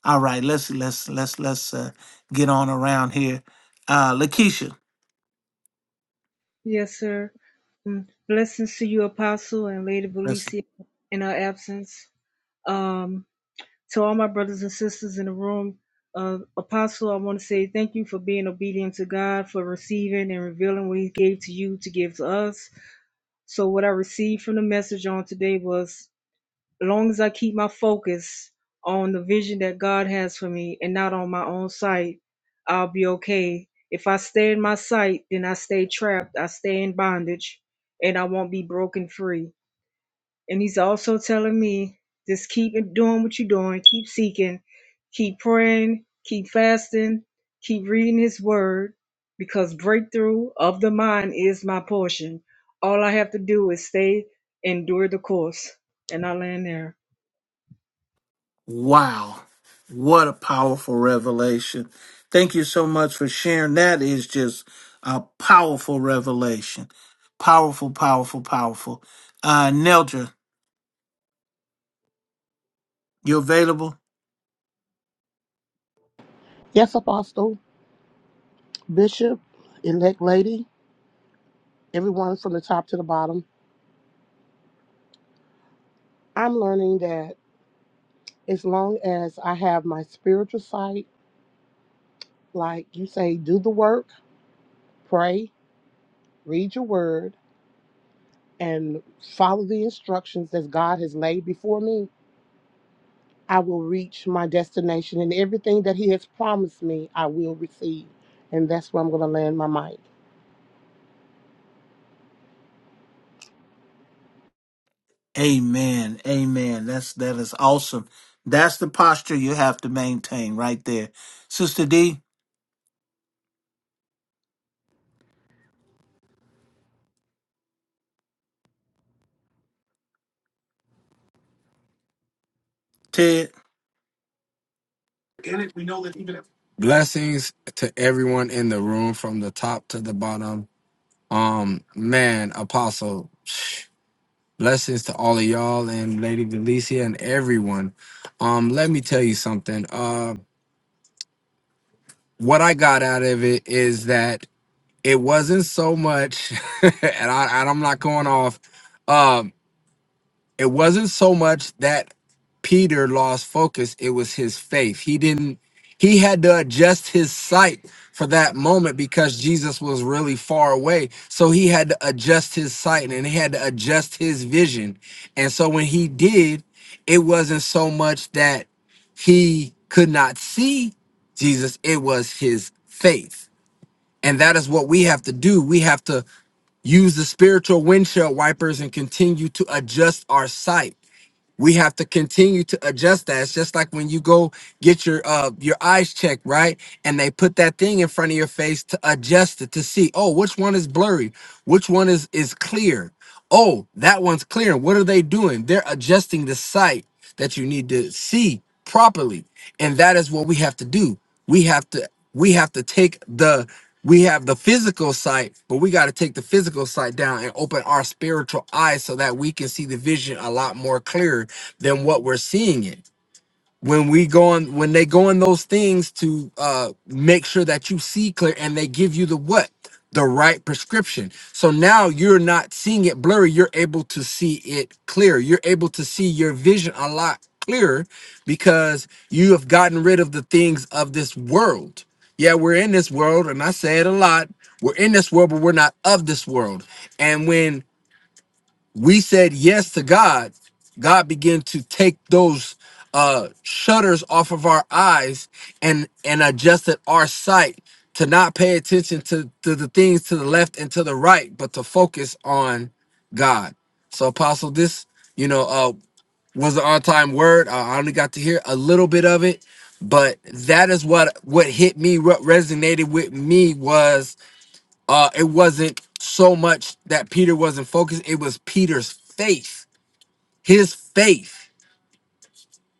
A: All right, let's let's let's let's uh, get on around here. Uh Lakeisha,
E: Yes, sir. Mm. Blessings to you, Apostle, and Lady
A: that's
E: Valencia in her absence. Um, to all my brothers and sisters in the room, uh, Apostle, I want to say thank you for being obedient to God, for receiving and revealing what He gave to you to give to us. So, what I received from the message on today was long as I keep my focus on the vision that God has for me and not on my own sight, I'll be okay. If I stay in my sight, then I stay trapped, I stay in bondage, and I won't be broken free. And He's also telling me just keep it- doing what you're doing, keep seeking, keep praying, keep fasting, keep reading His Word, because breakthrough of the mind is my portion. All I have to do is stay, endure the course, and I land there.
A: wow. What a powerful revelation. Thank you so much for sharing. That is just a powerful revelation. Powerful, powerful, powerful. Uh Neldra, you available?
J: Yes, Apostle, Bishop, elect lady, everyone from the top to the bottom. I'm learning that as long as I have my spiritual sight, like you say, do the work, pray, read your word, and follow the instructions that God has laid before me, I will reach my destination and everything that He has promised me, I will receive. And that's where I'm going to land my mic.
A: Amen. Amen. That's that is awesome. That's the posture you have to maintain right there. Sister D, Ted.
K: in it, we know that even if blessings to everyone in the room from the top to the bottom um man apostle blessings to all of y'all and lady delicia and everyone um let me tell you something uh what i got out of it is that it wasn't so much and I, and i'm not going off Um. it wasn't so much that Peter lost focus, it was his faith. He didn't, he had to adjust his sight for that moment because Jesus was really far away. So he had to adjust his sight and he had to adjust his vision. And so when he did, it wasn't so much that he could not see Jesus, it was his faith. And that is what we have to do. We have to use the spiritual windshield wipers and continue to adjust our sight we have to continue to adjust that. It's just like when you go get your uh your eyes checked, right? And they put that thing in front of your face to adjust it to see, oh, which one is blurry, which one is is clear. Oh, that one's clear. what are they doing? They're adjusting the sight that you need to see properly. And that is what we have to do. We have to we have to take the we have the physical sight, but we got to take the physical sight down and open our spiritual eyes so that we can see the vision a lot more clearer than what we're seeing it. When we go on, when they go on those things to uh, make sure that you see clear, and they give you the what, the right prescription. So now you're not seeing it blurry. You're able to see it clear. You're able to see your vision a lot clearer because you have gotten rid of the things of this world. Yeah, we're in this world, and I say it a lot. We're in this world, but we're not of this world. And when we said yes to God, God began to take those uh shutters off of our eyes and and adjusted our sight to not pay attention to, to the things to the left and to the right, but to focus on God. So apostle, this, you know, uh was an on-time word. I only got to hear a little bit of it, but that is what what hit me, what resonated with me was uh it wasn't so much that peter wasn't focused it was peter's faith his faith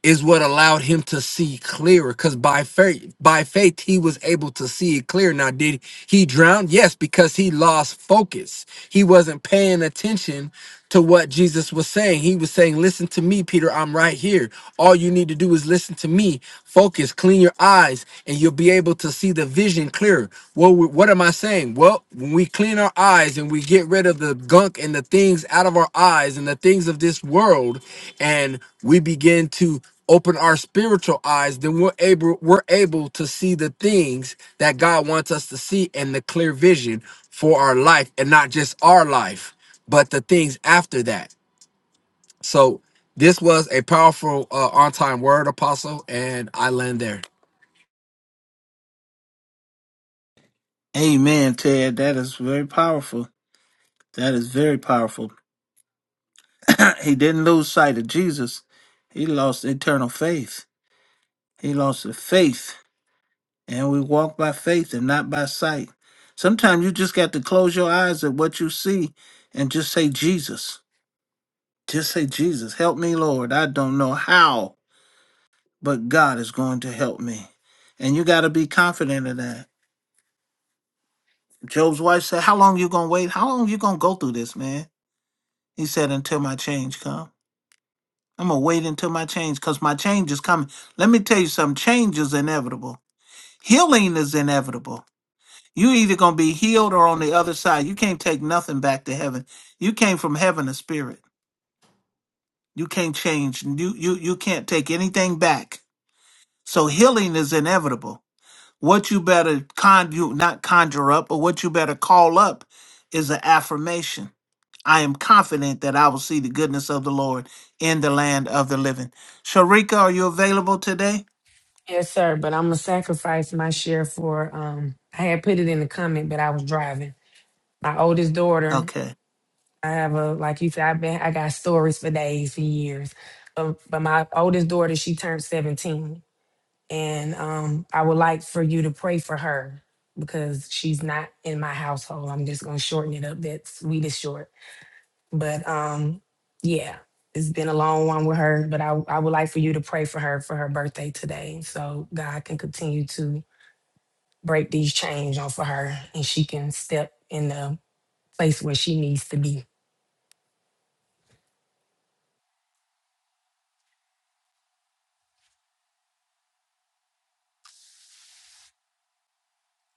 K: is what allowed him to see clearer because by faith by faith he was able to see it clear now did he drown yes because he lost focus he wasn't paying attention to what jesus was saying he was saying listen to me peter i'm right here all you need to do is listen to me focus clean your eyes and you'll be able to see the vision clearer What so wh- what am I saying? Well, when we clean our eyes and we get rid of the gunk and the things out of our eyes and the things of this world, and we begin to open our spiritual eyes, then we're able we're able to see the things that God wants us to see and the clear vision for our life, and not just our life, but the things after that. So this was a powerful uh, on time word, Apostle, and I land there.
A: Amen, Ted. That is very powerful. That is very powerful. he didn't lose sight of Jesus. He lost eternal faith. He lost the faith. And we walk by faith and not by sight. Sometimes you just got to close your eyes at what you see and just say, Jesus. Just say, Jesus, help me, Lord. I don't know how. but God is going to help me. And you got to be confident of that. Job's wife said, How long you going to wait? How long you going to go through this, man? He said, Until my change come. I'm going to wait until my change because my change is coming. Let me tell you something change is inevitable, healing is inevitable. you either going to be healed or on the other side. You can't take nothing back to heaven. You came from heaven a spirit. You can't change. You, you, you can't take anything back. So healing is inevitable What you better conjure, not conjure up, but what you better call up is an affirmation. I am confident that I will see the goodness of the Lord in the land of the living. Sharika, are you available today?
L: Yes, sir. But I'm gonna sacrifice my share for. Um, I had put it in the comment, but I was driving. My oldest daughter.
A: Okay.
L: I have a like you said. I've been. I got stories for days and years. Um, but my oldest daughter, she turned 17, and um, I would like for you to pray for her because she's not in my household. I'm just gonna shorten it up. That's sweet is short. But um, yeah. It's been a long one with her, but I, I would like for you to pray for her for her birthday today. So God can continue to break these chains off of her and she can step in the place where she needs to be.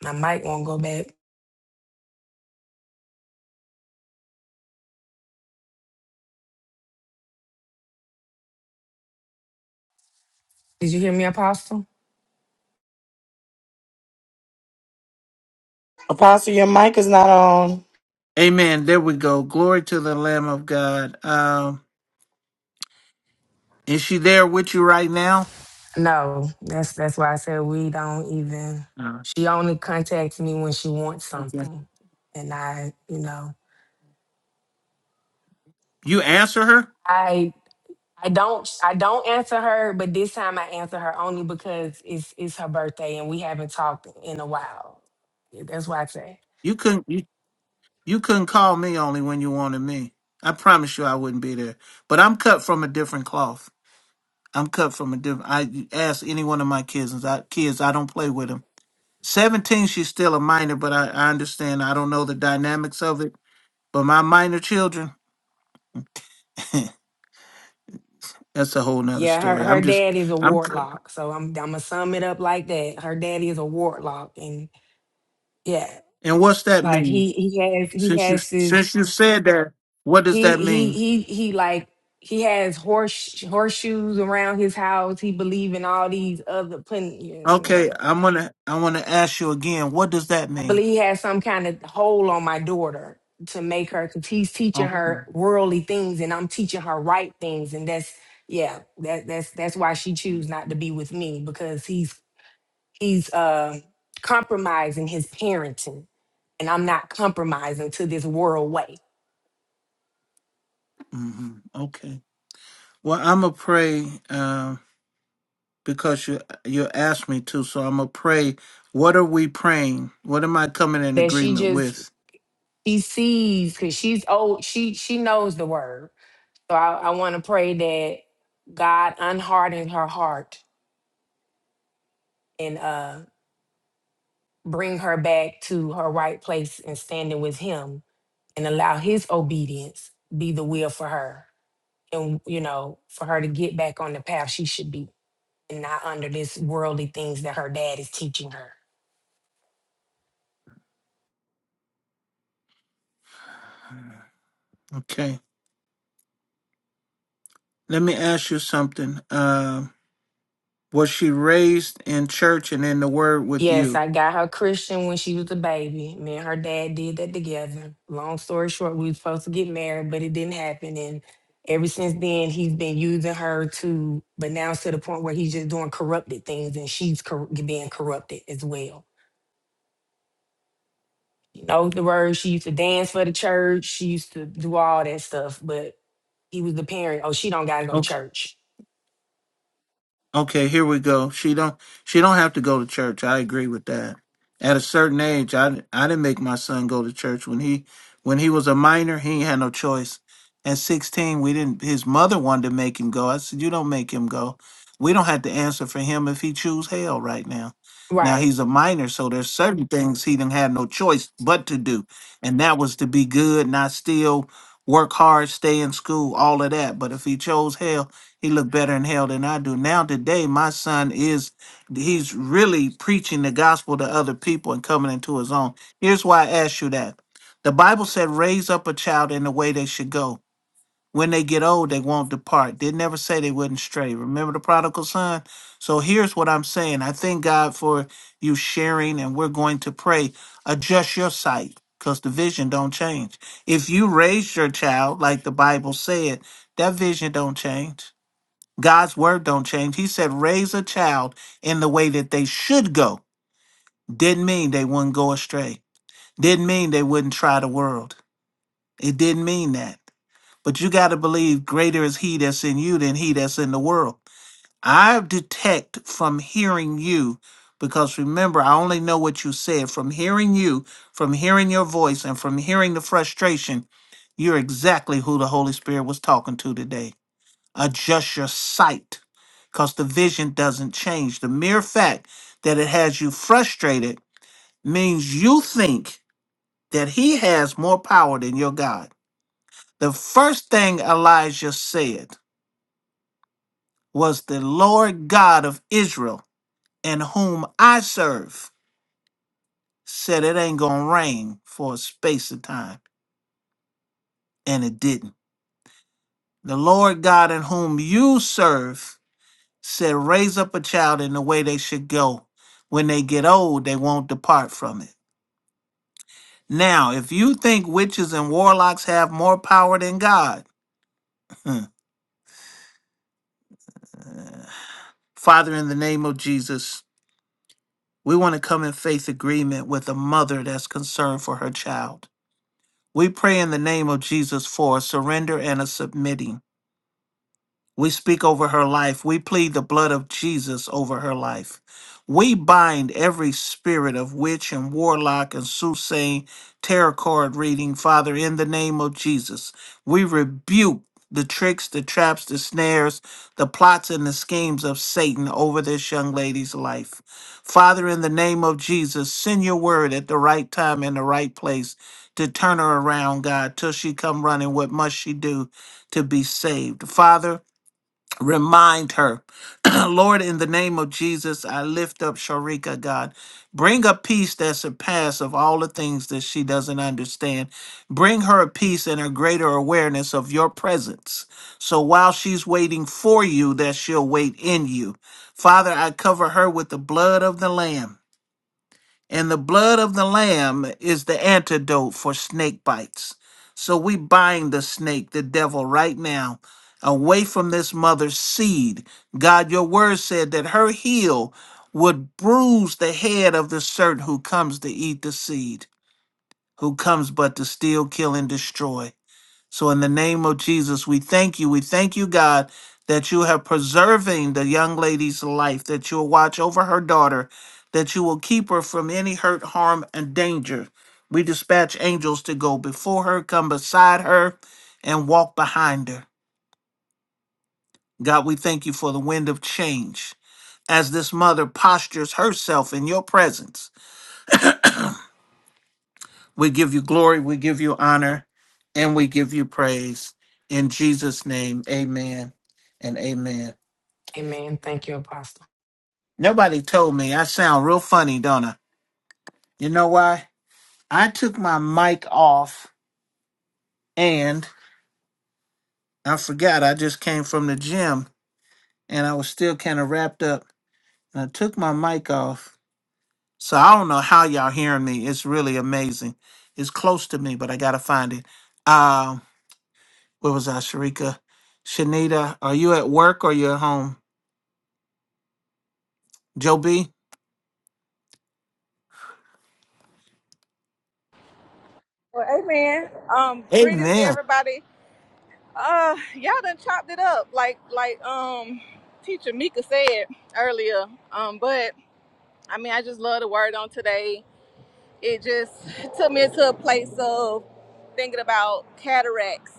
L: My mic won't go back. Did you hear me, Apostle?
G: Apostle, your mic is not on.
A: Amen. There we go. Glory to the Lamb of God. Um, is she there with you right now?
L: No, that's that's why I said we don't even.
A: No.
L: She only contacts me when she wants
A: Okay.
L: something, and I, you know,
A: You answer her?
L: I I don't I don't answer her, but this time I answer her only because it's it's her birthday and we haven't talked in a while. Yeah, That's why I say.
A: You couldn't you, you couldn't call me only when you wanted me. I promise you I wouldn't be there. But I'm cut from a different cloth. I'm cut from a different. I ask any one of my kids, and I, kids, I don't play with them. Seventeen, she's still a minor, but I, I understand. I don't know the dynamics of it, but my minor children, that's a whole nother
L: Yeah, her
A: story. I'm
L: her
A: just,
L: dad is a
A: I'm.
L: Warlock, so I'm I'm gonna sum it up like that. Her daddy is a Warlock, and yeah,
A: And what's that
L: like
A: mean?
L: he he has he
A: Since you
L: has
A: since
L: this
A: you said that, what does
L: he
A: that
L: he
A: mean?
L: he he like he has horse horseshoes around his house. He believe in all these other putting.
A: Okay,
L: yeah.
A: I'm gonna I want to ask you again. What does that
L: I
A: mean?
L: believe he has some kind of hold on my daughter to make her because he's teaching
A: Okay.
L: her worldly things, and I'm teaching her right things, and that's yeah, that that's that's why she choose not to be with me because he's he's uh, compromising his parenting, and I'm not compromising to this world way
A: hmm Okay. Well, I'm gonna pray. Um, because you you asked me to. So I'm gonna pray. What are we praying? What am I coming in
L: that she
A: agreement
L: just
A: with?
L: she sees because she's old. She she knows the word, so I, I want to pray that God unharden her heart and uh, bring her back to her right place and standing with Him, and allow His obedience be the will for her, and you know for her to get back on the path she should be, and not under this worldly things that her dad is teaching her.
A: Okay. Let me ask you something. Um, was she raised in church and in the Word with
L: Yes,
A: you?
L: I got her Christian when she was a baby. Me and her dad did that together. Long story short, we was supposed to get married, but it didn't happen. And ever since then, he's been using her to, but now it's to the point where he's just doing corrupted things and she's cor- being corrupted as well. You know the word. She used to dance for the church. She used to do all that stuff, but he was the parent. Oh, she don't gotta go to church.
A: Okay, here we go. She don't she don't have to go to church. I agree with that. At a certain age, I I didn't make my son go to church when he when he was a minor. He ain't had no choice. At sixteen, we didn't. His mother wanted to make him go. I said, "You don't make him go. We don't have to answer for him if he choose hell right now." Now
L: Right.
A: he's a minor, so there's certain things he didn't have no choice but to do, and that was to be good, not steal, work hard, stay in school, all of that. But if he chose hell, he looked better in hell than I do. Now today, my son is he's really preaching the gospel to other people and coming into his own. Here's why I asked you that. The Bible said, raise up a child in the way they should go. When they get old, they won't depart. Did never say they wouldn't stray. Remember the prodigal son? So here's what I'm saying. I thank God for you sharing, and we're going to pray. Adjust your sight, because the vision don't change. If you raise your child, like the Bible said, that vision don't change God's word don't change. He said, raise a child in the way that they should go. Didn't mean they wouldn't go astray. Didn't mean they wouldn't try the world. It didn't mean that. But you got to believe greater is he that's in you than he that's in the world. I detect from hearing you, because remember, I only know what you said. From hearing you, from hearing your voice, and from hearing the frustration, you're exactly who the Holy Spirit was talking to today. Adjust your sight because the vision doesn't change. The mere fact that it has you frustrated means you think that he has more power than your God. The first thing Elijah said was, The Lord God of Israel, in whom I serve, said it ain't going to rain for a space of time. And it didn't. The Lord God in whom you serve said, Raise up a child in the way they should go. When they get old, they won't depart from it. Now, if you think witches and warlocks have more power than God, Father, in the name of Jesus, we want to come in faith agreement with a mother that's concerned for her child. We pray in the name of Jesus for a surrender and a submitting. We speak over her life. We plead the blood of Jesus over her life. We bind every spirit of witch and warlock and soothsaying, tarot card reading, Father, in the name of Jesus. We rebuke the tricks, the traps, the snares, the plots, and the schemes of Satan over this young lady's life. Father, in the name of Jesus, send your word at the right time and the right place to turn her around, God, till she come running. What must she do to be saved? Father, Remind her, Lord, in the name of Jesus, I lift up Sharika, God. Bring a peace that surpasses of all the things that she doesn't understand. Bring her a peace and a greater awareness of your presence. So while she's waiting for you, that she'll wait in you. Father, I cover her with the blood of the Lamb. And the blood of the lamb is the antidote for snake bites. So we bind the snake, the devil, right now, away from this mother's seed. God, your word said that her heel would bruise the head of the serpent who comes to eat the seed, who comes but to steal, kill, and destroy. So in the name of Jesus, we thank you. We thank you, God, that you have preserving the young lady's life, that you'll watch over her daughter, that you will keep her from any hurt, harm, and danger. We dispatch angels to go before her, come beside her, and walk behind her. God, we thank you for the wind of change as this mother postures herself in your presence. We give you glory, we give you honor, and we give you praise. In Jesus' name, amen and amen.
L: Amen. Thank you, Apostle.
A: Nobody told me I sound real funny, don't I? You know why? I took my mic off and I forgot I just came from the gym and I was still kind of wrapped up. And I took my mic off. So I don't know how y'all hearing me. It's really amazing. It's close to me, but I gotta find it. Um, where was I, Sharika? Shanita, are you at work or you at home? Joe B.
M: Well, amen. Um, greetings to
A: Amen.
M: everybody. Uh, y'all done chopped it up, like like um, teacher Mika said earlier. Um, but I mean, I just love the word on today it just took me into a place of thinking about cataracts.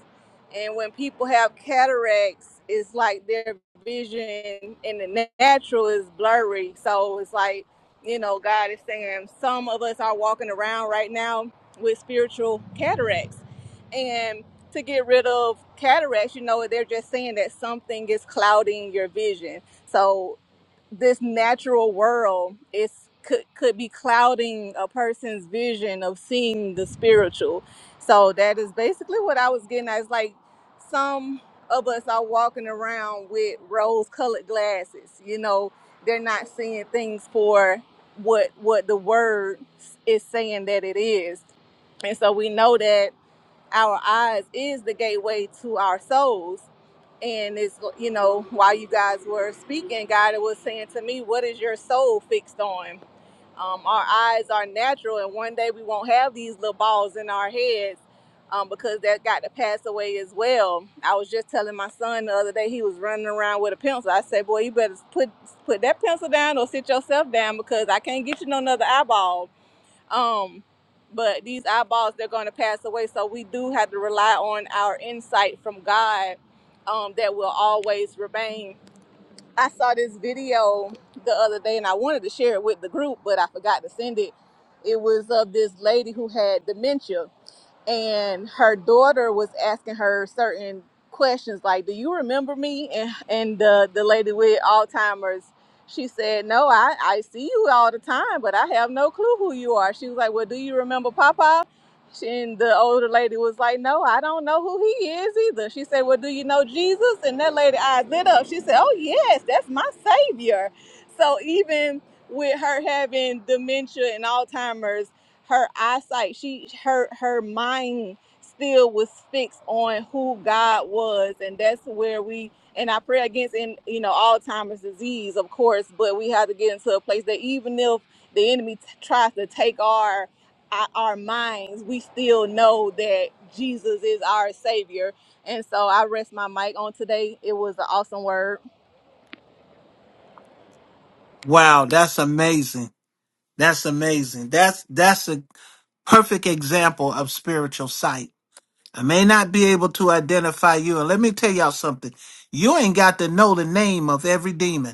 M: And when people have cataracts, it's like their vision in the na- natural is blurry. So it's like, you know, God is saying some of us are walking around right now with spiritual cataracts. And to get rid of cataracts, you know, they're just saying that something is clouding your vision. So this natural world is could could be clouding a person's vision of seeing the spiritual. So that is basically what I was getting at. It's like some of us are walking around with rose colored glasses. You know, they're not seeing things for what what the word is saying that it is. And so we know that our eyes is the gateway to our souls and it's you know while you guys were speaking god was saying to me what is your soul fixed on um, our eyes are natural and one day we won't have these little balls in our heads um, because that got to pass away as well i was just telling my son the other day he was running around with a pencil i said boy you better put put that pencil down or sit yourself down because i can't get you no another eyeball um, but these eyeballs, they're going to pass away. So we do have to rely on our insight from God um, that will always remain. I saw this video the other day and I wanted to share it with the group, but I forgot to send it. It was of this lady who had dementia and her daughter was asking her certain questions like do you remember me and and the the lady with alzheimer's she said no i i see you all the time but i have no clue who you are she was like well do you remember papa she, and the older lady was like no i don't know who he is either she said well do you know jesus and that lady eyes lit up she said oh yes that's my savior so even with her having dementia and alzheimer's her eyesight she her her mind still was fixed on who god was and that's where we and i pray against in you know alzheimer's disease of course but we have to get into a place that even if the enemy t- tries to take our our our minds we still know that jesus is our savior and so i rest my mic on today it was an awesome word
A: Wow, that's amazing. That's amazing. That's that's a perfect example of spiritual sight. I may not be able to identify you. And let me tell y'all something. You ain't got to know the name of every demon.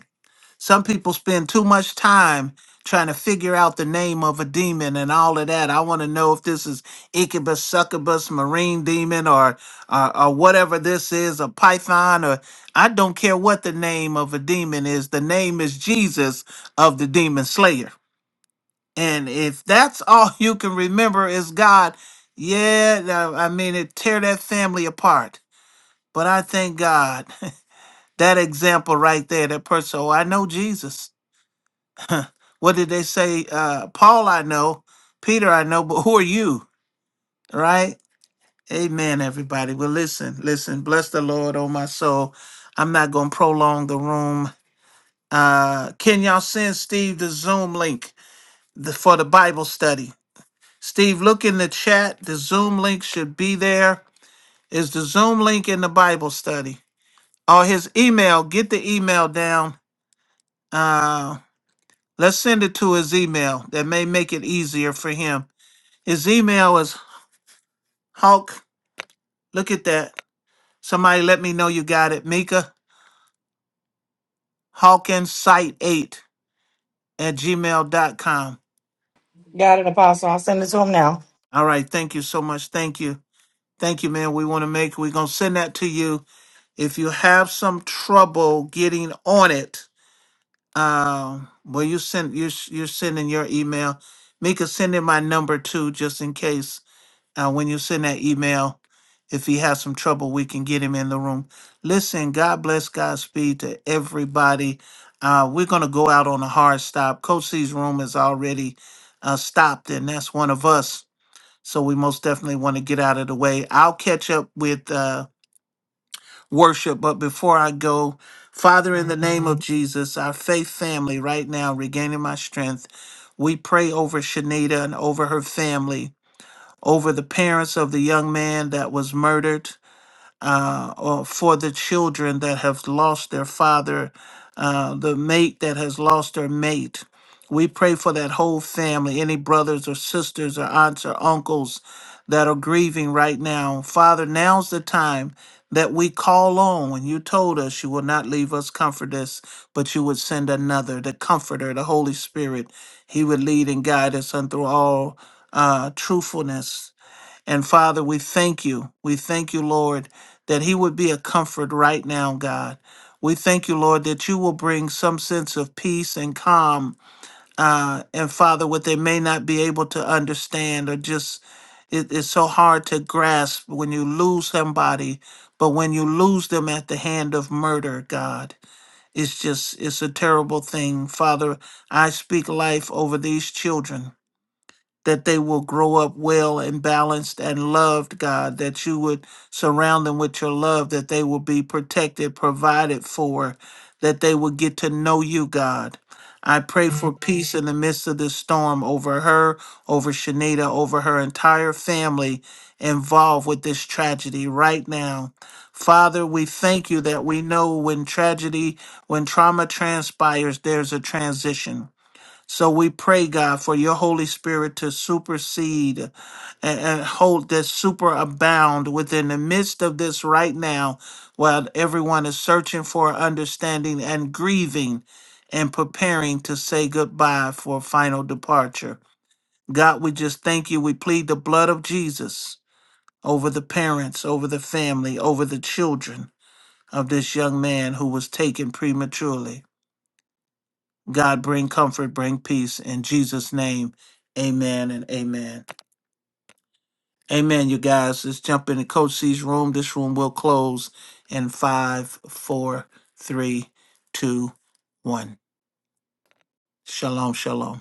A: Some people spend too much time trying to figure out the name of a demon and all of that. I want to know if this is incubus, succubus, marine demon, or, or or whatever this is, a python, or I don't care what the name of a demon is. The name is Jesus of the demon slayer. And if that's all you can remember is God, yeah, now, I mean, it tear that family apart. But I thank God that example right there, that person. Oh, I know Jesus. What did they say? Uh, Paul, I know. Peter, I know. But who are you? Right? Amen, everybody. Well, listen, listen. Bless the Lord, oh my soul. I'm not going to prolong the room. Uh, can y'all send Steve the Zoom link the, for the Bible study? Steve, look in the chat. The Zoom link should be there. Is the Zoom link in the Bible study? Or his email? Get the email down. Uh, let's send it to his email. That may make it easier for him. His email is Hawk, look at that. Somebody let me know you got it. Mika, hawkinsight8 at gmail dot com.
G: Got it, Apostle. I'll send it to him now.
A: All right. Thank you so much. Thank you. Thank you, man. We want to make, we're going to send that to you. If you have some trouble getting on it, um, well, you send, you're, you're sending your email. Mika, send in my number too, just in case. uh, when you send that email. If he has some trouble, we can get him in the room. Listen, God bless Godspeed to everybody. Uh, we're going to go out on a hard stop. Coach C's room is already uh, stopped, and that's one of us. So we most definitely want to get out of the way. I'll catch up with uh, worship, but before I go, Father, in the name of Jesus, our faith family right now, regaining my strength, we pray over Shanita and over her family over the parents of the young man that was murdered, uh, or for the children that have lost their father, uh, the mate that has lost their mate. We pray for that whole family, any brothers or sisters or aunts or uncles that are grieving right now. Father, now's the time that we call on when you told us you will not leave us comfort us, but you would send another, the comforter, the Holy Spirit. He would lead and guide us unto all uh, truthfulness and Father, we thank you. We thank you, Lord, that he would be a comfort right now, God. We thank you, Lord, that you will bring some sense of peace and calm. Uh, and Father, what they may not be able to understand or just, it, it's so hard to grasp when you lose somebody, but when you lose them at the hand of murder, God, it's just, it's a terrible thing. Father, I speak life over these children that they will grow up well and balanced and loved, God, that you would surround them with your love, that they will be protected, provided for, that they will get to know you, God. I pray for peace in the midst of this storm over her, over Shanita, over her entire family involved with this tragedy right now. Father, we thank you that we know when tragedy, when trauma transpires, there's a transition. So we pray, God, for your Holy Spirit to supersede and, and hold that superabound within the midst of this right now, while everyone is searching for understanding and grieving and preparing to say goodbye for final departure. God, we just thank you. We plead the blood of Jesus over the parents, over the family, over the children of this young man who was taken prematurely. God bring comfort, bring peace. In Jesus' name, amen and amen. Amen, you guys. Let's jump into Coach C's room. This room will close in five, four, three, two, one. Shalom, shalom.